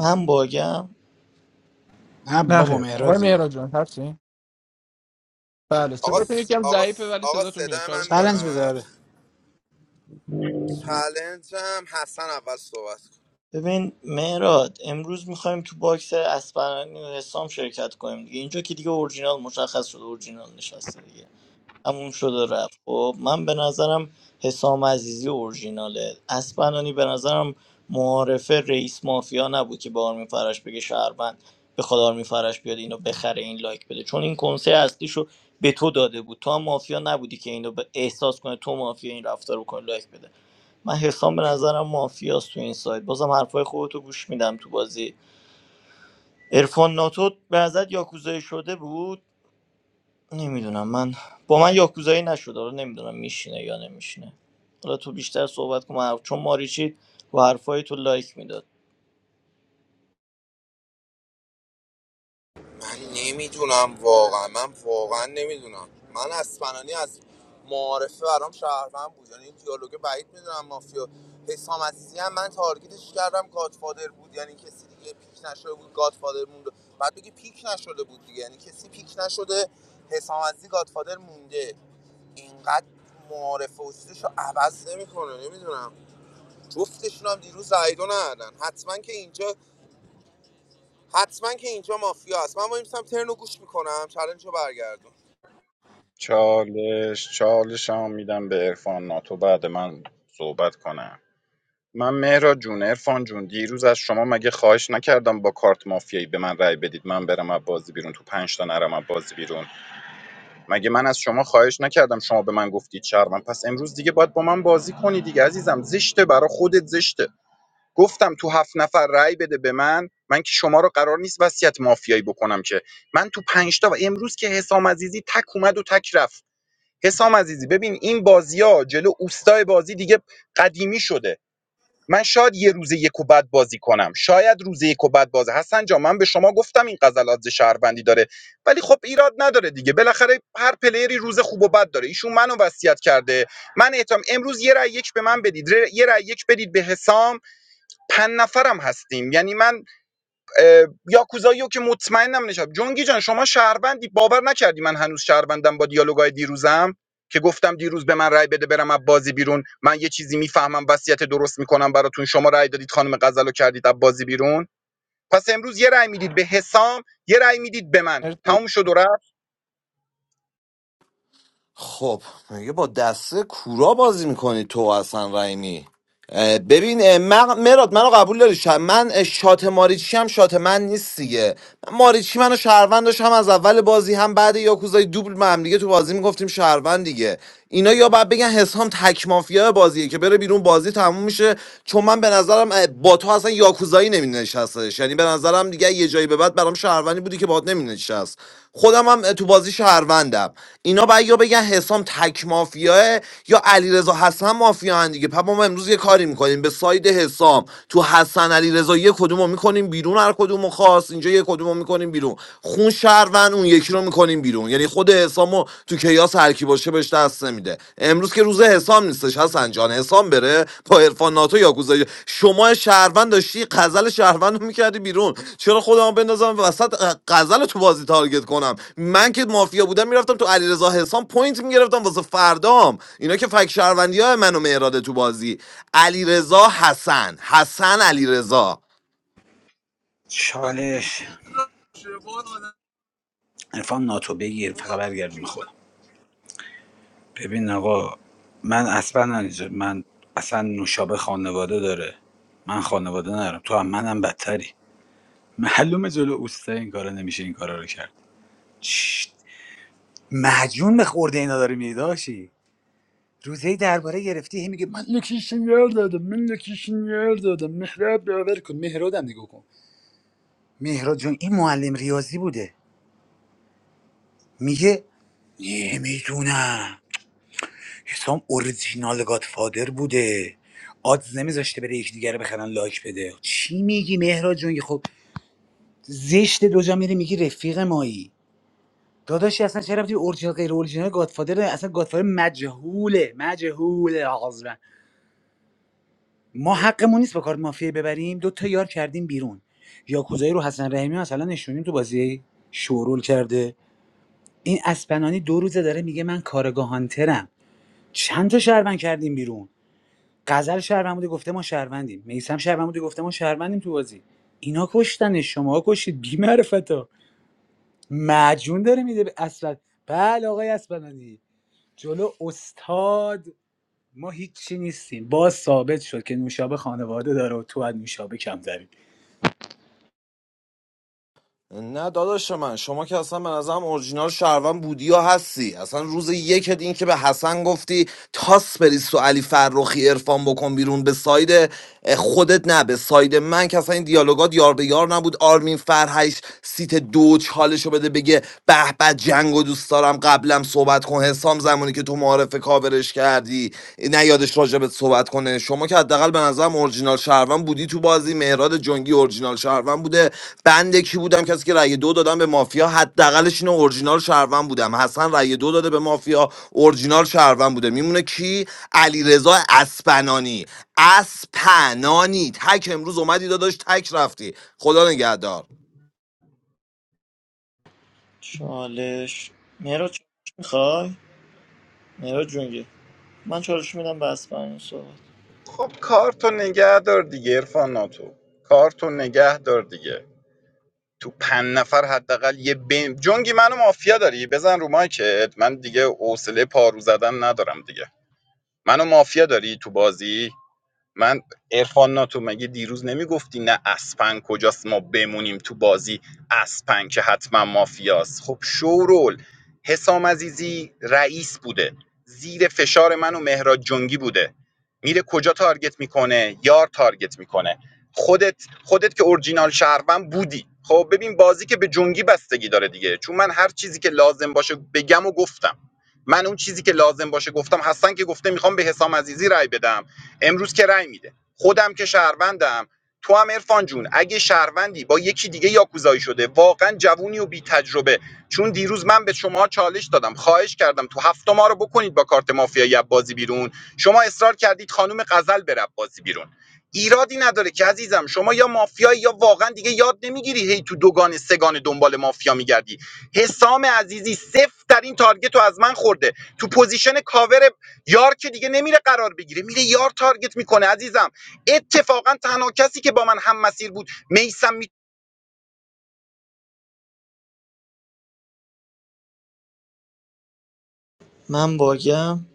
Speaker 6: من باگم
Speaker 11: نه بابا مهراد رید
Speaker 4: آقا س- آقا س- آقا صدای من
Speaker 11: چلنج بده
Speaker 4: میاد
Speaker 11: آره.
Speaker 4: چلنجم حسن اول صحبت کن
Speaker 6: ببین مهراد امروز میخوایم تو باکس اسپرانی و حسام شرکت کنیم دیگه اینجا که دیگه اورجینال مشخص شده اورجینال نشسته دیگه تموم شده رفت خب من به نظرم حسام عزیزی اورجیناله اسپرانی به نظرم معارفه رئیس مافیا نبود که به آرمین فرش بگه شهروند به خدا آرمین فرش بیاد اینو بخره این لایک بده چون این کنسه اصلیشو به تو داده بود تو هم مافیا نبودی که اینو به احساس کنه تو مافیا این رفتار رو کنه لایک بده من حسام به نظرم مافیاست تو این سایت بازم حرفای خودتو گوش میدم تو بازی ارفان ناتو به نظرت یاکوزایی شده بود نمیدونم من با من یاکوزایی نشده حالا نمیدونم میشینه یا نمیشینه حالا تو بیشتر صحبت کن من حرف- چون ماریچی با حرفای تو لایک میداد
Speaker 4: من نمیدونم واقعا من واقعا نمیدونم من از فنانی از معارفه برام شهروند بود یعنی این دیالوگ بعید میدونم مافیا حسام عزیزی هم من تارگیتش کردم گادفادر بود یعنی کسی دیگه پیک نشده بود گادفادر مونده بعد بگی پیک نشده بود دیگه یعنی کسی پیک نشده حسام عزیزی گادفادر مونده اینقدر معارفه و چیزش رو عوض نمیکنه نمیدونم جفتشون هم دیروز رأی دو ندادن حتما که اینجا حتما که اینجا مافیا است من با این سم ترنو گوش میکنم چلنج رو برگردون
Speaker 9: چالش چالش هم میدم به عرفان ناتو بعد من صحبت کنم من مهرا جون عرفان جون دیروز از شما مگه خواهش نکردم با کارت مافیایی به من رأی بدید من برم از بازی بیرون تو پنج تا نرم از بازی بیرون مگه من از شما خواهش نکردم شما به من گفتید شهر من پس امروز دیگه باید با من بازی کنی دیگه عزیزم زشته برا خودت زشته گفتم تو هفت نفر رأی بده به من من که شما رو قرار نیست وصیت مافیایی بکنم که من تو پنج تا و امروز که حسام عزیزی تک اومد و تک رفت حسام عزیزی ببین این بازی جلو اوستای بازی دیگه قدیمی شده من شاید یه روز یک و بد بازی کنم شاید روز یک و بد بازی حسن جان من به شما گفتم این غزلات ز شهروندی داره ولی خب ایراد نداره دیگه بالاخره هر پلیری روز خوب و بد داره ایشون منو وصیت کرده من اعتم امروز یه رأی یک به من بدید ر- یه رأی یک بدید به حسام پنج نفرم هستیم یعنی من اه، یاکوزاییو که مطمئنم نشم جونگی جان شما شهروندی باور نکردی من هنوز شهروندم با دیالوگای دیروزم که گفتم دیروز به من رای بده برم از بازی بیرون من یه چیزی میفهمم وصیت درست میکنم براتون شما رای دادید خانم غزلو کردید از بازی بیرون پس امروز یه رای میدید به حسام یه رای میدید به من تموم شد و رفت
Speaker 8: خب میگه با دسته کورا بازی میکنی تو حسن رحیمی اه، ببین اه، مق... مراد منو قبول داری شم. من اه، شات ماریچی هم شات من نیست دیگه من ماریچی منو شهروند داشت هم از اول بازی هم بعد یاکوزای دوبل ما هم دیگه تو بازی میگفتیم شهروند دیگه اینا یا باید بگن حسام تک مافیا بازیه که بره بیرون بازی تموم میشه چون من به نظرم اه، با تو اصلا یاکوزایی نمی نشستش. یعنی به نظرم دیگه یه جایی به بعد برام شهروند شهروندی بودی که باهات نمینشست خودم هم تو بازی شهروندم اینا باید یا بگن حسام تک مافیاه یا علیرضا حسن مافیا دیگه پس ما امروز یه کاری میکنیم به ساید حسام تو حسن علیرضا یه کدومو میکنیم بیرون هر کدومو خاص اینجا یه کدومو میکنیم بیرون خون شهروند اون یکی رو میکنیم بیرون یعنی خود حسامو تو کیاس هر کی باشه بهش دست نمیده امروز که روز حسام نیستش حسن جان حسام بره با عرفان ناتو یا گوزایی. شما شهروند داشتی غزل شهروند رو میکردی بیرون چرا خودمو بندازم وسط اه، غزل تو بازی تارگت کنم من که مافیا بودم میرفتم تو علیرضا حسام پوینت میگرفتم واسه فردام اینا که فک شهروندی های منو مهراده تو بازی علیرضا حسن حسن علیرضا
Speaker 11: چالش عرفان ناتو بگیر فقط برگردون به خودم ببین آقا من اصلا ننجا من اصلا نوشابه خانواده داره من خانواده ندارم تو هم منم بدتری معلومه جلو اوستا این کارا نمیشه این کارا رو کرد چش، مجنون به خورده اینا داره میداشی روزی درباره گرفتی هی میگه من لوکیشن یار دادم من لوکیشن یار دادم مهراد باور کن مهرادم نگاه کن مهراد جون این معلم ریاضی بوده میگه نمیدونم حسام اوریجینال گادفادر بوده آدز نمیذاشته بره یکی دیگه رو بخرن لایک بده چی میگی مهراد جون خب زشت دو جا میری میگی رفیق مایی داداشی اصلا چرا رفتی اورجینال غیر اورجینال گادفادر داره؟ اصلا گادفادر مجهوله مجهوله عذرا ما حقمون نیست با کارت مافیا ببریم دو تا یار کردیم بیرون یا یاکوزایی رو حسن رحیمی مثلا نشونیم تو بازی شورول کرده این اسپنانی دو روزه داره میگه من کارگاه هانترم چند تا شهروند کردیم بیرون غزل شهروند گفته ما شهروندیم میسم شهروند بوده گفته ما شهروندیم تو بازی اینا کشتن شما کشید بی معرفتا مجون داره میده به اسبل بله آقای اسبلانی جلو استاد ما هیچی نیستیم باز ثابت شد که نوشابه خانواده داره و تو از نوشابه کم داری
Speaker 8: نه داداش من شما که اصلا به نظرم اورجینال شهروند بودی یا هستی اصلا روز یکت این که به حسن گفتی تاس بریز تو علی فرخی ارفان بکن بیرون به ساید خودت نه به ساید من که اصلا این دیالوگات یار به یار نبود آرمین فرهیش سیت دو چالشو بده بگه به به جنگ و دوست دارم قبلم صحبت کن حسام زمانی که تو معارف کاورش کردی نه یادش راجبت صحبت کنه شما که حداقل به نظرم اورجینال شهروند بودی تو بازی مهراد جنگی اورجینال شهروند بوده بنده کی بودم کسی که رأی دو دادم به مافیا حداقلش اینه اورجینال شهروند بودم حسن رأی دو داده به مافیا اورجینال شهروند بوده میمونه کی علیرضا اسپنانی اسپنانی تک امروز اومدی داداش تک رفتی خدا نگهدار
Speaker 6: چالش مرا چالش میخوای مرا جونگی من چالش میدم بس برای این صحبت
Speaker 9: خب کارتو نگه دار دیگه عرفان ناتو کارتو نگه دار دیگه تو پنج نفر حداقل یه بین جنگی منو مافیا داری بزن رو مایکت من دیگه حوصله پارو زدن ندارم دیگه منو مافیا داری تو بازی من عرفان ناتو مگه دیروز نمیگفتی نه اسپنگ کجاست ما بمونیم تو بازی اسپنگ که حتما مافیاست خب شورول حسام عزیزی رئیس بوده زیر فشار من و مهراد جنگی بوده میره کجا تارگت میکنه یار تارگت میکنه خودت خودت که اورجینال شهروند بودی خب ببین بازی که به جنگی بستگی داره دیگه چون من هر چیزی که لازم باشه بگم و گفتم من اون چیزی که لازم باشه گفتم هستن که گفته میخوام به حسام عزیزی رای بدم امروز که رأی میده خودم که شهروندم تو هم عرفان جون اگه شهروندی با یکی دیگه یاکوزایی شده واقعا جوونی و بی تجربه چون دیروز من به شما چالش دادم خواهش کردم تو هفته ما رو بکنید با کارت مافیایی از بازی بیرون شما اصرار کردید خانم غزل بره بازی بیرون ایرادی نداره که عزیزم شما یا مافیایی یا واقعا دیگه یاد نمیگیری هی تو دوگان سگان دنبال مافیا میگردی حسام عزیزی صفر در این تارگت رو از من خورده تو پوزیشن کاور یار که دیگه نمیره قرار بگیره میره یار تارگت میکنه عزیزم اتفاقا تنها کسی که با من هم مسیر بود میسم می...
Speaker 6: من باگم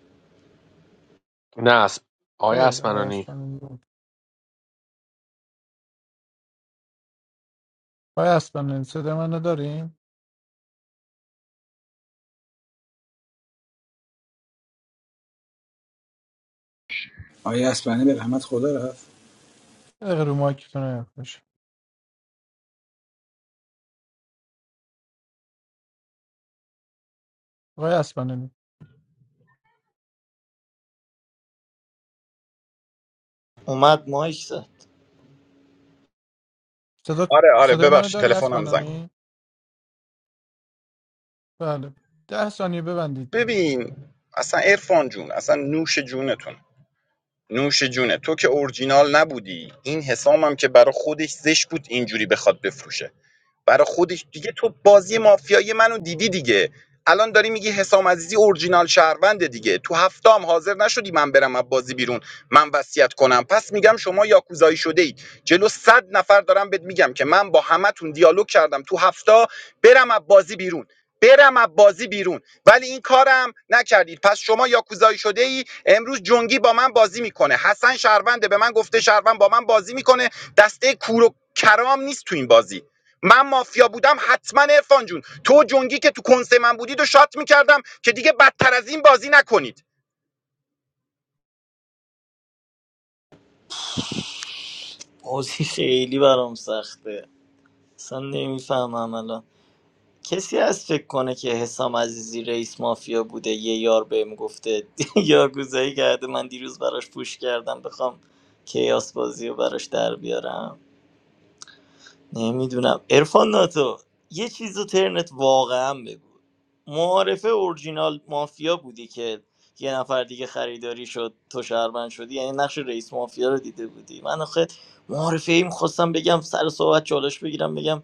Speaker 3: نه اسب آقای اسمنانی
Speaker 11: آقای اسبلانی به رحمت خدا رفت
Speaker 6: اومد مایک زد
Speaker 9: آره آره ببخشید تلفنم زنگ خورد. ببین اصلا عرفان جون اصلا نوش جونتون نوش جونه تو که اورجینال نبودی این حسامم که برا خودش زشت بود اینجوری بخواد بفروشه برا خودش دیگه تو بازی مافیایی منو دیدی دیگه الان داری میگی حسام عزیزی اورجینال شهرونده دیگه تو هفته هم حاضر نشدی من برم از بازی بیرون من وصیت کنم پس میگم شما یاکوزایی شده اید جلو صد نفر دارم بهت میگم که من با همتون دیالوگ کردم تو هفته برم از بازی بیرون برم از بازی بیرون ولی این کارم نکردید پس شما یاکوزایی شده ای امروز جنگی با من بازی میکنه حسن شهرونده به من گفته شهروند با من بازی میکنه دسته کور و کرام نیست تو این بازی من مافیا بودم حتما عرفان جون تو جنگی که تو کنسه من بودید و شات میکردم که دیگه بدتر از این بازی نکنید
Speaker 6: بازی خیلی برام سخته اصلا نمیفهمم الان کسی هست فکر کنه که حسام عزیزی رئیس مافیا بوده یه یار بهم گفته [LAUGHS] یارگوزایی کرده من دیروز براش پوش کردم بخوام کیاس بازی رو براش در بیارم نمیدونم ارفان ناتو یه چیز رو ترنت واقعا بگو معارفه اورجینال مافیا بودی که یه نفر دیگه خریداری شد تو شهروند شدی یعنی نقش رئیس مافیا رو دیده بودی من آخه معارفه ای میخواستم بگم سر صحبت چالش بگیرم بگم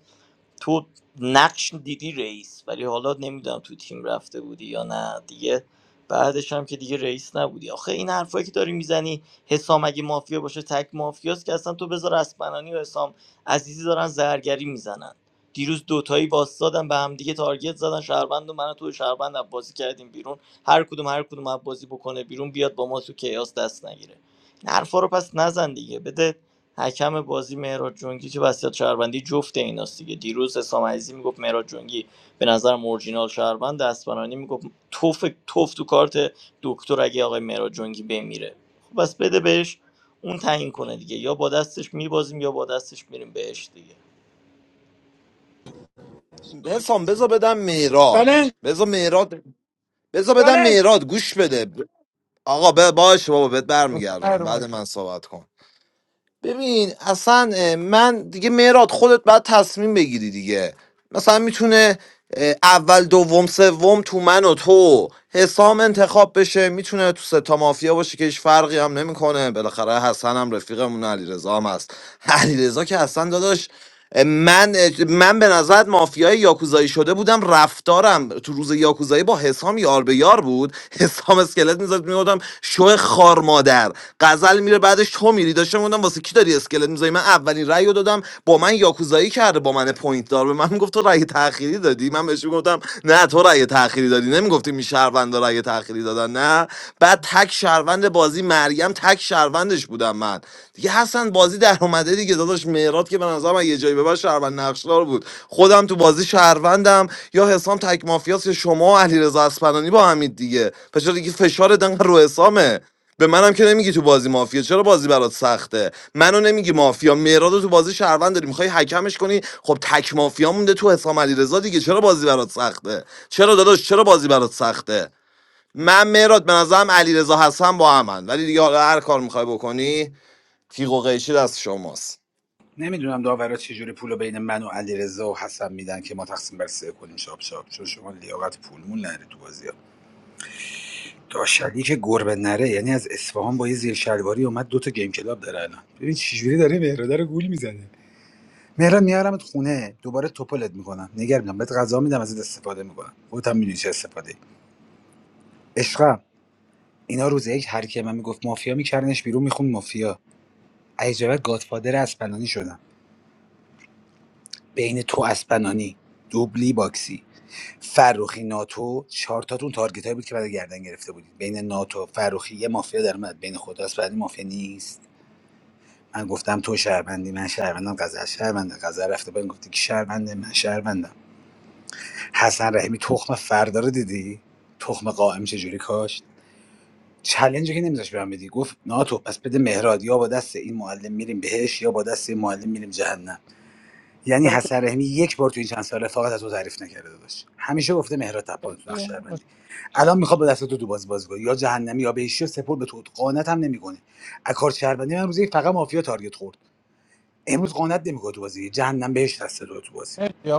Speaker 6: تو نقش دیدی رئیس ولی حالا نمیدونم تو تیم رفته بودی یا نه دیگه بعدش هم که دیگه رئیس نبودی آخه این حرفایی که داری میزنی حسام اگه مافیا باشه تک مافیاست که اصلا تو بذار اسپنانی و حسام عزیزی دارن زرگری میزنن دیروز دوتایی واستادن به هم دیگه تارگت زدن شهروند و من و تو شهروند عباسی کردیم بیرون هر کدوم هر کدوم عباسی بکنه بیرون بیاد با ما تو کیاس دست نگیره این حرفا رو پس نزن دیگه بده حکم بازی مهراد جنگی که وصیت شهروندی جفت ایناست دیگه دیروز حسام عزیزی میگفت مهراد جنگی به نظر اورجینال شهروند دستبرانی میگفت توف توف تو کارت دکتر اگه آقای مهراد جنگی بمیره خب بس بده بهش اون تعیین کنه دیگه یا با دستش میبازیم یا با دستش میریم بهش دیگه
Speaker 8: حسام بذار بدم میراد
Speaker 11: چالش
Speaker 8: بذار میراد بذار بدم
Speaker 11: چالش
Speaker 8: میراد گوش بده آقا ب- باشه بابا بهت برمیگردونم بعد من صحبت کن ببین اصلا اه، من دیگه مهراد خودت باید تصمیم بگیری دیگه مثلا میتونه اول دوم سوم تو من و تو حسام انتخاب بشه میتونه تو ستا مافیا باشه که هیچ فرقی هم نمیکنه بالاخره حسن هم رفیقمون علیرضا هم هست [LAUGHS] علیرضا که حسن داداش من من به نظر مافیای یاکوزایی شده بودم رفتارم تو روز یاکوزایی با حسام یار به یار بود [LAUGHS] حسام اسکلت میزد میگفتم شو خار مادر غزل میره بعدش تو میری داشتم میگفتم واسه کی داری اسکلت میزایی من اولین رأی رو دادم با من یاکوزایی کرده با من پوینت دار به من گفت تو رأی تأخیری دادی من بهش گفتم نه تو رأی تأخیری دادی نمیگفتیم این شهروندا رأی تأخیری دادن نه بعد تک شهروند بازی مریم تک شهروندش بودم من دیگه حسن بازی در اومده دیگه داداش مهرات که به نظرم اگه یه جایی به بعد شهروند نقشدار بود خودم تو بازی شهروندم یا حسام تک مافیاس یا شما و علیرضا اصفهانی با همید دیگه پس چرا دیگه فشار دنگ رو حسامه به منم که نمیگی تو بازی مافیا چرا بازی برات سخته منو نمیگی مافیا مهراد رو تو بازی شهروند داری میخوای حکمش کنی خب تک مافیا مونده تو حسام علیرضا دیگه چرا بازی برات سخته چرا داداش چرا بازی برات سخته من مهراد به نظرم علیرضا حسن با همن ولی دیگه حالا هر کار میخوای بکنی تیغ و قیچی دست شماست
Speaker 11: نمیدونم داورا چجوری پولو بین من و علیرضا و حسن میدن که ما تقسیم بر سه کنیم شاب شاب چون شما لیاقت پولمون نره تو بازی داشلی که گربه نره یعنی از اصفهان با یه زیر شلواری اومد دو تا گیم کلاب داره الان ببین چجوری داره مهراده رو گول میزنه مهراد میارمت خونه دوباره توپلت میکنم نگر میدم بهت غذا میدم ازت استفاده میکنم خودت هم میدونی چه استفاده ای عشقم اینا روز یک هر کی من میگفت مافیا میکردنش بیرون میخوند مافیا عجبت گادفادر اسپنانی شدم بین تو اسپنانی دوبلی باکسی فروخی ناتو چهار تاتون تارگت بود که بعد گردن گرفته بودید بین ناتو فروخی یه مافیا در اومد بین خود اسپنانی مافیا نیست من گفتم تو شهروندی من شهروندم غزل شهرونده غزل رفته بهم گفتی که شهرونده من شهروندم حسن رحیمی تخم فردا رو دیدی تخم قائم چجوری کاشت چلنجی که نمیذاش بهم بدی گفت ناتو پس بده مهراد یا با دست این معلم میریم بهش یا با دست این معلم میریم جهنم یعنی حسن رحیمی یک بار تو این چند سال رفاقت از تو تعریف نکرده داشت همیشه گفته مهراد تپان تو نقش شهروندی الان میخواد با دست تو تو باز بازی یا جهنمی یا بهشی یا سپر به تو قانت هم نمیکنه از کار شهروندی من روزی فقط مافیا تارگت خورد امروز قانت نمیکنه تو بازی جهنم بهش دست داره تو بازی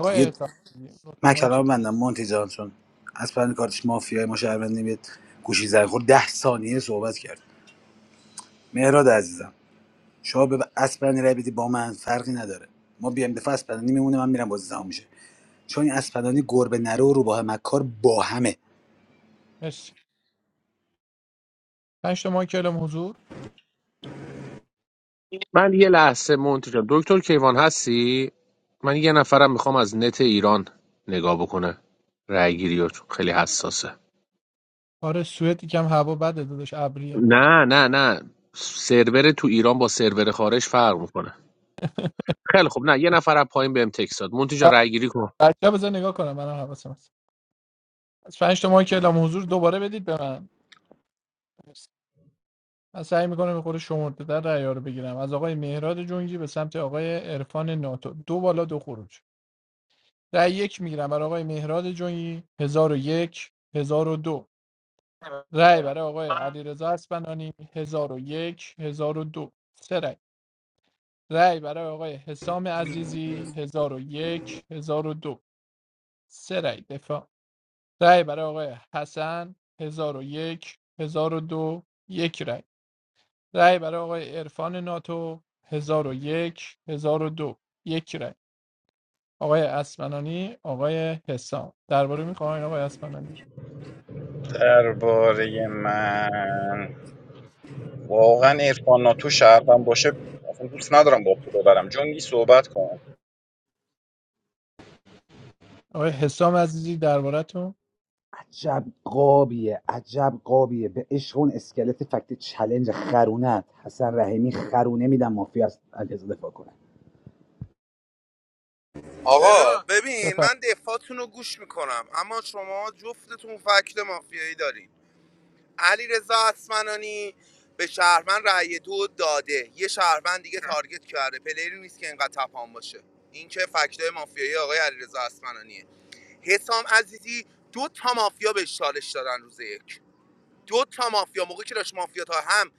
Speaker 11: دیگه من کلام بندم مونتی جان چون از پرند کارتش مافیای ما شهروند نمیاد گوشی زنگ خورد ده ثانیه صحبت کرد مهراد عزیزم شما به اسپرانی رای بدی با من فرقی نداره ما بیایم دفعه اسپرانی میمونه من میرم بازی تمام میشه چون این اسپرانی گربه نرو و روباه مکار با همه
Speaker 3: من یه لحظه مونتی جان دکتر کیوان هستی من یه نفرم میخوام از نت ایران نگاه بکنه رای گیری رو، چون خیلی حساسه نه نه نه سرور تو ایران با سرور خارج فرق میکنه خیلی خب نه یه نفر از پایین بهم تکست داد مونتی جان رای گیری کن
Speaker 9: درباره من واقعا ارفان ناتو شهروند باشه اصلا دوست ندارم با تو ببرم جنگی صحبت کن
Speaker 11: عجب قابیه عجب قابیه به عشق اون اسکلت فکت چلنج خرونت حسن رحیمی خرونه میدم مافیا از علیرضا دفاع کنه.
Speaker 4: آقا ببین من دفاعتون رو گوش میکنم اما شما جفتتون فکت مافیایی دارین علی رضا اسمنانی به شهرمن رأی دو داده یه شهرمن دیگه تارگت کرده پلیری نیست که اینقدر تپان باشه این که فکتای مافیایی آقای علی رضا اسمنانیه حسام عزیزی دو تا مافیا به چالش دادن روز یک دو تا مافیا موقعی که داشت مافیا تا هم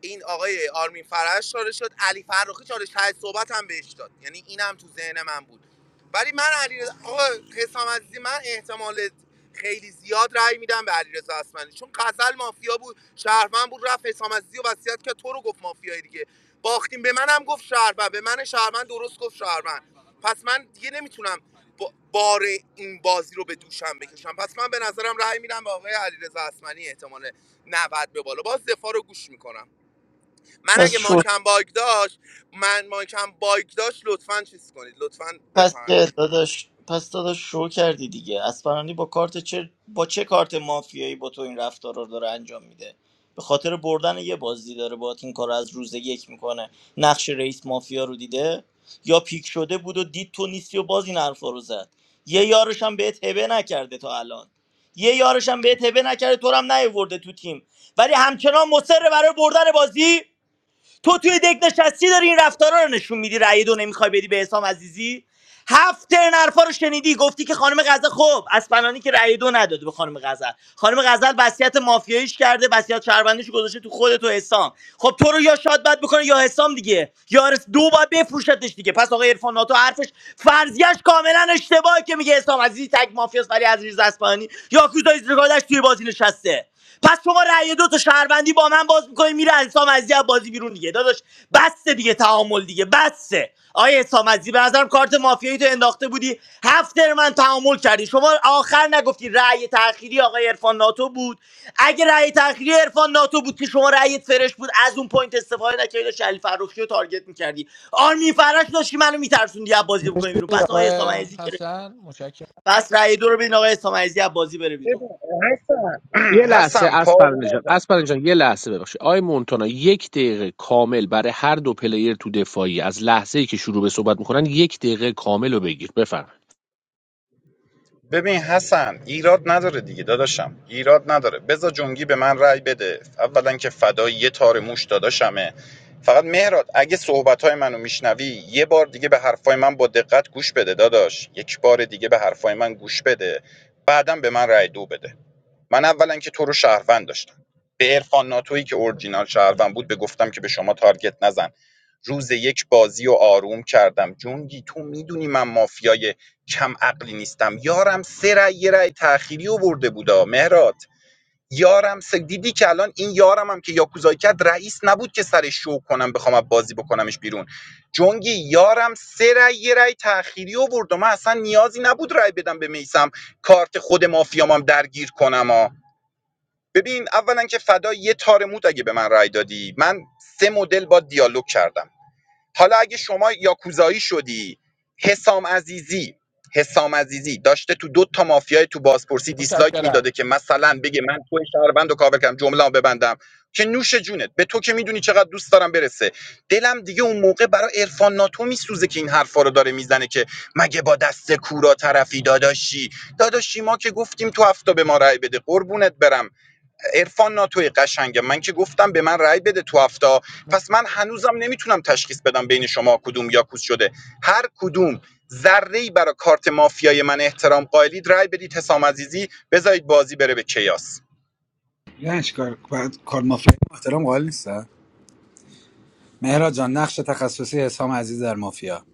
Speaker 4: این آقای آرمین فرش چاره شد علی فرخی چاره ته صحبت هم بهش داد یعنی اینم تو ذهن من بود ولی من علی آقا حسام عزیزی من احتمال خیلی زیاد رأی میدم به علیرضا اصفهانی چون قزل مافیا بود شهروند بود رفت حسام عزیزی و وصیت که تو رو گفت مافیای دیگه باختیم به منم گفت شهروند به من شهروند درست گفت شهروند پس من دیگه نمیتونم با- بار این بازی رو به دوشم بکشم پس من به نظرم رأی میدم به آقای علیرضا اصفهانی احتمال 90 به بالا باز دفاع رو گوش میکنم من اگه
Speaker 6: پس
Speaker 4: ماکم باگ داشت من ماکم باگ داشت لطفا چیز کنید لطفا
Speaker 6: پس
Speaker 4: بفرمایید
Speaker 6: که داداش پس داداش شو کردی دیگه اسپرانی با کارت چه با چه کارت مافیایی با تو این رفتار رو داره انجام میده به خاطر بردن یه بازی داره با این کار رو از روز یک میکنه نقش رئیس مافیا رو دیده یا پیک شده بود و دید تو نیستی و باز این حرفا رو زد یه یارش هم بهت هبه نکرده تا الان یه یارش هم بهت هبه نکرده تو رو هم نیورده تو تیم ولی همچنان مصر برای بردن بازی تو توی دک نشستی داری این رفتارا رو نشون میدی رأی دو نمیخوای بدی به حسام عزیزی هفت ترن حرفا رو شنیدی گفتی که خانم غزل خب از فنانی که رأی دو نداده به خانم غزل خانم غزل وصیت مافیاییش کرده وصیت شهروندیش رو گذاشته تو خودت و حسام خب تو رو یا شاد بد میکنه یا حسام دیگه یا رس دو باید بفروشتش دیگه پس آقای عرفان ناتو حرفش فرضیش کاملا اشتباهه که میگه حسام عزیزی تگ مافیاس ولی عزیز اصفهانی یا کوزای زرگادش توی بازی نشسته پس شما رأی دو تا شهروندی با من باز میکنی میره حسام عزیزی از بازی بیرون دیگه داداش بس دیگه تعامل دیگه بس آیه آیا حسام عزیزی به نظرم کارت مافیایی تو انداخته بودی هفت تر من تعامل کردی شما آخر نگفتی رأی تأخیری آقای عرفان ناتو بود اگه رأی تأخیری عرفان ناتو بود که شما رأیت فرش بود از اون پوینت استفاده نکردی داشتی علی فروخی رو تارگت میکردی آرمین فرش داشتی منو میترسوندی از بازی بکنی بیرون پس آقای حسام عزیزی که پس رأی دو رو بدین آقای حسام عزیزی از بازی بره بیرون
Speaker 9: ببین، حسن
Speaker 3: یه
Speaker 9: [CLEARS THROAT]
Speaker 3: لحظه
Speaker 9: حسن
Speaker 3: از
Speaker 9: پارو
Speaker 3: جان
Speaker 9: نزن
Speaker 3: از جان یه لحظه ببخشید آی مونتانا یک دقیقه کامل برای هر دو پلیر تو دفاعی از لحظه ای که شروع به صحبت میکنن یک دقیقه کامل رو بگیر بفرمایید
Speaker 9: ببین حسن ایراد نداره دیگه داداشم ایراد نداره بذار جنگی به من رأی بده اولا که فدای یه تار موش داداشمه فقط مهراد اگه صحبت منو میشنوی یه بار دیگه به حرفای من با دقت گوش بده داداش یک بار دیگه به حرفای من گوش بده بعدم به من رأی دو بده من اولا که تو رو شهروند داشتم به عرفان ناتویی که اورجینال شهروند بود به گفتم که به شما تارگت نزن روز یک بازی و آروم کردم جونگی تو میدونی من مافیای کم عقلی نیستم یارم سه رأی یه رأی تأخیری و برده بودا مهرات یارم سه دیدی که الان این یارم هم که یاکوزایی کرد رئیس نبود که سرش شو کنم بخوام از بازی بکنمش بیرون جونگی یارم سه رأی یه رأی تأخیری و برد و من اصلا نیازی نبود رای بدم به میسم کارت خود مافیامم درگیر کنم آ. ببین اولا که فدا یه تار موت اگه به من رای دادی من سه مدل با دیالوگ کردم حالا اگه شما یاکوزایی شدی حسام عزیزی حسام عزیزی داشته تو دو تا مافیای تو بازپرسی دیسلایک میداده که مثلا بگه من تو شهروند و کابل کردم جمله ببندم که نوش جونت به تو که میدونی چقدر دوست دارم برسه دلم دیگه اون موقع برای عرفان ناتو میسوزه که این حرفا رو داره میزنه که مگه با دست کورا طرفی داداشی داداشی ما که گفتیم تو هفته به ما رای بده قربونت برم عرفان ناتوی قشنگم من که گفتم به من رأی بده تو هفته پس من هنوزم نمیتونم تشخیص بدم بین شما کدوم یاکوس شده هر کدوم ذره ای برای کارت مافیای من احترام قائلید رأی بدید حسام عزیزی بذارید بازی بره به کیاس
Speaker 11: یعنیش کار بعد- کار مافیا احترام قائل نیست مهرا جان نقش تخصصی حسام عزیز در مافیا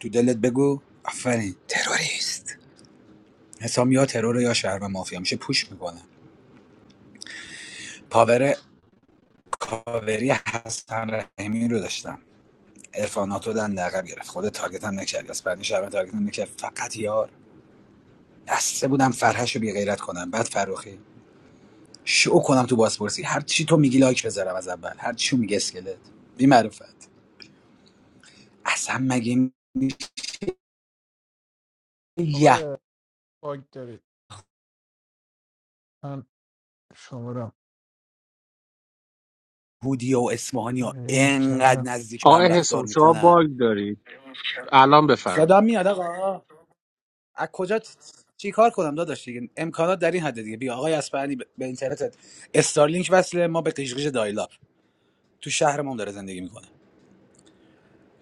Speaker 11: تو دلت بگو آفرین تروریست حسام یا ترور یا شهر مافیا میشه پوش میکنه پاور کاوری حسن رحیمی رو داشتم ارفاناتو دن عقب گرفت خود تارگت هم نکرد از بعد شهر تارگت هم نکرد فقط یار بسته بودم فرهش رو بی غیرت کنم بعد فروخی شو کنم تو بازپرسی هر چی تو میگی لایک بذارم از اول هر چی میگه اسکلت بی معرفت اصلا مگه یهودی و اسمانی ها انقدر نزدیک به
Speaker 3: آقای
Speaker 11: هم
Speaker 3: حسام
Speaker 11: رفتار
Speaker 3: شما
Speaker 11: میکنن
Speaker 3: باگ دارید الان بفرمایید
Speaker 11: یادم میاد آقا از کجا چی کار کنم داداش دیگه امکانات در این حد دیگه بیا آقای اسپرانی به به اینترنتت استارلینک وصله ما به قشقیش دایلاب تو شهر ما هم داره زندگی میکنه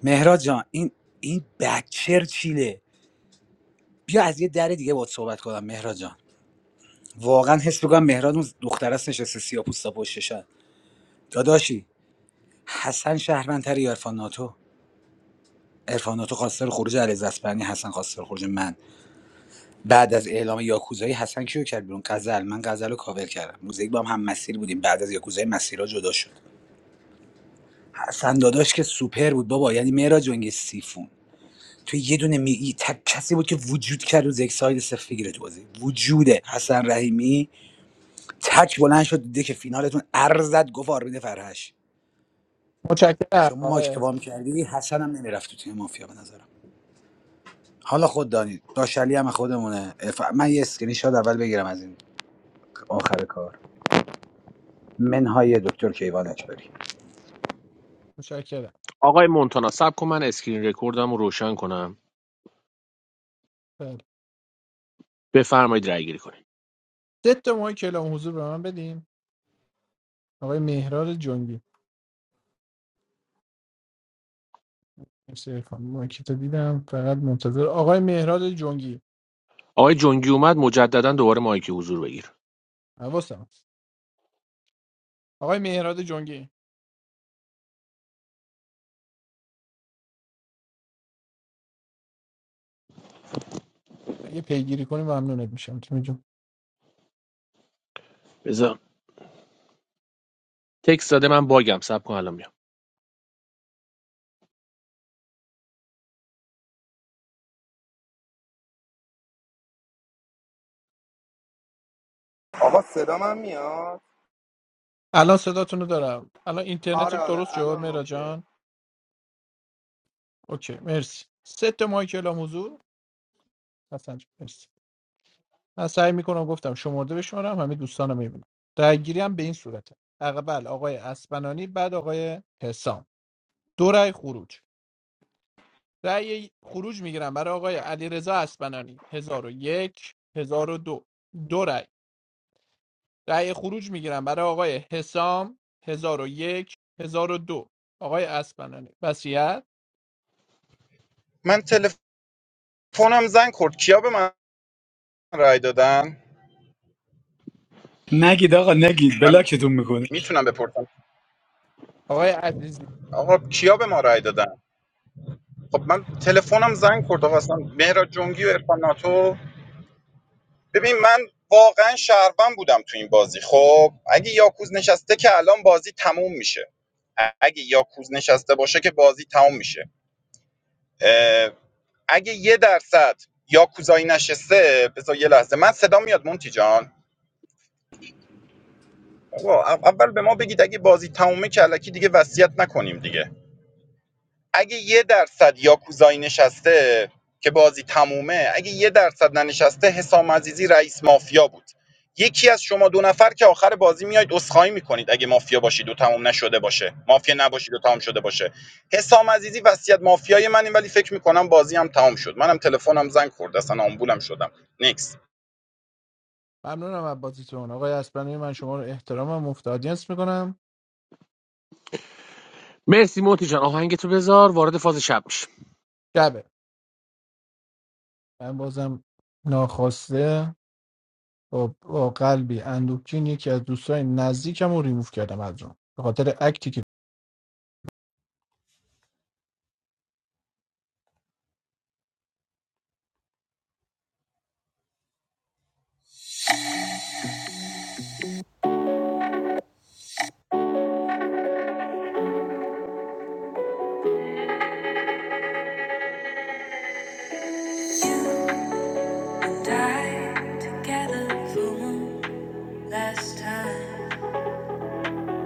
Speaker 11: مهراد جان این این بچر چیله بیا از یه در دیگه باهات صحبت کنم مهراد جان واقعا حس میکنم مهراد اون دختر است نشسته سیاپوستا پشتشن داداشی حسن شهروندتری یا عرفان ناتو عرفان ناتو خواستار خروج علیرضا اصفهانی حسن خواستار خروج من بعد از اعلام یاکوزایی حسن کیو کرد بیرون غزل من غزل رو کاور کردم روز یک با هم هم مسیر بودیم بعد از یاکوزایی مسیرها جدا شد حسن داداش که سوپر بود بابا یعنی مهراج جنگ سیفون تو یه دونه می ای تک کسی بود که وجود کرد روز یک ساید صفر بگیره تو بازی وجوده حسن رحیمی تک بلند شد دیده که فینالتون ارزد گفت آرمین فرهش شما ما اشتباه کردی حسن هم نمیرفت تو تیم مافیا به نظرم حالا خود دانید داشلی هم خودمونه اف- من یه اسکرین شات اول بگیرم از این آخر کار منهای دکتر کیوان اجباری
Speaker 3: آقای مونتانا صبر کن من اسکرین رکوردم رو روشن کنم بفرمایید رای گیری کنید آقای جنگی اومد مجددا دوباره مایک حضور بگیر بذار تکست داده من باگم صبر کن الان میام
Speaker 4: آقا صدا من میاد آره آره الان اوکی
Speaker 9: من تلفنم زنگ خورد کیا به من رأی دادن
Speaker 11: نگید آقا نگید
Speaker 9: من
Speaker 11: بلاکتون میکنه
Speaker 9: میتونم بپرسم آقا کیا به ما رأی دادن خب من تلفنم زنگ خورد آقا اصلا مهراد جنگی و عرفان ناتو ببین من واقعا شهروند بودم تو این بازی خب اگه یاکوز نشسته که الان بازی تموم میشه اگه یاکوز نشسته باشه که بازی تموم میشه اه، اگه یه درصد یاکوزایی نشسته بذار یه لحظه من صدا میاد مونتی جان آقا، اول به ما بگید اگه بازی تمومه که الکی دیگه وصیت نکنیم دیگه اگه یه درصد یاکوزایی نشسته که بازی تمومه اگه یه درصد ننشسته حسام عزیزی رئیس مافیا بود یکی از شما دو نفر که آخر بازی میاید اسخایی میکنید اگه مافیا باشید و تموم نشده باشه مافیا نباشید و تمام شده باشه حسام عزیزی وصیت مافیای من ولی فکر میکنم بازی هم تمام شد منم تلفنم زنگ خورد اصلا آمبولم شدم نکس
Speaker 3: مرسی مونتی جان آهنگتو بذار وارد فاز شب میشیم
Speaker 15: went through. Died together for one last time.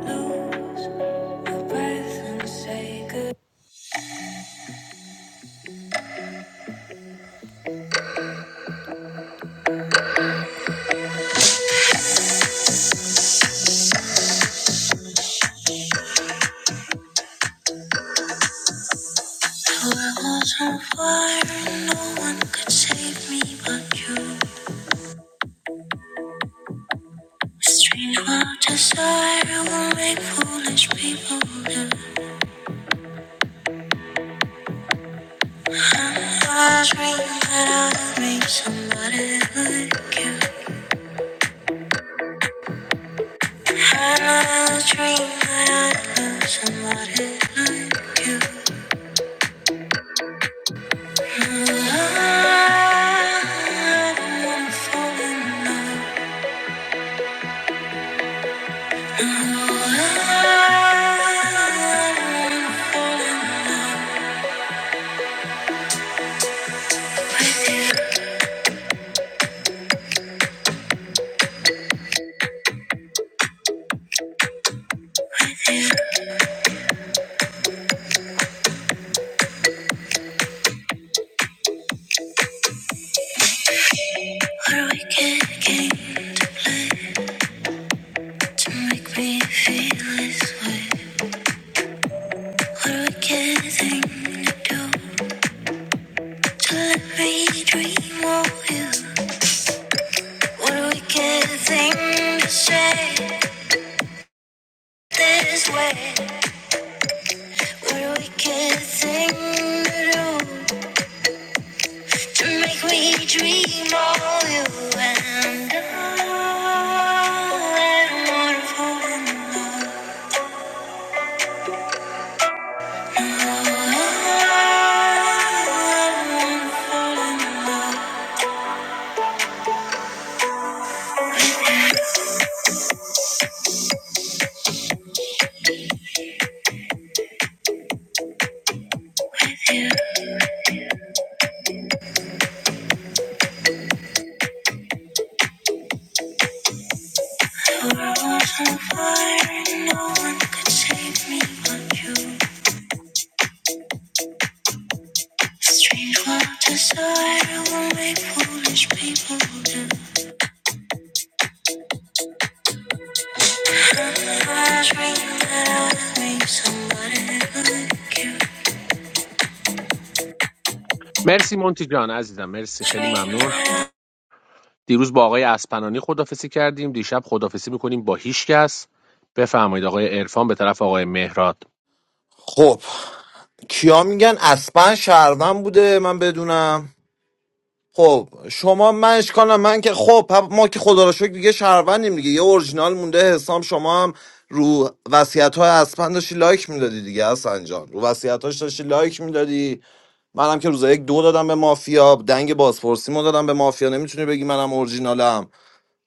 Speaker 15: Lose my breath and say good. The world was on fire, no one could save me but you. A Strange wild desire will make foolish people do. I was dreaming that I would meet somebody like you. I dream that I know somebody like you. No, I don't wanna fall in love. No, I don't wanna fall in love with you. What a wicked game to play to make me feel this way. What a wicked thing to do to let me dream of you. What a wicked thing to say this way. Where we can sing the room to make me dream of you and all that wonderful in love. All that wonderful in love with you. The world was on fire, and no one could save me but you. Strange what desire will make foolish people do. I dream that I was with somebody who could
Speaker 3: مرسی مونتی جان عزیزم مرسی خیلی
Speaker 15: dream
Speaker 3: ممنون
Speaker 15: that.
Speaker 3: دیروز با آقای اسپنانی خدافسی کردیم دیشب خدافسی میکنیم با هیچ کس بفرمایید آقای عرفان به طرف آقای مهراد
Speaker 8: خب کیا میگن اسپن شهروند بوده من بدونم خب شما من اشکالم من که خب پ- ما که خدا را شکر دیگه شهروندیم دیگه یه اورجینال مونده حسام شما هم رو وصیت های اسپن داشتی لایک میدادی دیگه حسن جان رو وصیت هاش داشتی لایک میدادی منم که روز یک دو دادم به مافیا دنگ بازپرسیمو دادم به مافیا نمیتونی بگی منم اورجینالم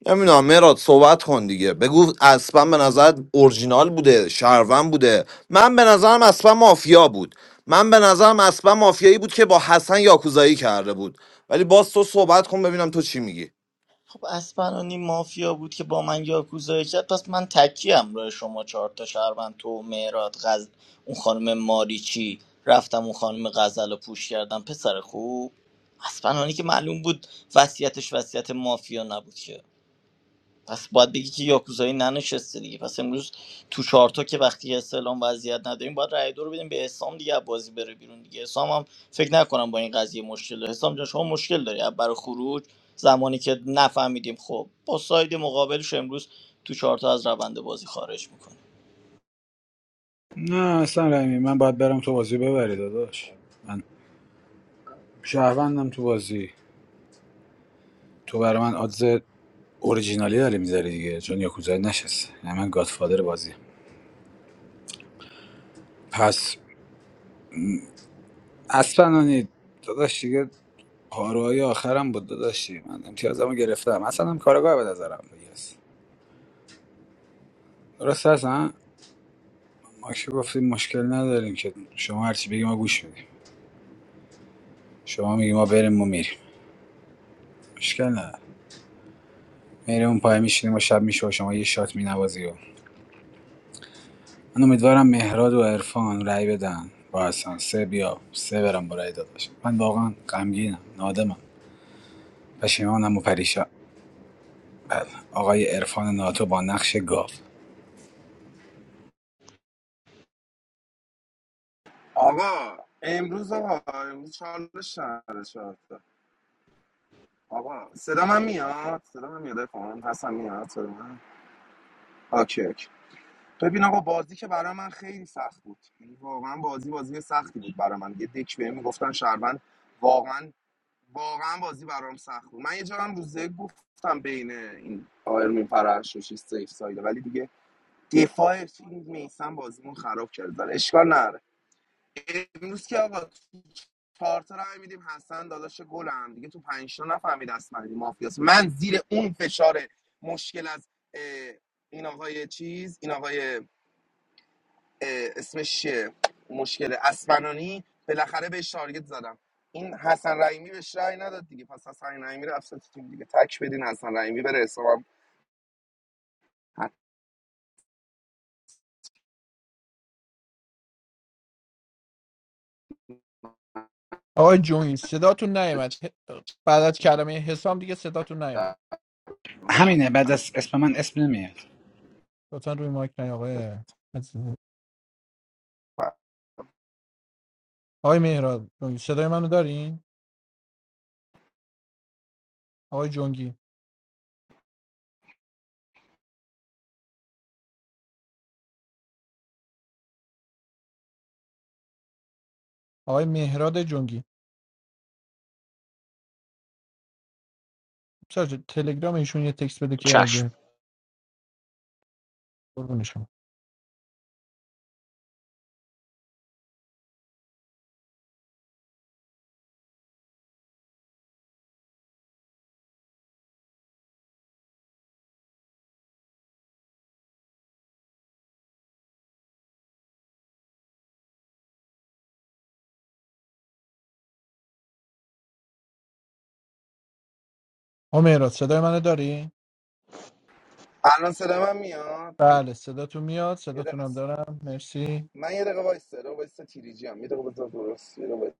Speaker 8: نمیدونم مراد صحبت کن دیگه بگو اسپن به نظر اورجینال بوده شهروند بوده من به نظرم اسپن مافیا بود من به نظرم اسپن مافیایی بود که با حسن یاکوزایی کرده بود ولی باز تو صحبت کن ببینم تو چی میگی
Speaker 6: خب اسپرانی مافیا بود که با من یاکوزایی کرد پس من تکیم روی شما چهار تا شهروند تو مهرات غزل اون خانم ماریچی رفتم اون خانم غزل رو پوش کردم پسر خوب اسپرانی که معلوم بود وصیتش وصیت مافیا نبود که پس باید بگی که یاکوزایی ننشسته دیگه پس امروز تو چهارتا که وقتی اسلام وضعیت نداریم باید رای دو رو بدیم به حسام دیگه از بازی بره بیرون دیگه حسام هم فکر نکنم با این قضیه مشکل داره حسام جان شما مشکل داری از برای خروج زمانی که نفهمیدیم خب با ساید مقابلش امروز تو چهارتا از روند بازی خارج میکنه
Speaker 11: نه اصلا رحمی من باید برم تو بازی ببری داداش من شهروندم تو بازی تو برای من آدز اوریجینالی داری میذاری دیگه چون یاکوزا نشست نه من گادفادر بازی پس اصلا داداش دیگه پاروهای آخرم بود داداشی من امتیازمو گرفتم اصلا هم کارگاه به نظرم بگیرست درست هست ها؟ ما که گفتیم مشکل نداریم که شما هرچی بگی ما گوش میدیم شما میگی ما بریم ما میریم مشکل نداره میریم اون پای میشینیم و شب میشه و شما یه شات مینوازی و من امیدوارم مهراد و عرفان رأی بدن با حسن سه بیا سه برم با رأی داداش من واقعا غمگینم نادمم پشیمانم و پریشان بله آقای عرفان ناتو با نقش گاو
Speaker 4: آقا امروز آقا امروز چالش نداره شاید آقا صدا من میاد صدا من میاد افهم حسن میاد صدا من اوکی اوکی ببین آقا بازی که برای من خیلی سخت بود یعنی واقعا بازی بازی سختی بود برای من یه دک بهم میگفتن شهروند واقعا واقعا بازی برام سخت بود من یه جا هم روزه گفتم بین این آرمین فرش و چیز سیف سایده ولی دیگه دفاع این میسم بازیمون خراب کرد ولی اشکال نداره امروز که آقا چهار تا رای میدیم حسن داداش گلم دیگه تو پنج تا نفهمید اصلا این مافیاس من زیر اون فشار مشکل از این آقای چیز این آقای اسمش چیه مشکل اسفنانی بالاخره بهش تارگت زدم این حسن رحیمی بهش رأی نداد دیگه پس حسن رحیمی رفت تو تیم دیگه تک بدین حسن رحیمی بره حسابم حتما
Speaker 11: همینه بعد از اسم من اسم نمیاد
Speaker 3: چشم
Speaker 4: الان صدا من میاد یه دقیقه من یه دقیقه وایس صدا وایس تیریجی هم یه دقیقه بذار درست یه دقیقه وایس.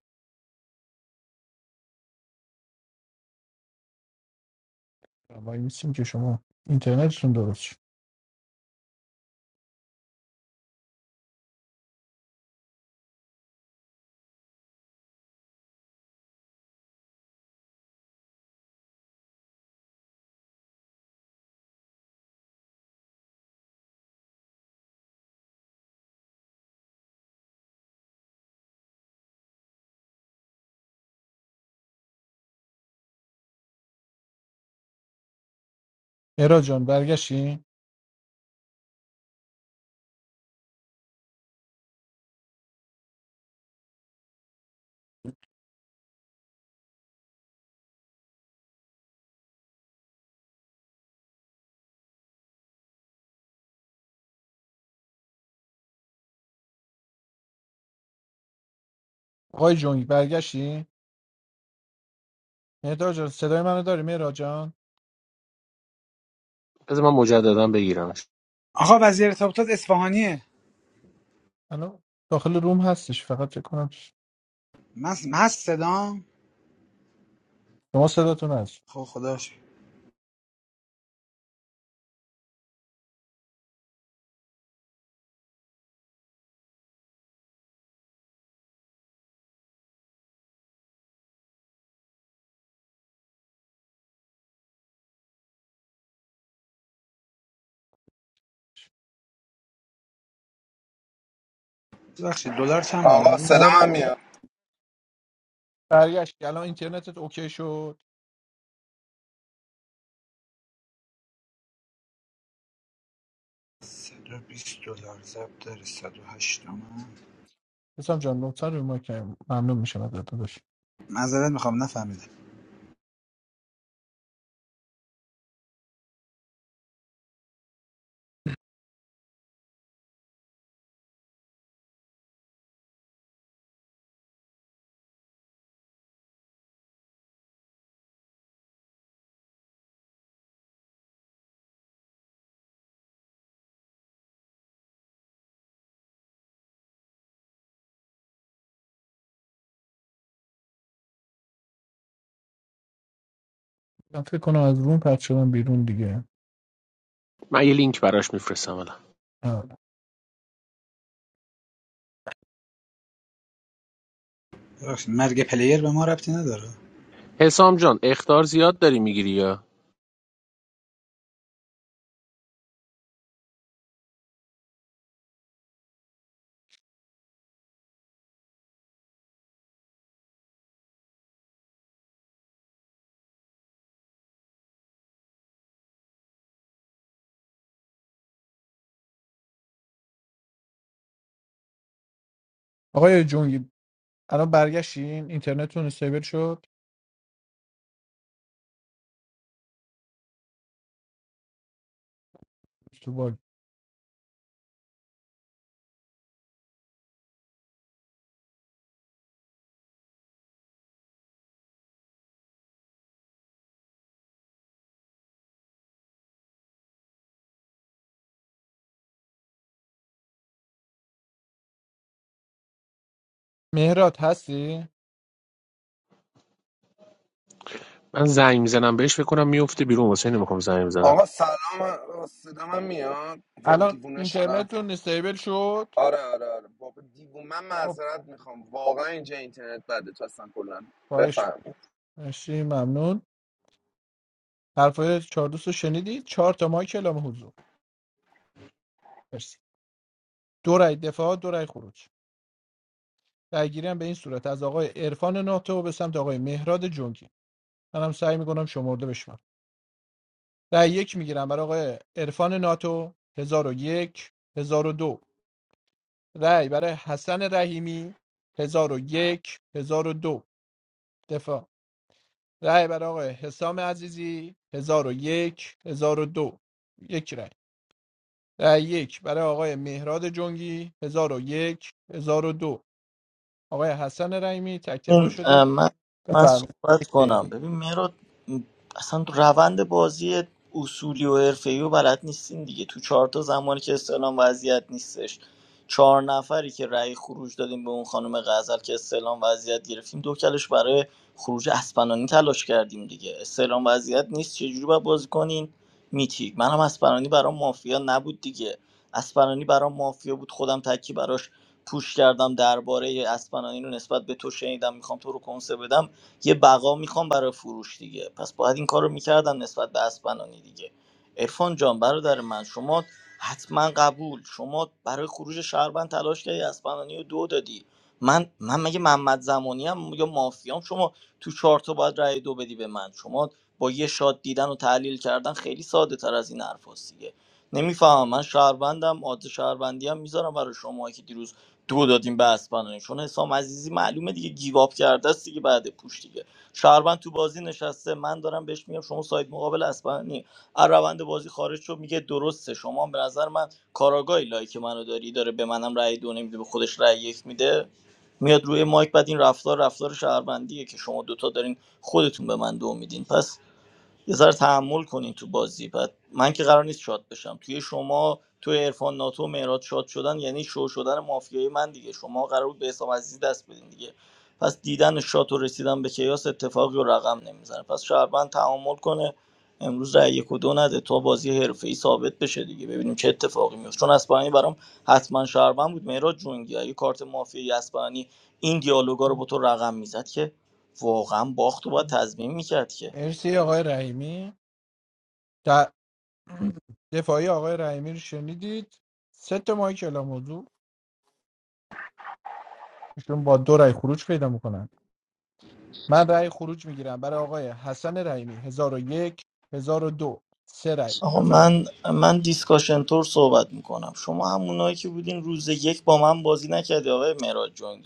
Speaker 3: بذار من مجددا بگیرمش
Speaker 11: آقا وزیر تابوتات اصفهانیه من من هست صدام خب خدا شکر. ببخشید دلار چند بود
Speaker 4: آقا صدا
Speaker 11: امروز
Speaker 4: من میاد
Speaker 11: صد و بیست دلار ضبط داره 108 تومن معذرت میخوام نفهمیدم
Speaker 3: من یه لینک براش میفرستم الان
Speaker 11: ببخشید مرگ پلیر به ما ربطی نداره
Speaker 3: حسام جان اختار زیاد داری میگیری من زنگ میزنم بهش فکر کنم میفته بیرون واسه نمیخوام زنگ بزنم
Speaker 4: آقا سلام صدا من میاد وای دیوونه شدم آره آره آره بابا دیوونه من معذرت میخوام واقعا اینجا اینترنت بده تو اصلا کلا بفهم
Speaker 6: ببین، اه، من من صحبت کنم ببین مراد مثلا تو روند بازی اصولی و حرفه‌ای و بلد نیستین دیگه تو چهارتا زمانی که استعلام وضعیت نیستش چهار نفری که رأی خروج دادیم به اون خانم غزل که استعلام وضعیت گرفتیم دو کلش برای خروج اسپنانی تلاش کردیم دیگه استعلام وضعیت نیست چجوری باید بازی کنین میتیک منم اسپنانی برام مافیا نبود دیگه اسپنانی برام مافیا بود خودم تکی براش پوش کردم درباره اسپنانی رو نسبت به تو شنیدم میخوام تو رو کنسه بدم یه بقا میخوام برای فروش دیگه پس باید این کار رو میکردم نسبت به اسپنانی دیگه عرفان جان برادر من شما حتما قبول شما برای خروج شهروند تلاش دادی من من شما توش به من شما با یه از این حرف دیگه نمیفهمندی دیروز دو دادیم به اسپانانی چون حسام عزیزی میگه گیری بعد پوش دیگه شهروند تو بازی نشسته من دارم بهش میگم شما ساید مقابل اسپانانی از روند بازی خارج شو میگه درسته شما هم به نظر من کاراگاهی لایک منو داری داره به منم رأی دو نمیده به خودش رأی یک میده میاد روی مایک بعد این رفتار رفتار شهروندیه که شما دوتا دارین خودتون به من دو میدین پس یه ذره تحمل کنین تو بازی بعد من که قرار نیست شاد بشم توی شما توی عرفان ناتو و مهراد شاد شدن یعنی شو شدن مافیای من دیگه شما قرار بود به حسام عزیزی دست بدین دیگه پس دیدن شات و رسیدن به کیاس اتفاقی و رقم نمیزنه پس شهروند تحمل کنه امروز رای یک و دو نده تا بازی حرفه ای ثابت بشه دیگه ببینیم چه اتفاقی میفته چون اسپانی برام حتما شهروند بود مهراد جونگی اگه کارت مافیای اسپانی این دیالوگا رو با تو رقم میزد که واقعا باخت و باید تضمین میکرد که آقا من من دیسکاشن تور صحبت میکنم شما همونایی که بودین روز یک با من بازی نکردی آقای مهراد جنگی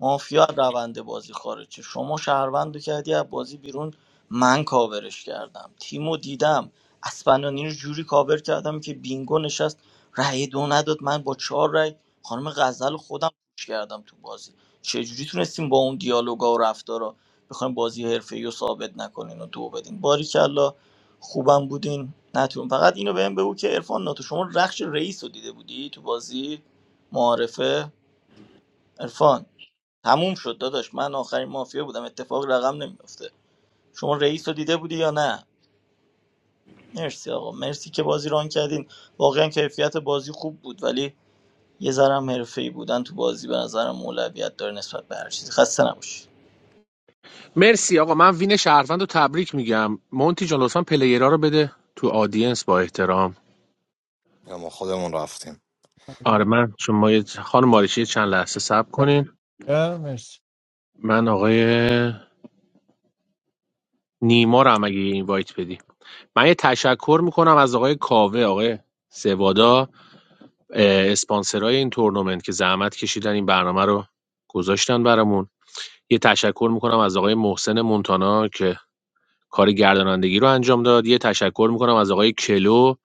Speaker 6: مافیا از روند بازی خارج شه. شما شهروندو کردی از بازی بیرون من کاورش کردم تیمو دیدم اسپنانی رو جوری کاور کردم که بینگو نشست رأی دو نداد من با چهار رأی خانم غزل رو خودم پوش کردم تو بازی چجوری تونستیم با اون دیالوگا و رفتارا بخوایم بازی حرفه‌ای رو ثابت نکنین و دو بدین باریکلا خوبم بودین نتون فقط اینو بهم بگو که عرفان ناتو شما رخش رئیس رو دیده بودی تو بازی معارفه عرفان تموم شد داداش من آخرین مافیا بودم اتفاق رقم نمیفته شما رئیس رو دیده بودی یا نه مرسی آقا مرسی که بازی ران کردین واقعا کیفیت بازی خوب بود ولی یه ذرم حرفه‌ای بودن تو بازی به نظرم اولویت داره نسبت به هر چیزی خسته نباشید
Speaker 3: مرسی آقا من وین شهروند رو تبریک میگم مونتی جان لطفا پلیرها رو بده تو آدینس با احترام
Speaker 8: ما خودمون رفتیم
Speaker 3: آره من شما یه- خانم مارشی یه چند لحظه صبر کنین من آقای نیما رو هم اگه این وایت بدی من یه تشکر میکنم از آقای کاوه آقای سوادا اه، اسپانسرای این تورنمنت که زحمت کشیدن این برنامه رو گذاشتن برامون یه تشکر میکنم از آقای محسن مونتانا که کار گردانندگی رو انجام داد یه تشکر میکنم از آقای کلو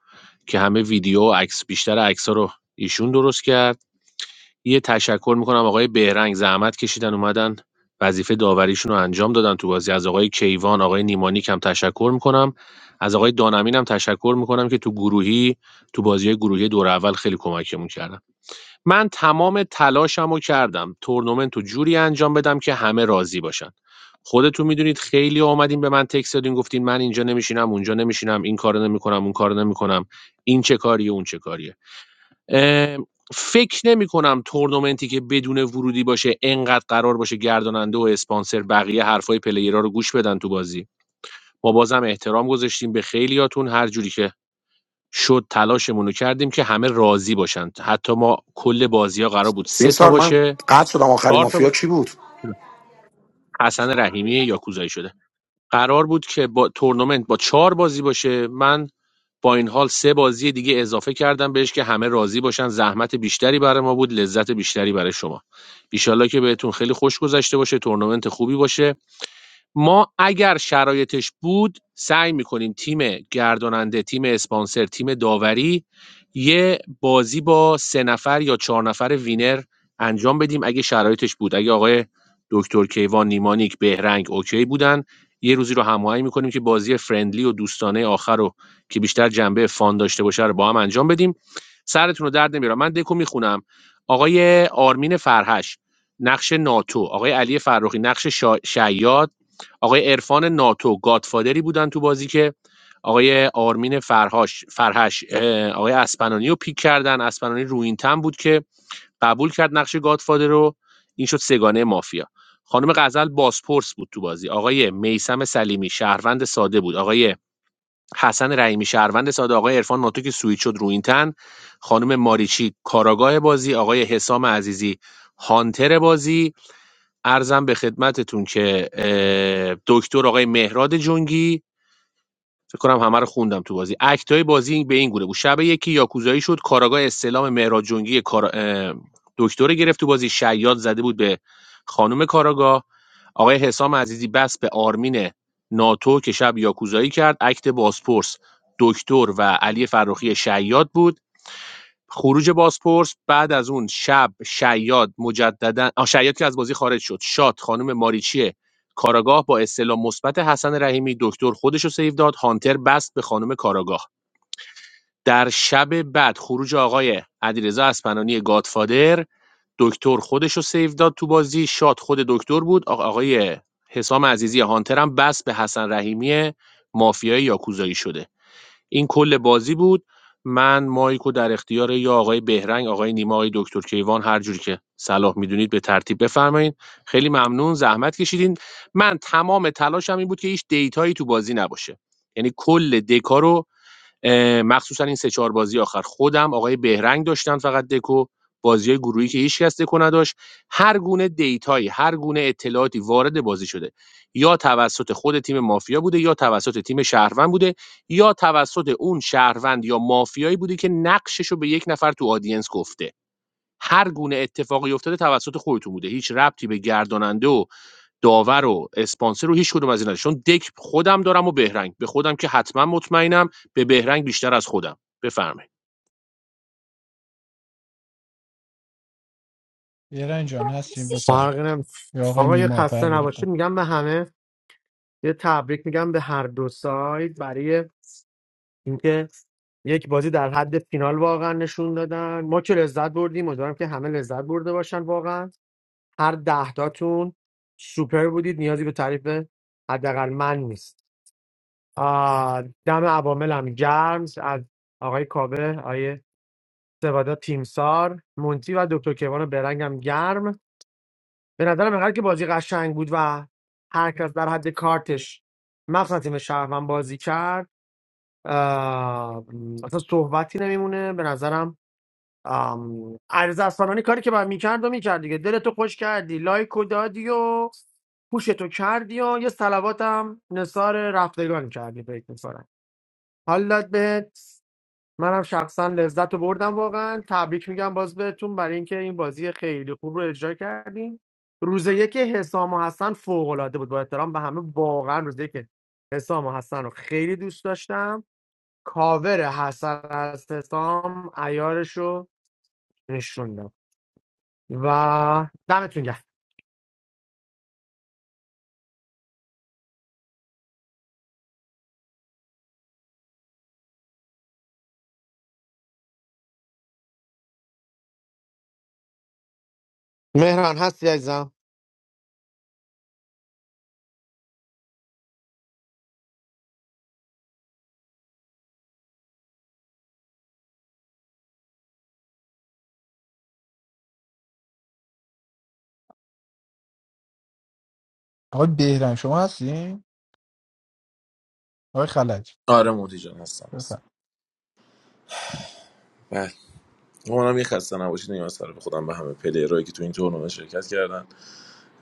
Speaker 3: که همه ویدیو و عکس بیشتر عکس رو ایشون درست کرد یه تشکر میکنم آقای بهرنگ زحمت کشیدن اومدن وظیفه داوریشون رو انجام دادن تو بازی از آقای کیوان آقای نیمانیک هم تشکر میکنم از آقای دانمین هم تشکر میکنم که تو گروهی تو بازی گروهی دور اول خیلی کمکمون کردن من تمام تلاشمو کردم تورنمنتو جوری انجام بدم که همه راضی باشن خودتون میدونید خیلی اومدین به من تکست دادین گفتین من اینجا نمیشینم اونجا نمیشینم این کارو نمیکنم اون کارو نمیکنم این چه کاریه اون چه کاریه فکر نمیکنم کنم تورنمنتی که بدون ورودی باشه انقدر قرار باشه گرداننده و اسپانسر بقیه حرفای پلیرها رو گوش بدن تو بازی ما بازم احترام گذاشتیم به خیلیاتون هر جوری که شد تلاشمونو کردیم که همه راضی باشن حتی ما کل بازی‌ها قرار بود
Speaker 16: تیم
Speaker 3: سه تا
Speaker 16: سار من
Speaker 3: باشه
Speaker 16: قطع شدم آخری
Speaker 3: چهار تا
Speaker 16: مافیا کی بود
Speaker 3: باشه حسن رحیمی یاکوزایی شده قرار بود که با تورنمنت با چهار بازی باشه من با این حال سه بازی دیگه اضافه کردم بهش که همه راضی باشن زحمت بیشتری برای ما بود لذت بیشتری برای شما ایشالله که بهتون خیلی خوش گذشته باشه تورنمنت خوبی باشه ما اگر شرایطش بود سعی میکنیم تیم گرداننده، تیم اسپانسر، تیم داوری یه بازی با سه نفر یا چهار نفر وینر انجام بدیم اگه شرایطش بود. اگه آقای دکتر کیوان، نیمانیک، بهرنگ اوکی بودن یه روزی رو هماهنگ میکنیم که بازی فرندلی و دوستانه آخر رو که بیشتر جنبه فان داشته باشه رو با هم انجام بدیم. سرتون رو درد نمیارم. من دکو میخونم. آقای آرمین فرهش نقش ناتو، آقای علی فرخی نقش شا... شیاد آقای عرفان ناتو گادفادری بودن تو بازی که آقای آرمین فرهاش فرهش آقای اسپنانی رو پیک کردن اسپنانی رو این تن بود که قبول کرد نقش گادفادر رو این شد سگانه مافیا خانم غزل بازپرس بود تو بازی آقای میسم سلیمی شهروند ساده بود آقای حسن رحیمی شهروند ساده آقای عرفان ناتو که سویت شد رو این تن خانم ماریچی کاراگاه بازی آقای حسام عزیزی هانتر بازی عرضم به خدمتتون که اه، دکتر آقای مهراد جنگی فکر کنم همه رو خوندم تو بازی اکتای بازی به این گونه بود شب یکی یاکوزایی شد کاراگاه استلام مهراد جنگی کارا- اه، دکتر رو گرفت تو بازی شیاد زده بود به خانم کاراگاه آقای حسام عزیزی بس به آرمین ناتو که شب یاکوزایی کرد اکت بازپرس دکتر و علی فراخی شیاد بود خروج بازپرس بعد از اون شب شیاد مجددا آ، شیاد که از بازی خارج شد شات خانم ماریچی کاراگاه با استعلام مثبت حسن رحیمی دکتر خودش رو سیو داد هانتر بست به خانم کاراگاه در شب بعد خروج آقای علیرضا اسپنانی گادفادر دکتر خودش رو سیو داد تو بازی شات خود دکتر بود آ- آقای حسام عزیزی هانتر هم بست به حسن رحیمی مافیای یاکوزایی شده این کل بازی بود من مایکو رو در اختیار یا آقای بهرنگ آقای نیما آقای دکتر کیوان هر جوری که صلاح میدونید به ترتیب بفرمایید خیلی ممنون زحمت کشیدین من تمام تلاشم این بود که هیچ دیتایی تو بازی نباشه یعنی کل دکا رو مخصوصا این سه چهار بازی آخر خودم آقای بهرنگ داشتن فقط دکو بازی گروهی که هیچکس دکو نداشت هر گونه دیتایی هر گونه اطلاعاتی وارد بازی شده یا توسط خود تیم مافیا بوده یا توسط تیم شهروند بوده یا توسط اون شهروند یا مافیایی بوده که نقشش به یک نفر تو آدینس گفته هر گونه اتفاقی افتاده توسط خودتون بوده هیچ ربطی به گرداننده و داور و اسپانسر رو هیچ کدوم از اینا چون دک خودم دارم و بهرنگ به خودم که حتما مطمئنم به بهرنگ بیشتر از خودم بفرمایید
Speaker 7: فرقی نم آقا یه خسته نباشید میگم به همه یه تبریک میگم به هر دو سایت برای اینکه یک بازی در حد فینال واقعا نشون دادن ما که لذت بردیم امیدوارم که همه لذت برده باشن واقعا هر دهتاتون سوپر بودید نیازی به تعریف حداقل من نیست آه، دم عواملم گرم از آقای کابه آقای سوادا تیمسار مونتی و دکتر کیوان برنگم گرم به نظرم انقدر که بازی قشنگ بود و هر کس در حد کارتش مخصوصا تیم شهروند بازی کرد اه، اصلا صحبتی نمیمونه به نظرم ام، عرض اسلامانی کاری که باید میکرد و میکرد دیگه دلتو خوش کردی لایک و دادی و پوشتو کردی و یه سلواتم نثار رفتگان کردی فکر میکنم حالت بهت منم شخصا لذت رو بردم واقعا تبریک میگم باز بهتون برای اینکه این بازی خیلی خوب رو اجرا کردین روز یک حسام و حسن فوق العاده بود با احترام به همه واقعا روز یک حسام و حسن رو خیلی دوست داشتم کاور حسن از حسام عیارش رو نشوندم و دمتون گرم مهران هستی عزیزم
Speaker 5: آره موتی جان هستم هستم بله منم یه خسته نباشید میگم از طرف خودم به همه پلیرایی که تو این تورنمنت شرکت کردن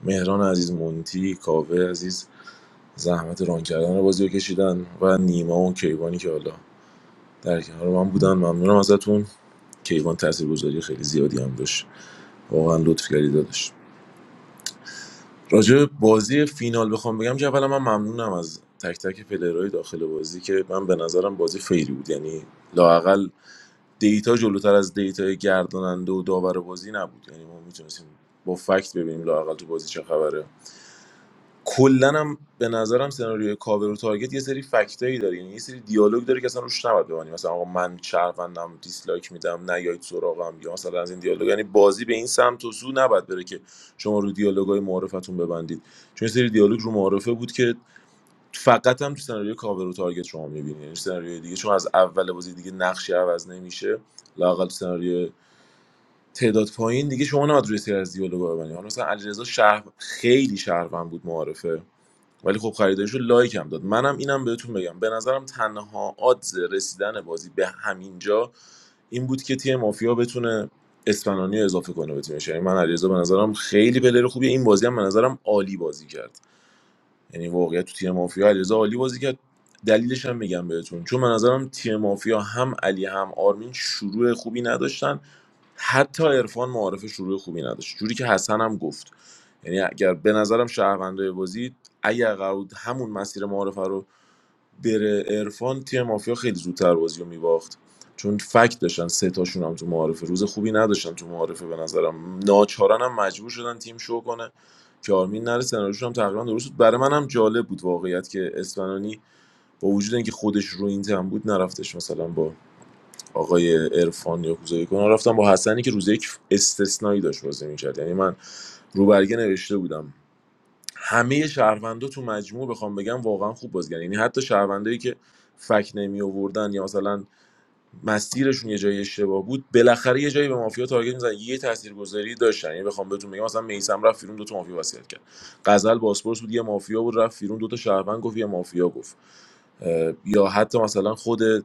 Speaker 5: مهران عزیز مونتی کاوه عزیز زحمت ران کردن بازی رو کشیدن و نیما و کیوانی که حالا در کنار من بودن ممنونم ازتون کیوان تاثیرگذاری خیلی زیادی هم داشت واقعا لطف کردی داداش راجع به بازی فینال بخوام بگم که اولا من ممنونم از تک تک پلیرهای داخل بازی که من به نظرم بازی فیری بود یعنی لاقل دیتا جلوتر از دیتای گرداننده و داور بازی نبود یعنی ما میتونستیم با فکت ببینیم لاقل تو بازی چه خبره کلا هم به نظرم سناریوی کاور و تارگت یه سری فکتایی داره یعنی یه سری دیالوگ داره که اصلا روش نباید بمانی مثلا آقا من شهروندم دیسلایک میدم نیایید سراغم یا مثلا از این دیالوگ یعنی بازی به این سمت و سو نباید بره که شما رو دیالوگای معارفتون ببندید چون یه سری دیالوگ رو معارفه بود که فقط هم تو سناریوی کاور و تارگت شما میبینید یعنی سناریوی دیگه چون از اول بازی دیگه نقشی عوض نمیشه لاقل سناریو تعداد پایین دیگه شما نباید روی سری از دیالوگا ببندید حالا مثلا علیرضا شهر خیلی شهروند بود معارفه ولی خب خریداریشو لایک هم داد منم اینم بهتون بگم به نظرم تنها آدز رسیدن بازی به همینجا این بود که تیم مافیا بتونه اسپنانی رو اضافه کنه به تیمش یعنی من علیرضا به نظرم خیلی پلر خوبیه این بازی هم به نظرم عالی بازی کرد یعنی واقعیت تو تیم مافیا علیرضا عالی بازی کرد دلیلش هم میگم بهتون چون من نظرم تیم مافیا هم علی هم آرمین شروع خوبی نداشتن حتی عرفان معارف شروع خوبی نداشت جوری که حسن هم گفت یعنی اگر به نظرم شهروندای بازی اگر قرار بود همون مسیر معارفه رو بره عرفان تیم مافیا خیلی زودتر بازی رو میباخت چون فکت داشتن سه تاشون هم تو معارفه روز خوبی نداشتن تو معارفه به نظرم ناچارن هم مجبور شدن تیم شو کنه چارمین نره سناریوش هم تقریبا درست بود برای منم جالب بود واقعیت که اسفنانی با وجود اینکه خودش رو این تم بود نرفتش مثلا با آقای عرفان یا کوزایی کنن رفتم با حسنی که روز یک استثنایی داشت بازی میکرد یعنی من رو برگه نوشته بودم همه شهروندا تو مجموع بخوام بگم واقعا خوب بازی کردن یعنی حتی شهروندایی که فک نمی آوردن یا مثلا مسیرشون یه جایی اشتباه بود بالاخره یه جایی به مافیا تارگت میزنن یه تاثیرگذاری داشتن یعنی بخوام بهتون بگم مثلا میسم رفت بیرون دو تا مافیا وصیت کرد غزل باسپورس بود یه مافیا بود رفت بیرون دو تا شهروند گفت یه مافیا گفت اه، یا حتی مثلا خود اه،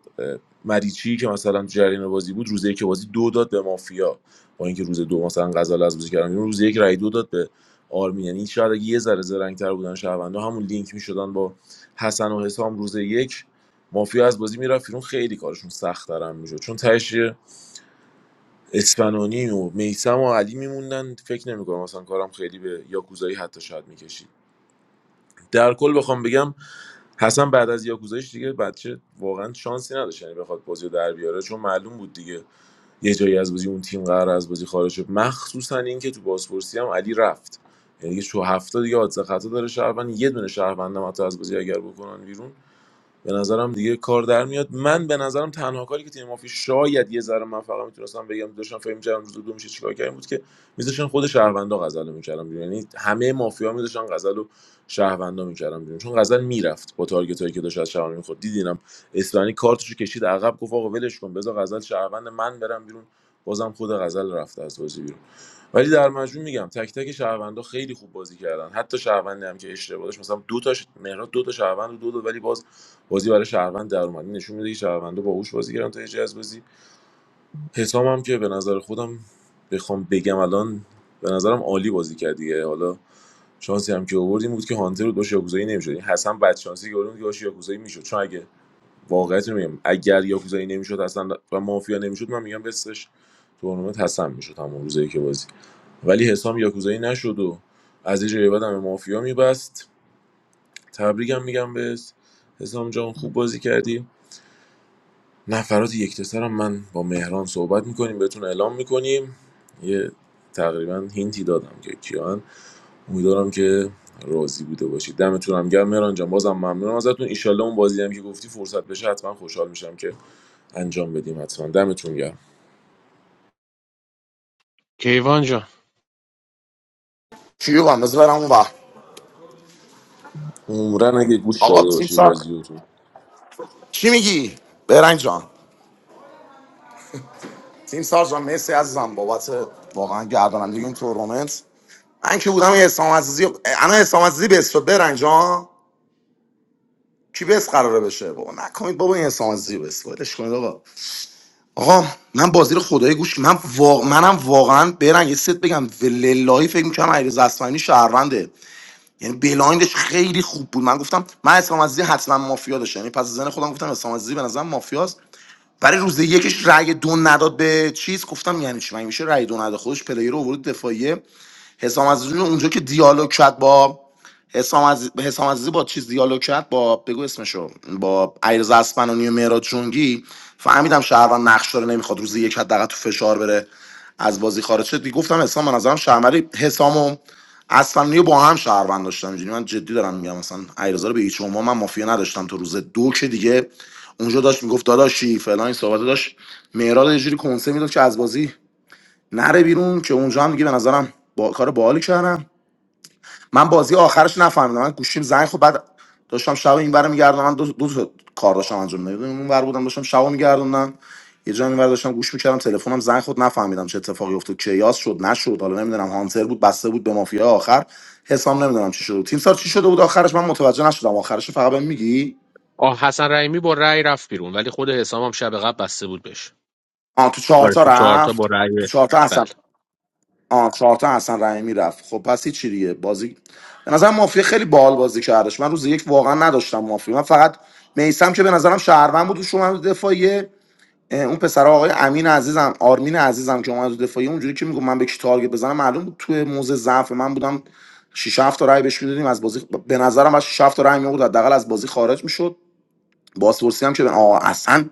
Speaker 5: مریچی که مثلا تو جریان بازی بود روز یک بازی دو داد به مافیا با اینکه روز دو مثلا غزل از بازی کردن بیرون، روز یک رای دو داد به آرمین یعنی شاید اگه یه ذره زرنگ‌تر بودن شهروندا همون لینک می‌شدن با حسن و حسام روز یک مافیا از بازی میرفت بیرون خیلی کارشون سخت ترم میشد چون تهش یه و میسم و علی میموندن فکر نمیکنم مثلا کارم خیلی به یاکوزایی حتی شاید میکشید در کل بخوام بگم حسن بعد از یاکوزایش دیگه بچه واقعا شانسی نداشت یعنی بخواد بازی رو در بیاره چون معلوم بود دیگه یه جایی از بازی اون تیم قرار از بازی خارج شد مخصوصا اینکه تو بازپرسی هم علی رفت یعنی دیگه شو هفته دیگه حادثه خطا داره شهروند یه دونه شهروندم حتی از بازی اگر بکنن بیرون به نظرم دیگه کار در میاد من به نظرم تنها کاری که تیم مافیا شاید یه ذره من فقط میتونستم بگم داشتم فکر می‌کردم روز دو میشه چیکار کردیم بود که میذاشتن خود شهروندا غزل رو میکردم بیرون یعنی همه مافیا میذاشتن غزل رو شهروندا میکردم بیرون چون غزل میرفت با تارگت هایی که داشت از شهروندا میخورد دیدینم اسپانی کارتشو کشید عقب گفت آقا ولش کن بذار غزل شهروند من برم بیرون بازم خود غزل رفت از بازی بیرون ولی در مجموع میگم تک تک شهروندا خیلی خوب بازی کردن حتی شهروندی هم که اشتباه داشت مثلا دو تا مهرات دو تا شهروند و دو داد ولی باز بازی برای شهروند در اومد این نشون میده که شهروندا باهوش بازی کردن تا یه جای از بازی حسام هم که به نظر خودم بخوام بگم الان به نظرم عالی بازی کرد دیگه حالا شانسی هم که آوردیم بود که هانتر بود باشه یاکوزایی نمیشد این حسام بد شانسی که آورد بود که باشه یاکوزایی میشد چون اگه واقعیت رو میگم اگر یاکوزایی نمیشد اصلا و مافیا نمیشد من میگم بسش تورنمنت حسن میشد همون روزی که بازی ولی حسام یاکوزایی نشد و از یه جایی بعد هم به مافیا میبست تبریکم میگم به حسام جان خوب بازی کردی نفرات یکتسر هم من با مهران صحبت میکنیم بهتون اعلام میکنیم یه تقریبا هینتی دادم که کیان امیدوارم که راضی بوده باشید دمتون هم گرم مهران جان بازم ممنونم ازتون ایشالله اون بازی هم که گفتی فرصت بشه حتما خوشحال میشم که انجام بدیم حتما دمتون گرم
Speaker 3: کیوان جان
Speaker 16: کیو بگم بذار برم اون وقت
Speaker 5: عمرن اگه گوش
Speaker 16: آقا
Speaker 5: داده
Speaker 16: تیم
Speaker 5: باشی
Speaker 16: سار
Speaker 5: بازی رو تو
Speaker 16: چی میگی برنج جان تیم سار جان مرسی عزیزم بابت واقعا گردانندگی این تورنمنت من که بودم یه حسام عزیزی انا حسام عزیزی بس شد برنج ها کی بس قراره بشه بابا نکنید بابا این حسام عزیزی رو بس ولش کنید آقا آقا من بازی رو خدای گوش من وا... منم واقعا برنج یه ست بگم وللهی فکر میکنم علیرضا اصفهانی شهرونده یعنی بلایندش خیلی خوب بود من گفتم من اسلام عزیزی حتما مافیا داشت یعنی پس زن خودم گفتم اسلام عزیزی به نظرم مافیاست برای روز یکش رأی دو نداد به چیز گفتم یعنی چی مگه میشه رأی دو نداد خودش پلیر رو آورد دفاعیه حسام عزیزی اونجا که دیالوگ کرد با حسام عزیز حسام عزیزی با چیز دیالوگ کرد با بگو اسمشو با ایرز اسپنانی و مهراد جنگی فهمیدم شهروند نقش داره نمیخواد روزی یک حداقل تو فشار بره از بازی خارج شد دیگه گفتم حسام من نظرم شهرمری حسام و اسپنانی رو با هم شهروند داشتم اینجوری من جدی دارم میگم مثلا ایرزا رو به هیچ عنوان من مافیا نداشتم تو روز دو که دیگه اونجا داشت میگفت داداشی فلان این صحبت داشت مهراد یه جوری کنسه میداد که از بازی نره بیرون که اونجا هم دیگه به نظرم با کار باحالی کردم من بازی آخرش نفهمیدم من گوشیم زنگ خب بعد داشتم شب این برم میگردم من دو, دو تا کار داشتم انجام میدادم اون ور بودم داشتم شب میگردوندم یه جا اینور داشتم گوش میکردم تلفنم زنگ خود نفهمیدم چه اتفاقی افتاد کیاس شد نشد حالا نمیدونم هانتر بود بسته بود به مافیا آخر حسام نمیدونم چی شد تیم سار چی شده بود آخرش من متوجه نشدم آخرش فقط بهم میگی
Speaker 3: آه حسن رحیمی با رأی رفت بیرون ولی خود حسام هم شب قبل بسته بود بهش
Speaker 16: آ تو چهار
Speaker 3: آره
Speaker 16: تا
Speaker 3: تو چهار تا با
Speaker 16: رفت تو
Speaker 3: رأی
Speaker 16: چهار تا
Speaker 3: بله
Speaker 16: آه چهار تا حسن رحیمی رفت خب پس چی دیگه بازی به نظر مافیا خیلی باحال بازی کردش من روز یک واقعا نداشتم مافیا من فقط میسم که به نظرم شهروند بود و شما رو دفاعیه اه، اون پسر آقای امین عزیزم آرمین عزیزم که اومد تو دفاعیه اونجوری که میگم من به کی تارگت بزنم معلوم بود توی موزه ضعف من بودم شش 7 تا رای بهش میدادیم از بازی به نظرم از شش 7 تا رای میورد حداقل از بازی خارج میشد بازپرسی هم که به آه اصلا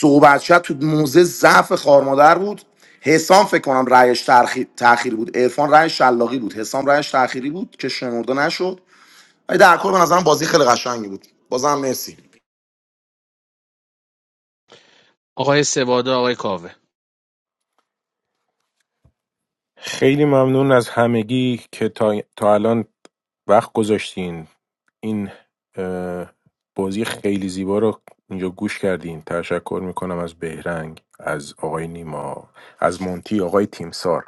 Speaker 16: صحبت شد تو موزه ضعف خارمادر بود حسام فکر کنم رأیش تأخیر تأخیری بود عرفان رأیش شلاقی بود حسام رأیش تأخیری بود که شمرده نشد ولی در کل به نظرم بازی خیلی قشنگی بود بازم مرسی
Speaker 3: آقای سواده آقای کاوه
Speaker 17: خیلی ممنون از همگی که تا, تا الان وقت گذاشتین این اه، بازی خیلی زیبا رو اینجا گوش کردین تشکر میکنم از بهرنگ از آقای نیما از مونتی آقای تیمسار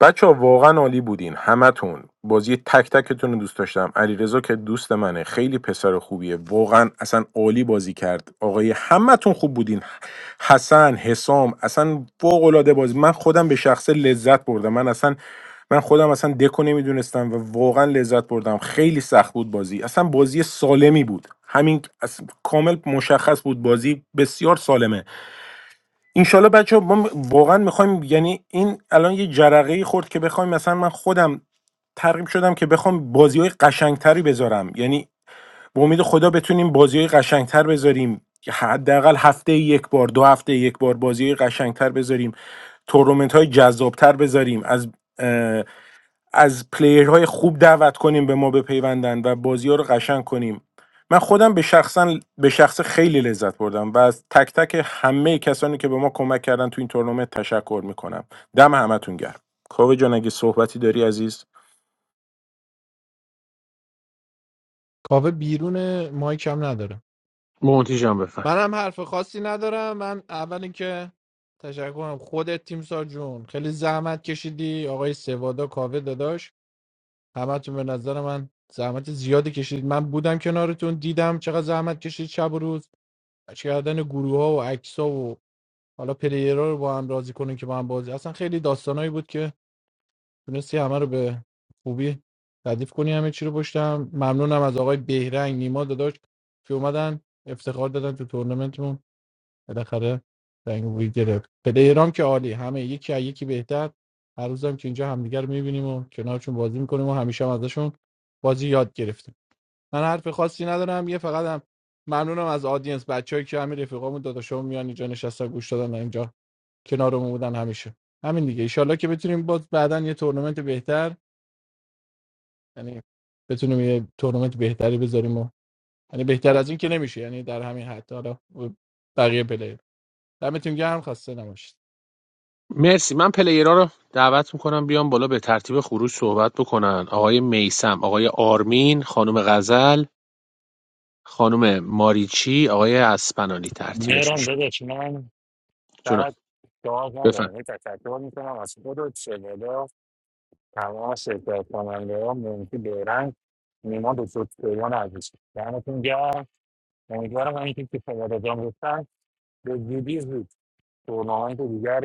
Speaker 17: بچه ها واقعا عالی بودین همتون بازی تک تکتون رو دوست داشتم علیرضا که دوست منه خیلی پسر خوبیه واقعا اصلا عالی بازی کرد آقای همتون خوب بودین حسن حسام اصلا فوق العاده بازی من خودم به شخصه لذت بردم من اصلا من خودم اصلا دکو نمیدونستم و واقعا لذت بردم خیلی سخت بود بازی اصلا بازی سالمی بود همین اص- کامل مشخص بود بازی بسیار سالمه انشالله بچه ما م- واقعا میخوایم یعنی این الان یه جرقه خورد که بخوایم مثلا من خودم ترغیب شدم که بخوام بازی های قشنگتری بذارم یعنی به امید خدا بتونیم بازی های قشنگتر بذاریم حداقل هفته یک بار دو هفته یک بار بازی های قشنگتر بذاریم تورنمنت های جذابتر بذاریم از از پلیرهای خوب دعوت کنیم به ما بپیوندن و بازی ها رو قشنگ کنیم من خودم به شخصا به شخص خیلی لذت بردم و از تک تک همه کسانی که به ما کمک کردن تو این تورنمنت تشکر میکنم دم همتون گرم کاوه جان اگه صحبتی داری عزیز
Speaker 3: مونتی جان بفرم مرسی من پلیرها رو دعوت میکنم بیام بالا به ترتیب خروج صحبت بکنن آقای میسم آقای آرمین خانم غزل خانم ماریچی آقای اسپنانی ترتیبش
Speaker 1: میرم
Speaker 3: میشه
Speaker 1: داداش من
Speaker 3: جونم
Speaker 1: فقط جواب
Speaker 3: بفرمایید
Speaker 1: ندارم یه تشکر میکنم از خودت شبادا تمام شرکت کننده ها ممکن بیرنگ نیما به سوستریان عزیز دمتون گرم امیدوارم همینطور که شما رجام گفتن به زودی زود تورنمنت دیگری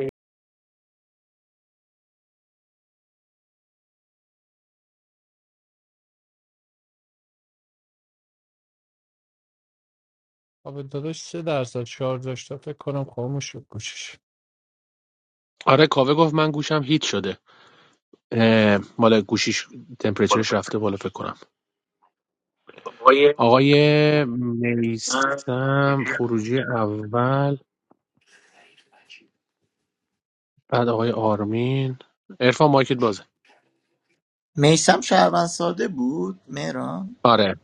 Speaker 3: آره کاوه گفت من گوشم هیت شده اه، مال گوشیش تمپریچرش رفته بالا فکر کنم آقای میسم خروجی اول بعد آقای آرمین عرفان مایکت بازه
Speaker 6: میسم شهروند ساده بود مهران
Speaker 3: آره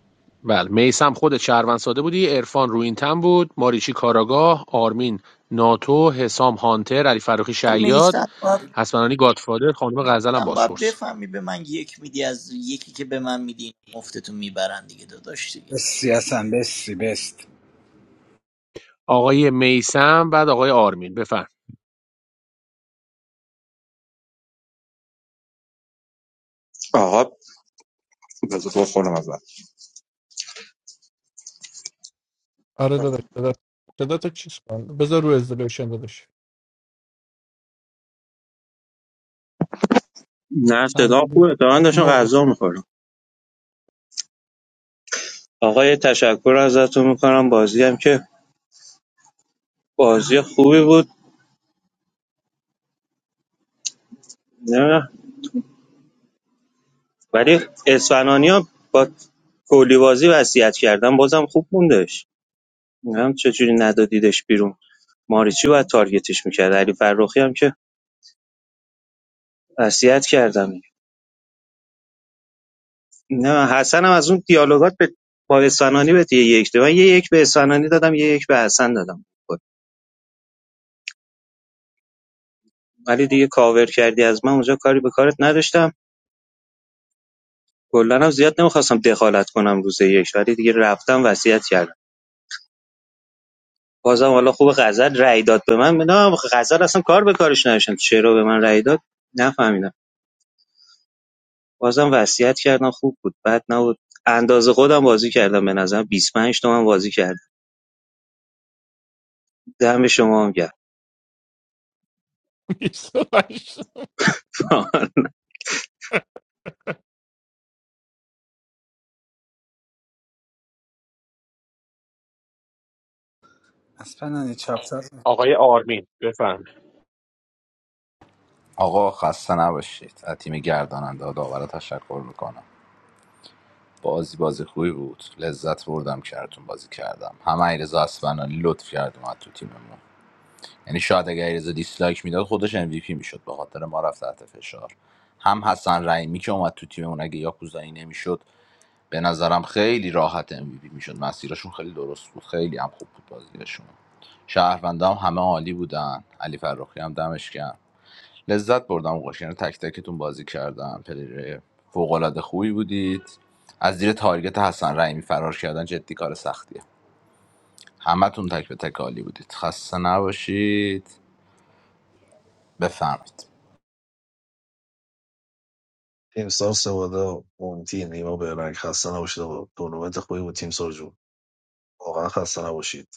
Speaker 3: بله میسم خود شهروند ساده بودی عرفان رو این تن بود ماریچی کاراگاه آرمین ناتو حسام هانتر علی فروخی
Speaker 6: خب
Speaker 3: شیاد
Speaker 6: میسم باید,
Speaker 3: حسنانی گادفادر خانم غزل هم
Speaker 6: میثم باید
Speaker 3: باسپورس
Speaker 6: بفهمی به من یک میدی از یکی که به من میدی مفتتون میبرن دیگه داداش دیگه
Speaker 11: بسی اصلا بسی بست
Speaker 3: آقای میسم بعد آقای آرمین بفرم
Speaker 13: آقا بذار خودم اول نه صدا خوبه تا من داشتم غذا می‌خوردم. آقای تشکر ازتون میکنم بازی هم که بازی خوبی بود نه ولی اسفنانی ها با کلی بازی وصیت کردن بازم خوب موندش هم چجوری ندادیدش بیرون ماریچی باید تارگتش میکرد علی فرخی هم که وصیت کردم نه حسن هم از اون دیالوگات به با اسفنانی به یه یک دادم من یه یک به اسفنانی دادم یه یک به حسن دادم ولی دیگه کاور کردی از من اونجا کاری به کارت نداشتم کلا هم زیاد نمیخواستم دخالت کنم روز یک ولی دیگه رفتم وصیت کردم بازم حالا خوب غزل رأی داد به من نه غزل اصلا کار به کارش نداشتم چرا به من رأی داد نفهمیدم بازم وصیت کردم خوب بود بد نبود اندازه خودم بازی کردم به نظرم 25 تومن بازی کردم دم شما هم گرم
Speaker 11: از پنانی چاپ چاپ
Speaker 3: آقای آرمین بفرم
Speaker 2: آقا خسته نباشید از تیم گرداننده و داور تشکر میکنم بازی بازی خوبی بود لذت بردم کارتون بازی کردم همه ایرزا اسفنانی لطف کرد اومد تو تیممون یعنی شاید اگر ایرزا دیسلایک میداد خودش ام وی پی میشد به خاطر ما رفت تحت فشار هم حسن رحیمی که اومد تو تیممون اگه یاکوزایی نمیشد به نظرم خیلی راحت ام وی پی میشد مسیرشون خیلی درست بود خیلی هم خوب بود بازیشون شهروندام هم همه عالی بودن علی فرخی هم دمش گرم لذت بردم اوقاش یعنی تک تکتون بازی کردم پلیر فوق العاده خوبی بودید از زیر تارگت حسن رحیمی فرار کردن جدی کار سختیه همتون تک به تک عالی بودید خسته نباشید بفرمایید
Speaker 14: تیمسار سوادا مونتی نیما بهرنگ خسته نباشید آقا تورنمنت خوبی بود تیمسار جون واقعا خسته نباشید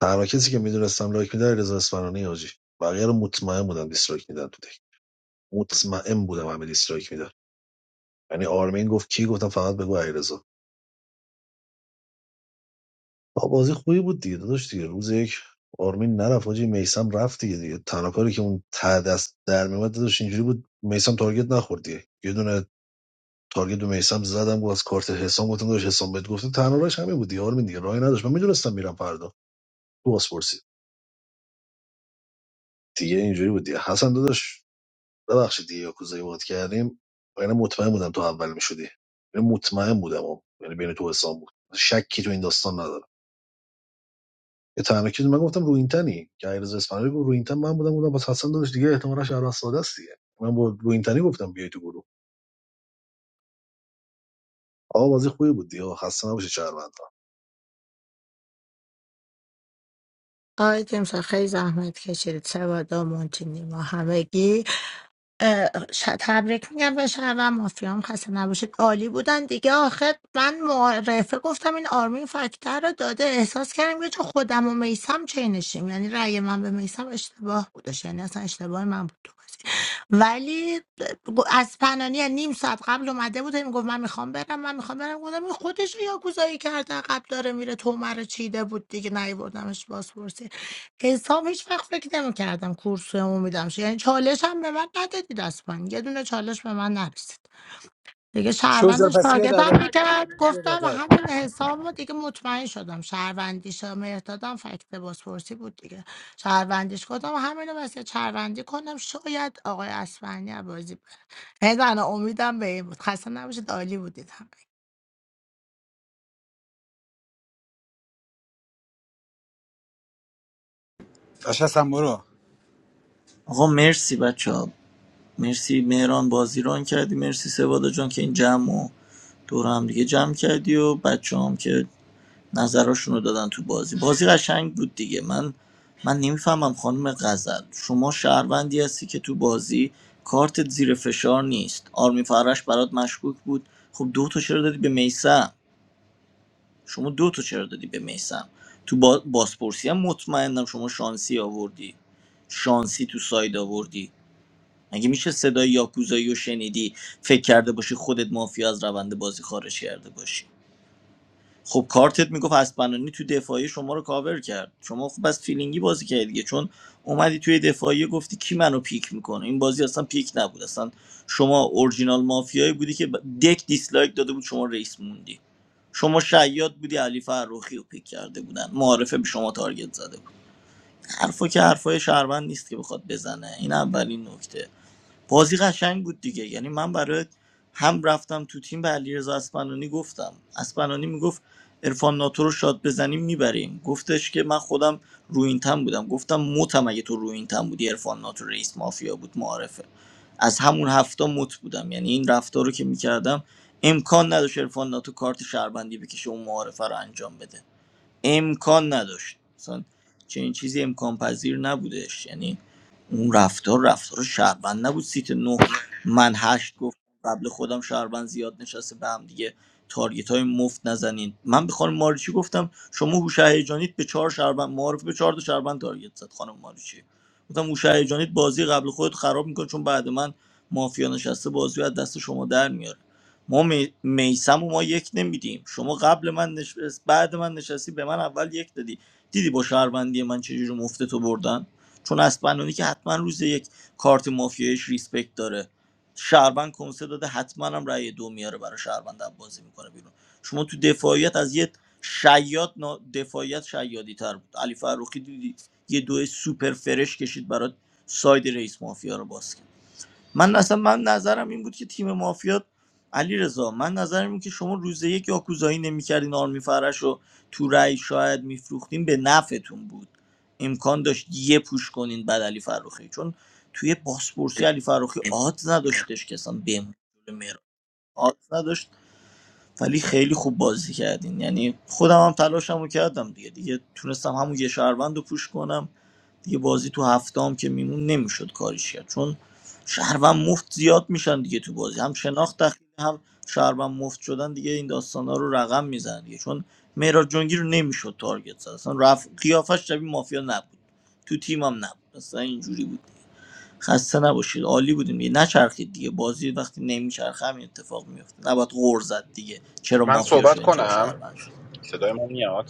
Speaker 14: تنها کسی که میدونستم لایک میده رضا اسفرانی حاجی بقیه رو مطمئن بودم دیسلایک میدن تو دک مطمئن بودم همه دیسلایک میدن یعنی آرمین گفت کی گفتم فقط بگو علیرضا آقا بازی خوبی بود دیگه داداش دیگه روز یک آرمین نرفت حاجی میسم رفت دیگه دیگه تنها کاری که اون ته دست در میومد داداش اینجوری بود میسم تارگت نخورد دیگه یه دونه تارگت به میسم زدم گفت از کارت حسام گفتم داشت حسام بهت گفتم تنها راهش همین بود دیگه آرمین دیگه راهی نداشت من میدونستم میرم فردا تو بازپرسی دیگه اینجوری بود دیگه حسن داداش ببخشید دیگه یاکوزایی بود کردیم یعنی مطمئن بودم تو اول میشدی یعنی مطمئن بودم یعنی بین تو حسام بود شکی تو این داستان ندارم یه تنها چیزی من گفتم رو این تنی که ایرز اسپانیایی گفت رو این تن من بودم بودم با حسن داداش دیگه احتمالاش شهر ساده است دیگه من با رو این تنی گفتم بیای تو گروه آقا بازی خوبی بود دیگه خسته نباشید شهروند
Speaker 10: آقای جیمز خیلی زحمت کشید سوادا مونتینی ما همگی اه، ش- تبریک میگم به شهروند مافیا هم خسته نباشید عالی بودن دیگه آخر من معرفه گفتم این آرمین فکتر رو داده احساس کردم که چون خودم و میسم چینشیم یعنی رأی من به میسم اشتباه بودش یعنی اصلا اشتباه من بود تو بازی ولی از پنانی یعنی نیم ساعت قبل اومده بود میگفت من میخوام برم من میخوام برم گفتم این خودش یا گوزایی کرده قبل داره میره تو رو چیده بود دیگه نیوردمش بازپرسی حساب هیچ وقت فکر نمی‌کردم کورس عمومی دارم شه یعنی چالش هم به من ندادید اصلا یه دونه چالش به من نرسید دیگه
Speaker 11: شوزر
Speaker 10: شهروندش
Speaker 11: پسی
Speaker 10: تارگتم
Speaker 11: دادر
Speaker 10: میکرد
Speaker 11: پسی
Speaker 10: گفتم
Speaker 11: دادر
Speaker 10: همین حساب رو دیگه مطمئن شدم شهروندیش مهردادم فکت بازپرسی بود دیگه شهروندیش گفتم همین رو واسه شهروندی کنم شاید آقای اسفندی بازی بره. یعنی تنها امیدم به این بود خسته نباشید عالی بودید همه
Speaker 11: باشه اصلا برو
Speaker 6: آقا مرسی بچه ها، مرسی مهران بازی ران کردی مرسی سوادا جان که این جمع و دور هم دیگه جمع کردی و بچه هم که نظرشون رو دادن تو بازی بازی قشنگ بود دیگه من من نمیفهمم خانم غزل شما شهروندی هستی که تو بازی کارتت زیر فشار نیست آرمی فرش برات مشکوک بود خب دو تا چرا دادی به میسم شما دو تا چرا دادی به میسم تو با... بازپرسی هم مطمئنم شما شانسی آوردی شانسی تو ساید آوردی مگه میشه صدای یاکوزایی رو شنیدی فکر کرده باشی خودت مافیا از روند بازی خارج کرده باشی خب کارتت میگفت اسپنانی تو دفاعی شما رو کاور کرد شما خب بس فیلینگی بازی کردی دیگه چون اومدی توی دفاعی گفتی کی منو پیک میکنه این بازی اصلا پیک نبود اصلا شما اورجینال مافیایی بودی که ب- دک دیسلایک داده بود شما رئیس موندی شما شیاد بودی علی فرخی رو پیک کرده بودن معارفه به شما تارگت زده بود حرفا که حرفای شهروند نیست که بخواد بزنه این اولین نکته بازی قشنگ بود دیگه یعنی من برای هم رفتم تو تیم به علیرضا اسپنانی گفتم اسپنانی میگفت عرفان ناتو رو شاد بزنیم میبریم گفتش که من خودم روینتن بودم گفتم متم اگه تو روینتن بودی عرفان ناتو رئیس مافیا بود معارفه از همون هفته مت بودم یعنی این رفتار رو که میکردم امکان نداشت عرفان ناتو کارت شهروندی بکشه اون معارفه رو انجام بده امکان نداشت مثلا چنین چیزی امکان پذیر نبودش یعنی اون رفتار رفتار شهروند نبود سیت نه من هشت گفت قبل خودم شهروند زیاد نشسته به هم دیگه تارگت های مفت نزنین من به خانم ماریچی گفتم شما هوش هیجانیت به چهار شهروند معارف به چهار تا شهروند تارگت زد خانم ماریچی گفتم هوش هیجانیت بازی قبل خودت خراب میکنه چون بعد من مافیا نشسته بازی رو از دست شما در میاره ما می... میسم و ما یک نمیدیم شما قبل من نشست بعد من نشستی به من اول یک دادی دیدی با شهروندی من چجوری رو مفته تو بردن چون اسپنانی که حتما روز یک کارت مافیایش ریسپکت داره شهروند کنسه داده حتما هم رأی دو میاره برای شهروند هم بازی میکنه بیرون شما تو دفاعیت از یه شیاد نا... دفاعیت شیادی تر بود علی فروخی دیدی یه دو سوپر فرش کشید برات ساید رئیس مافیا رو باز کرد. من اصلا من نظرم این بود که تیم مافیا علی رضا من نظرم این که شما روز یک یاکوزایی نمیکردین آرمی فرش رو تو رأی شاید میفروختین به نفعتون بود امکان داشت یه پوش کنین بعد علی فروخی چون توی باسپورسی علی فروخی آدز نداشتش که اصلا بمونه جلو مهراب. آدز نداشت ولی خیلی خوب بازی کردین یعنی خودم هم تلاشمو کردم دیگه دیگه تونستم همون یه شهروند رو پوش کنم دیگه بازی تو هفتم که میمون نمیشد کاریش کرد چون شهروند مفت زیاد میشن دیگه تو بازی هم شناخت دخیل هم شهروند مفت شدن دیگه این داستانا رو رقم میزنن دیگه چون مهراد جنگی رو نمیشد تارگت زد اصلا رف... قیافش شبیه مافیا نبود تو تیمم نبود اصلا اینجوری بود خسته نباشید عالی بودیم دیگه نچرخید دیگه بازی وقتی نمیچرخه همین اتفاق میفته نباید غور زد دیگه چرا
Speaker 9: من
Speaker 6: مافیا
Speaker 9: صحبت
Speaker 6: شدیم چرا
Speaker 9: کنم
Speaker 6: شهروند شد
Speaker 9: صدای ما میاد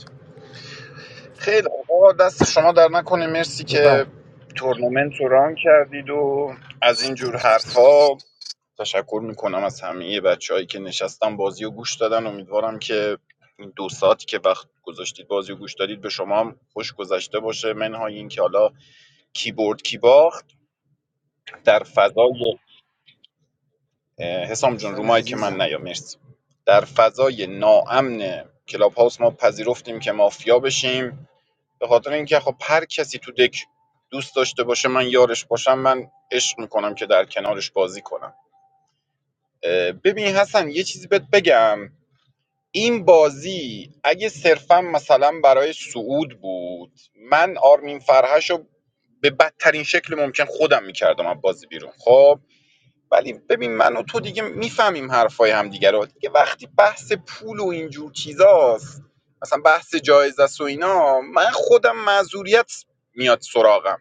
Speaker 9: خیلی خوب. آقا دست شما در نکنه مرسی که تورنمنت رو ران کردید و از این جور حرفا تشکر میکنم از همه بچههایی که نشستن بازی و گوش دادن امیدوارم که این دو ساعتی که وقت گذاشتید بازی و گوش دادید به شما هم خوش گذشته باشه منهای این که حالا کیبورد کی باخت در فضای اه، حسام جون
Speaker 11: پسر
Speaker 9: رومایی که من
Speaker 11: عزیزم
Speaker 9: نیا مرسی در فضای ناامن کلاب هاوس ما پذیرفتیم که مافیا بشیم به خاطر اینکه خب هر کسی تو دک دوست داشته باشه من یارش باشم من عشق میکنم که در کنارش بازی کنم اه، ببین حسن یه چیزی بهت بگم این بازی اگه صرفا مثلا برای سعود بود من آرمین فرهش رو به بدترین شکل ممکن خودم میکردم از بازی بیرون خب ولی ببین من و تو دیگه میفهمیم حرفای همدیگه رو دیگه وقتی بحث پول و اینجور چیزاست مثلا بحث جایزه و اینا من خودم معذوریت میاد سراغم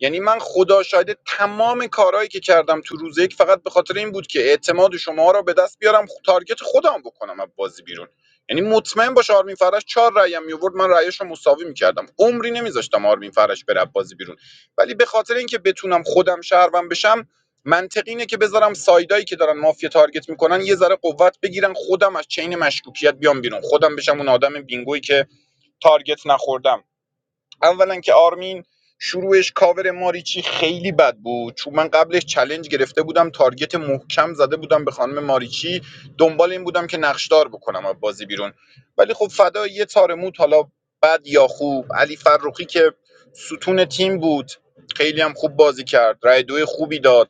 Speaker 9: یعنی من خدا شاهده تمام کارهایی که کردم تو روز یک فقط به خاطر این بود که اعتماد شما را به دست بیارم خ- تارگت خودم بکنم از بازی بیرون یعنی مطمئن باش آرمین فرش چهار رأیم میورد من رأیش رو مساوی میکردم عمری نمیذاشتم آرمین فرش بره از بازی بیرون ولی به خاطر اینکه بتونم خودم شهروند بشم منطقی اینه که بذارم سایدایی که دارن مافیا تارگت میکنن یه ذره قوت بگیرن خودم از چین مشکوکیت بیام بیرون خودم بشم اون آدم بینگویی که تارگت نخوردم اولا که آرمین شروعش کاور ماریچی خیلی بد بود چون من قبلش چلنج گرفته بودم تارگت محکم زده بودم به خانم ماریچی دنبال این بودم که نقشدار بکنم از بازی بیرون ولی خب فدا یه تار موت حالا بد یا خوب علی فروخی که ستون تیم بود خیلی هم خوب بازی کرد رای دو خوبی داد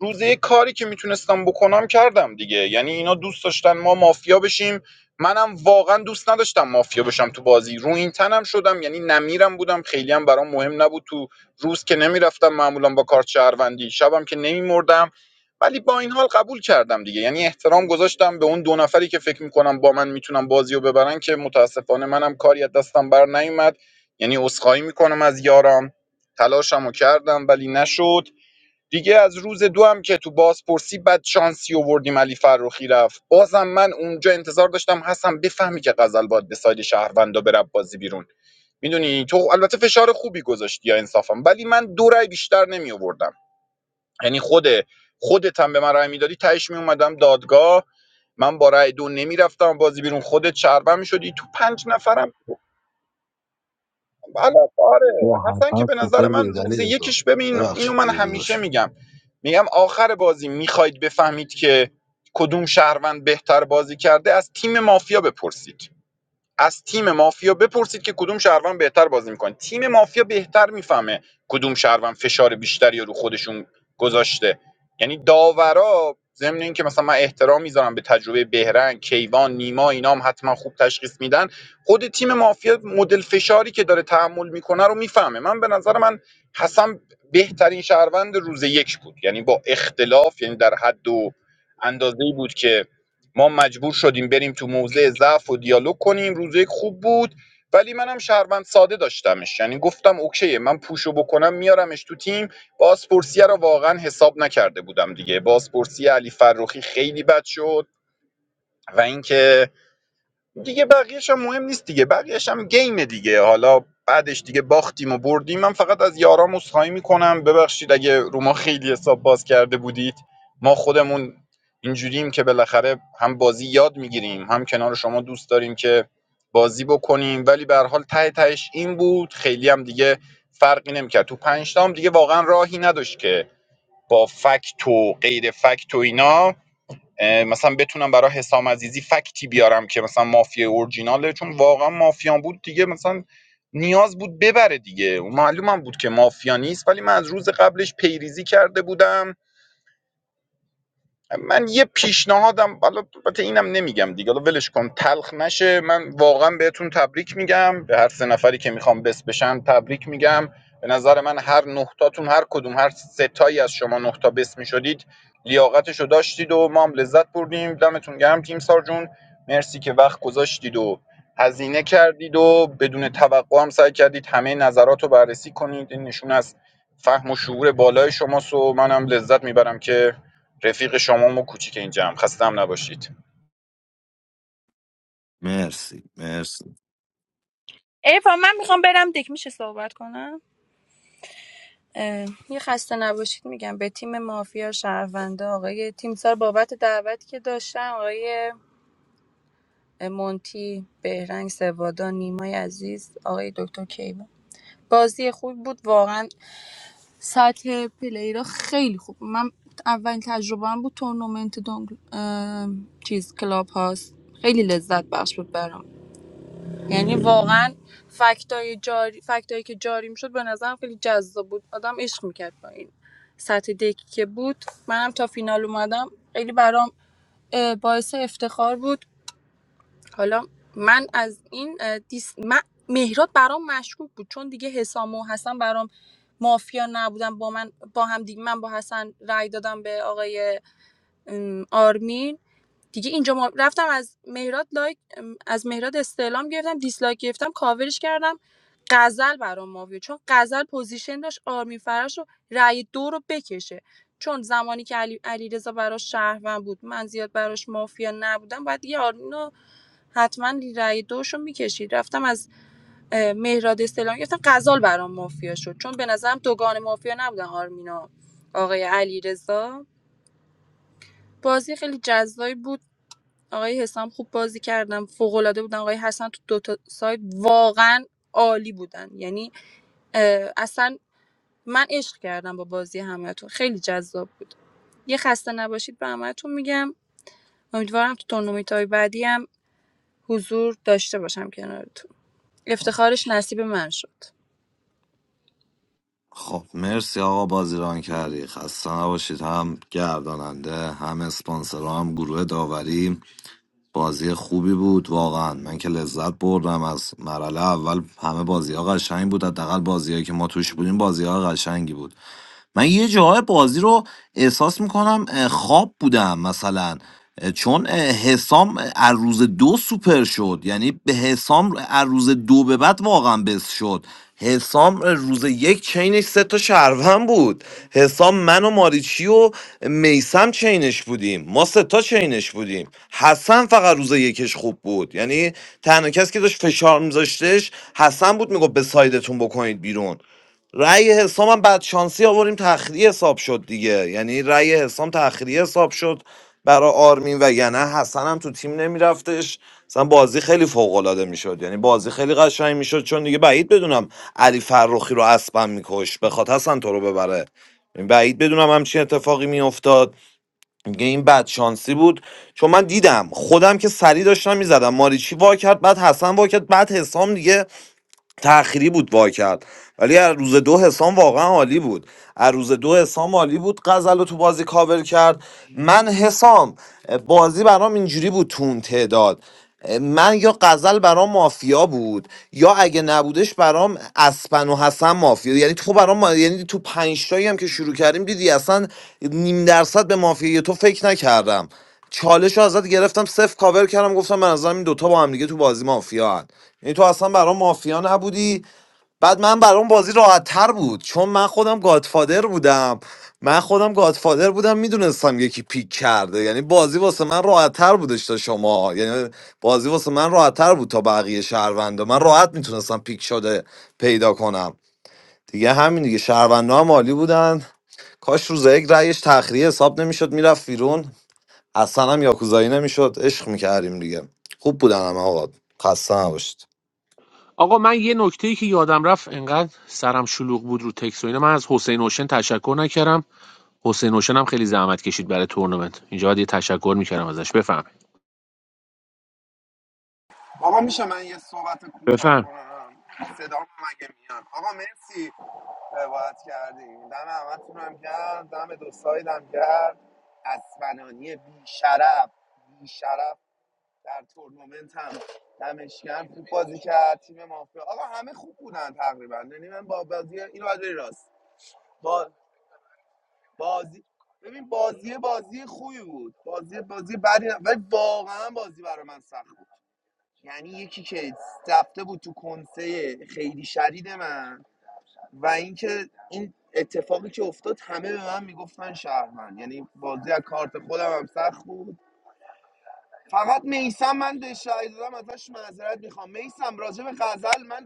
Speaker 9: روزه کاری که میتونستم بکنم کردم دیگه یعنی اینا دوست داشتن ما مافیا بشیم منم واقعا دوست نداشتم مافیا بشم تو بازی رو این تنم شدم یعنی نمیرم بودم خیلی هم برام مهم نبود تو روز که نمیرفتم معمولا با کارت شهروندی شبم که نمیمردم ولی با این حال قبول کردم دیگه یعنی احترام گذاشتم به اون دو نفری که فکر میکنم با من میتونم بازی رو ببرن که متاسفانه منم کاری از دستم بر نیومد یعنی عذرخواهی میکنم از یارم تلاشمو کردم ولی نشد دیگه از روز دو هم که تو بازپرسی بد شانسی آوردیم علی فروخی رفت بازم من اونجا انتظار داشتم حسن بفهمی که غزل باید به ساید شهروندا بره بازی بیرون میدونی تو البته فشار خوبی گذاشتی یا انصافم ولی من دو رای بیشتر نمی آوردم یعنی خود خودت هم به من رای میدادی تهش می اومدم دادگاه من با رای دو نمی رفتم بازی بیرون خودت شهروند میشدی تو پنج نفرم بله آره
Speaker 14: با
Speaker 9: حسن که
Speaker 14: حتما
Speaker 9: به
Speaker 14: سوپر
Speaker 9: نظر من
Speaker 14: بودید
Speaker 9: روز
Speaker 14: علی رضا
Speaker 9: یکیش ببین اینو
Speaker 14: ببخشید
Speaker 9: من
Speaker 14: دیگه داداش
Speaker 9: همیشه میگم میگم آخر بازی میخواید بفهمید که کدوم شهروند بهتر بازی کرده از تیم مافیا بپرسید از تیم مافیا بپرسید که کدوم شهروند بهتر بازی میکنه تیم مافیا بهتر میفهمه کدوم شهروند فشار بیشتری رو خودشون گذاشته یعنی داورا ضمن اینکه مثلا من احترام میذارم به تجربه بهرنگ کیوان نیما اینا هم حتما خوب تشخیص میدن خود تیم مافیا مدل فشاری که داره تحمل میکنه رو میفهمه من به نظر من حسن بهترین شهروند روز یک بود یعنی با اختلاف یعنی در حد و اندازه بود که ما مجبور شدیم بریم تو موضع ضعف و دیالوگ کنیم روز یک خوب بود ولی منم شهروند ساده داشتمش یعنی گفتم اوکی من پوشو بکنم میارمش تو تیم بازپرسیه رو واقعا حساب نکرده بودم دیگه بازپرسی علی فروخی خیلی بد شد و اینکه دیگه بقیه‌ش هم مهم نیست دیگه بقیه‌ش هم گیم دیگه حالا بعدش دیگه باختیم و بردیم من فقط از یارام عذرخواهی میکنم ببخشید اگه رو ما خیلی حساب باز کرده بودید ما خودمون اینجوریم که بالاخره هم بازی یاد میگیریم هم کنار شما دوست داریم که بازی بکنیم ولی به هر حال ته تهش این بود خیلی هم دیگه فرقی نمیکرد تو پنج تا هم دیگه واقعا راهی نداشت که با فکت و غیر فکت و اینا مثلا بتونم برای حسام عزیزی فکتی بیارم که مثلا مافیا اورجیناله چون واقعا مافیا بود دیگه مثلا نیاز بود ببره دیگه معلومم بود که مافیا نیست ولی من از روز قبلش پیریزی کرده بودم من یه پیشنهادم حالا البته اینم نمیگم دیگه حالا ولش کن تلخ نشه من واقعا بهتون تبریک میگم به هر سه نفری که میخوام بس بشن تبریک میگم به نظر من هر نهتاتون هر کدوم هر ستایی از شما نهتا بس میشدید لیاقتشو داشتید و ما هم لذت بردیم دمتون گرم تیم سار جون مرسی که وقت گذاشتید و هزینه کردید و بدون توقع هم سعی کردید همه نظراتو بررسی کنید این نشون از فهم و شعور بالای شماست و منم لذت میبرم که رفیق شمام و کوچیک اینجام خسته‌ام نباشید
Speaker 8: مرسی مرسی
Speaker 12: ای من میخوام برم دک میشه صحبت کنم اه، یه خسته نباشید میگم به تیم مافیا شهرونده آقای تیمسار بابت دعوتی که داشتن آقای مونتی بهرنگ سوادا نیمای عزیز آقای دکتر کیوان بازی خوب بود واقعا سطح پلی را خیلی خوب بود. من اولین تجربه هم بود تورنمنت دونگ... اه، چیز کلاب هاست خیلی لذت بخش بود برام. یعنی واقعا فکتای جاری فکتایی که جاری میشد به نظرم خیلی جذاب بود آدم عشق میکرد با این سطح دکی که بود منم تا فینال اومدم خیلی برام اه، باعث افتخار بود حالا من از این اه، دیس... من... مهراد برام مشکوک بود چون دیگه حسام و حسن برام مافیا نبودن با من با هم دیگه من با حسن رأی دادم به آقای ام، آرمین دیگه اینجا ما رفتم از مهراد لایک از مهراد استعلام گرفتم دیسلایک گرفتم کاورش کردم غزل برام مافیه چون غزل پوزیشن داشت آرمین فرش رو رأی دو رو بکشه چون زمانی که علی علیرضا براش شهروند بود من زیاد براش مافیا نبودم بعد یه آرمین رو حتما رأی دوش رو میکشید رفتم از اه، مهراد استعلام گرفتم غزال برام مافیا شد چون به نظرم دوگان مافیا نبودن آرمینا آقای علیرضا بازی خیلی جذابی بود آقای حسام خوب بازی کردم فوق‌العاده بودن آقای حسن تو دو تا سایت واقعا عالی بودن یعنی اه، اصلا من عشق کردم با بازی همتون خیلی جذاب بود یه خسته نباشید به همتون میگم امیدوارم تو تورنمنت‌های بعدی هم حضور داشته باشم کنارتون افتخارش نصیب من شد
Speaker 8: خب مرسی آقا بازیران کردی خسته نباشید هم گرداننده هم اسپانسر هم گروه داوری بازی خوبی بود واقعا من که لذت بردم از مرحله اول همه بازی ها قشنگ بود حداقل بازیهایی که ما توش بودیم بازی ها قشنگی بود من یه جاهای بازی رو احساس میکنم خواب بودم مثلا اه، چون اه، حسام از روز دو سوپر شد یعنی به حسام از روز دو به بعد واقعا بس شد حسام روز یک چینش سه تا شهروند بود حسام من و ماریچی و میسم چینش بودیم ما سه تا چینش بودیم حسن فقط روز یکش خوب بود یعنی تنها کسی که داشت فشار میذاشتش حسن بود میگفت به سایدتون بکنید بیرون رأی حسام هم بعد شانسی آوریم تخریه حساب شد دیگه یعنی رأی حسام تخریه حساب شد برای آرمین و یعنی حسن هم تو تیم نمیرفتش مثلا بازی خیلی فوق العاده میشد یعنی بازی خیلی قشنگ میشد چون دیگه بعید بدونم علی فرخی رو اسبم میکش بخواد حسن تو رو ببره یعنی بعید بدونم همچین اتفاقی میافتاد میگه این بد شانسی بود چون من دیدم خودم که سری داشتم میزدم ماریچی وا کرد بعد حسن وا کرد بعد حسام دیگه تأخیری بود وا کرد ولی از روز دو حسام واقعا عالی بود از روز دو حسام عالی بود غزل رو تو بازی کاور کرد من حسام بازی برام اینجوری بود تو اون تعداد من یا غزل برام مافیا بود یا اگه نبودش برام اسپن و حسن مافیا یعنی تو برام ما- یعنی تو پنج تایی هم که شروع کردیم دیدی اصلا نیم درصد به مافیا تو فکر نکردم چالش رو ازت گرفتم صفر کاور کردم گفتم من از این دوتا با هم دیگه تو بازی مافیا هن یعنی تو اصلا برام مافیا نبودی بعد من برام بازی راحت تر بود چون من خودم گادفادر بودم من خودم گادفادر بودم میدونستم یکی پیک کرده یعنی بازی واسه من راحت تر بودش تا شما یعنی بازی واسه من راحت تر بود تا بقیه شهروندا من راحت میتونستم پیک شده پیدا کنم دیگه همین دیگه شهروندا هم عالی بودن کاش روز یک رأیش تخریه حساب نمیشد میرفت بیرون اصلا هم یاکوزایی نمیشد عشق میکردیم دیگه خوب بودن هم آقا خسته نباشید
Speaker 3: آقا من یه نکته‌ای که یادم رفت انقدر سرم شلوغ بود رو تکس و اینا من از حسین اوشن تشکر نکردم حسین اوشن هم خیلی زحمت کشید برای تورنمنت اینجا باید یه تشکر میکردم ازش بفهم
Speaker 4: آقا میشه من یه صحبت کوتاه
Speaker 3: بفهم
Speaker 4: کنم صدا مگه میاد آقا مرسی روایت کردیم دم همتون هم گرد دم دو سایدم گرد اسمنانی بی شرف بی شرف در تورنمنت هم دمشکم خوب بازی کرد تیم مافیا آقا همه خوب بودن تقریبا یعنی من با بازی اینو باید بری راست. با بازی ببین بازی بازی خوبی بود بازی بازی بدی نه. ولی واقعا بازی برای من سخت بود یعنی یکی که رفته بود تو کنسه خیلی شدید من و اینکه این اتفاقی که افتاد همه به من میگفتن شهرمند یعنی بازی از کارت خودم هم سخت بود فقط میسم من به شهید دادم ازش معذرت میخوام میسم راجع به غزل من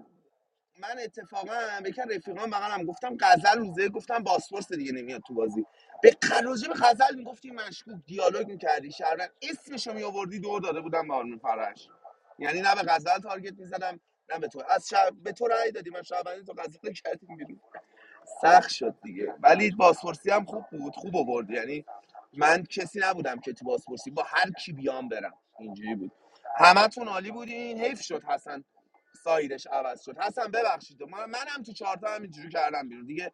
Speaker 4: من اتفاقا به یکی رفیقان بغلم گفتم غزل روزه گفتم باسپورس دیگه نمیاد تو بازی به ق- راجع به غزل میگفتی مشکوک دیالوگ میکردی شهروند اسمشو میآوردی دور داده بودم به آرمین فرش یعنی نه به غزل تارگت میزدم نه به تو از شب به تو رأی دادی من شب تو غزل رو کردیم بیرون. سخت شد دیگه ولی بازپرسی هم خوب بود خوب آورد یعنی من کسی نبودم که تو بازپرسی با هر کی بیام برم اینجوری بود همتون عالی بودین حیف شد حسن سایدش عوض شد حسن ببخشید من منم تو چهارتا هم کردم بیرون دیگه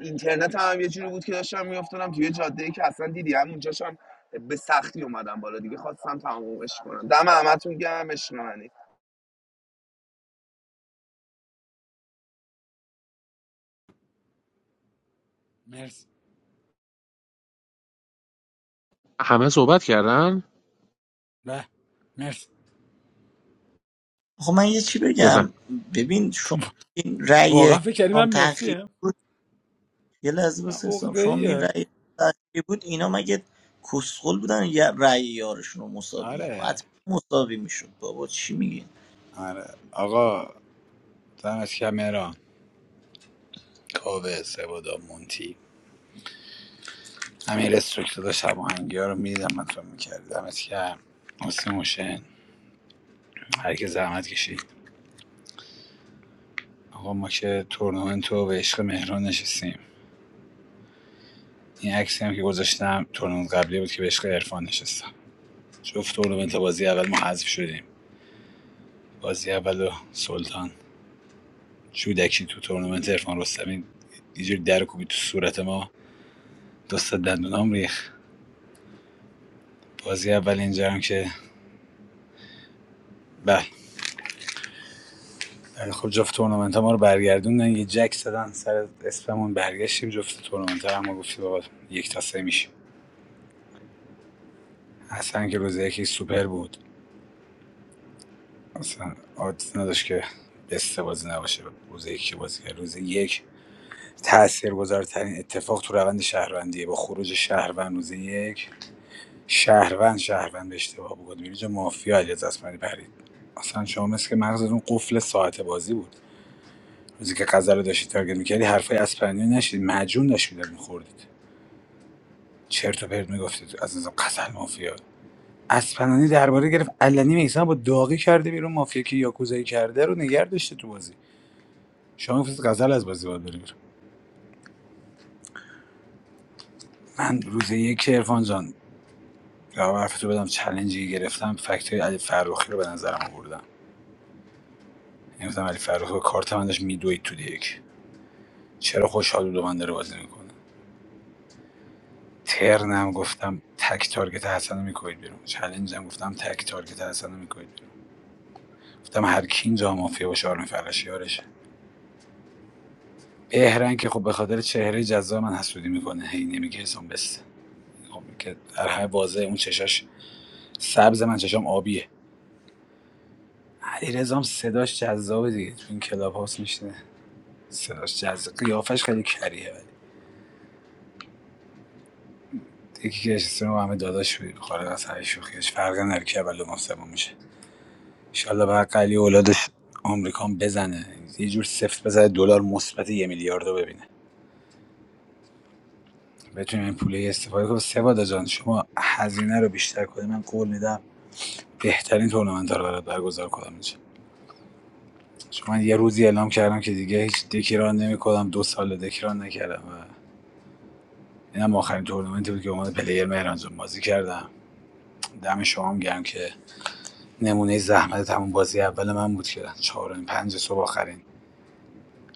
Speaker 4: اینترنت هم یه جوری بود که داشتم میافتادم توی جاده ای که اصلا دیدی هم اونجاش هم به سختی اومدم بالا دیگه خواستم تمومش کنم دم همتون گرم اشنانی.
Speaker 11: مرسی
Speaker 3: همه صحبت کردن
Speaker 11: به مرسی
Speaker 6: خب من یه چی بگم
Speaker 3: بفهم
Speaker 6: ببین شما این رأی
Speaker 11: واقعا فکر کردی
Speaker 6: حسام
Speaker 11: من مرسی
Speaker 6: تأخیر
Speaker 11: هم
Speaker 6: یه لحظه
Speaker 11: من
Speaker 6: بس حسام
Speaker 11: عقده
Speaker 6: شما میگین رأی تأخیر بود اینا مگه کسخل بودن یه رأی یارشون رو مساوی نکن
Speaker 11: آره
Speaker 6: حتما مساوی میشد بابا چی میگی
Speaker 11: آره آقا دمش کمران کاوه سبادا مونتی همین استرکتور داشت هم آهنگی ها رو میدیدم من تو میکرد دمت کرد واسه موشن هر کی زحمت کشید آقا ما که تورنمنت رو به عشق مهران نشستیم این عکسی هم که گذاشتم تورنمنت قبلی بود که به عشق عرفان نشستم جفت تورنمنت بازی اول ما حذف شدیم بازی اول و سلطان جودکی تو تورنمنت عرفان رستمی اینجوری در کوبی تو صورت ما دست تا دندونام ریخ بازی اول اینجا هم که بله در خود جفت تورنمنت ما رو برگردوندن یه جک زدن سر اسممون برگشتیم جفت تورنمنت رو ما گفتیم بابا یک تا سه میشیم حسن که روز یکی سوپر بود اصلا آدس نداشت که بسته بازی نباشه روز یک که بازی کرد روز یک تاثیرگذارترین اتفاق تو روند شهروندیه با خروج شهروند روز یک شهروند شهروند به اشتباه بود میری مافیا علیرضا اسماعیلی پرید اصلا شما مثل که مغزتون قفل ساعت بازی بود روزی که غزه رو داشتی تارگت میکردی حرفای اسپانیا نشید مجون داشتی می‌خوردید. میخوردید چرت و پرت میگفتید از نظام قزل مافیا اسپنانی درباره گرفت علنی میسان با داغی کرده بیرون مافیا که یاکوزایی کرده رو نگر داشته تو بازی شما میگفتید غزل از بازی باید بره بیرون من روز یک عرفان جان جواب حرف بدم چلنجی گرفتم فکت علی فروخی رو به نظرم آوردم گفتم علی فروخی کارت من داشت میدوید تو دیک چرا خوشحال بود و من داره بازی میکنه ترنم گفتم تک تارگت حسن رو میکنید بیرون چلنجم گفتم تک تارگت حسن رو میکنید بیرون گفتم هر کی اینجا مافیا باشه آرمی فرش یارشه بهرنگ که خب به خاطر چهره جذاب من حسودی میکنه هی نمیگه حسام بس خب که در هر واضح اون چشاش سبز من چشام آبیه علیرضام صداش جذابه دیگه تو این کلاب هاست میشنه صداش جذاب قیافش خیلی کریه ولی یکی که نشسته همه داداش بود خارج از هر شوخیش فرق نرکه اول و سوم میشه ایشالله بعد قلی اولادش آمریکا هم بزنه یه جور سفت بزنه دلار مثبت یه میلیارد رو ببینه بتونیم این پوله استفاده کنیم سواد جان شما هزینه رو بیشتر کنی من قول میدم بهترین تورنمنت رو برات برگزار کنم اینجا چون من یه روزی اعلام کردم که دیگه هیچ دکیران نمیکنم دو سال دکیران نکردم و اینم آخرین تورنمنتی بود که عنوان پلیر مهران جان بازی کردم دم شما هم گرم که نمونه زحمت همون بازی اول من بود که چهارم پنج صبح آخرین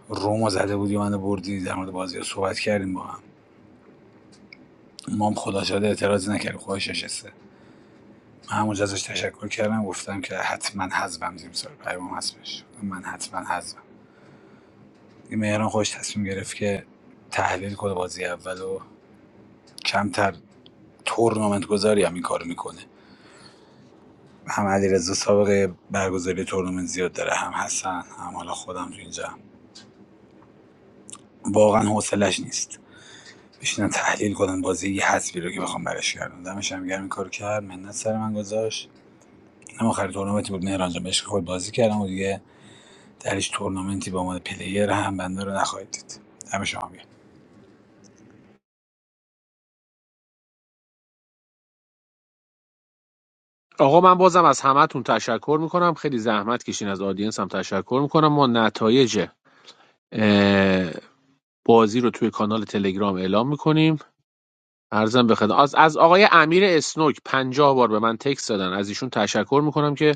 Speaker 11: رومو زده بودی منو بردی در مورد بازی صحبت کردیم با هم ما خدا شده اعتراضی نکرد خودش نشسته من همونجا ازش تشکر کردم گفتم که حتما حذفم دیم سال پیام هستش من حتما حذفم این مهران خودش تصمیم گرفت که تحلیل کنه بازی اول و کمتر تورنمنت گذاری هم این کارو میکنه هم علیرضا سابقه برگزاری تورنمنت زیاد داره هم حسن هم حالا خودم تو اینجا واقعا حوصلش نیست بشینن تحلیل کنن بازی یه حذفی رو که بخوام براش کردم دمش هم گرم این کارو کرد منت سر من گذاشت اینم آخر تورنمنتی بود مهران جان بهش خود بازی کردم و دیگه درش تورنمنتی با عنوان پلیر هم بنده رو نخواهید دید دم شما گرم
Speaker 3: آقا من بازم از همهتون تشکر میکنم خیلی زحمت کشین از آدینس هم تشکر میکنم ما نتایج اه، بازی رو توی کانال تلگرام اعلام میکنیم ارزم به خدمت از, از آقای امیر اسنوک پنجاه بار به من تکس دادن از ایشون تشکر میکنم که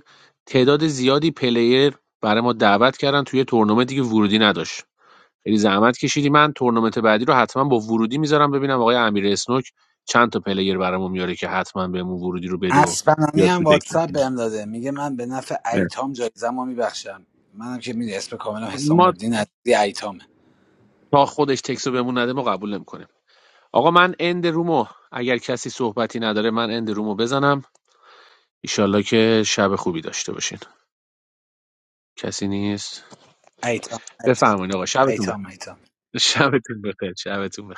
Speaker 3: تعداد زیادی پلیر برای ما دعوت کردن توی تورنمنتی که ورودی نداشت خیلی زحمت کشیدی من تورنمنت بعدی رو حتما با ورودی میذارم ببینم آقای امیر اسنوک چند تا پلیر برامون میاره که حتما بهمون ورودی رو بده و
Speaker 11: اسپنانی
Speaker 3: بیاد تو
Speaker 11: هم
Speaker 3: دک
Speaker 11: واتساپ
Speaker 3: بشینیم.
Speaker 11: بهم داده میگه من به نفع
Speaker 3: مرسی.
Speaker 11: ایتام جایزمو میبخشم منم که میدونی اسم کاملم حسام
Speaker 3: ما
Speaker 11: الدین عزیزی ایتامه
Speaker 3: تا خودش تکس رو بهمون نده ما قبول نمیکنیم آقا من اند رومو اگر کسی صحبتی نداره من اند رومو بزنم ایشالله که شب خوبی داشته باشین کسی نیست
Speaker 11: ایتام ایتام
Speaker 3: بفرمایید آقا شبتون بخیر
Speaker 11: ایتام ایتام
Speaker 3: [LAUGHS] شبتون بخیر شبتون بخیر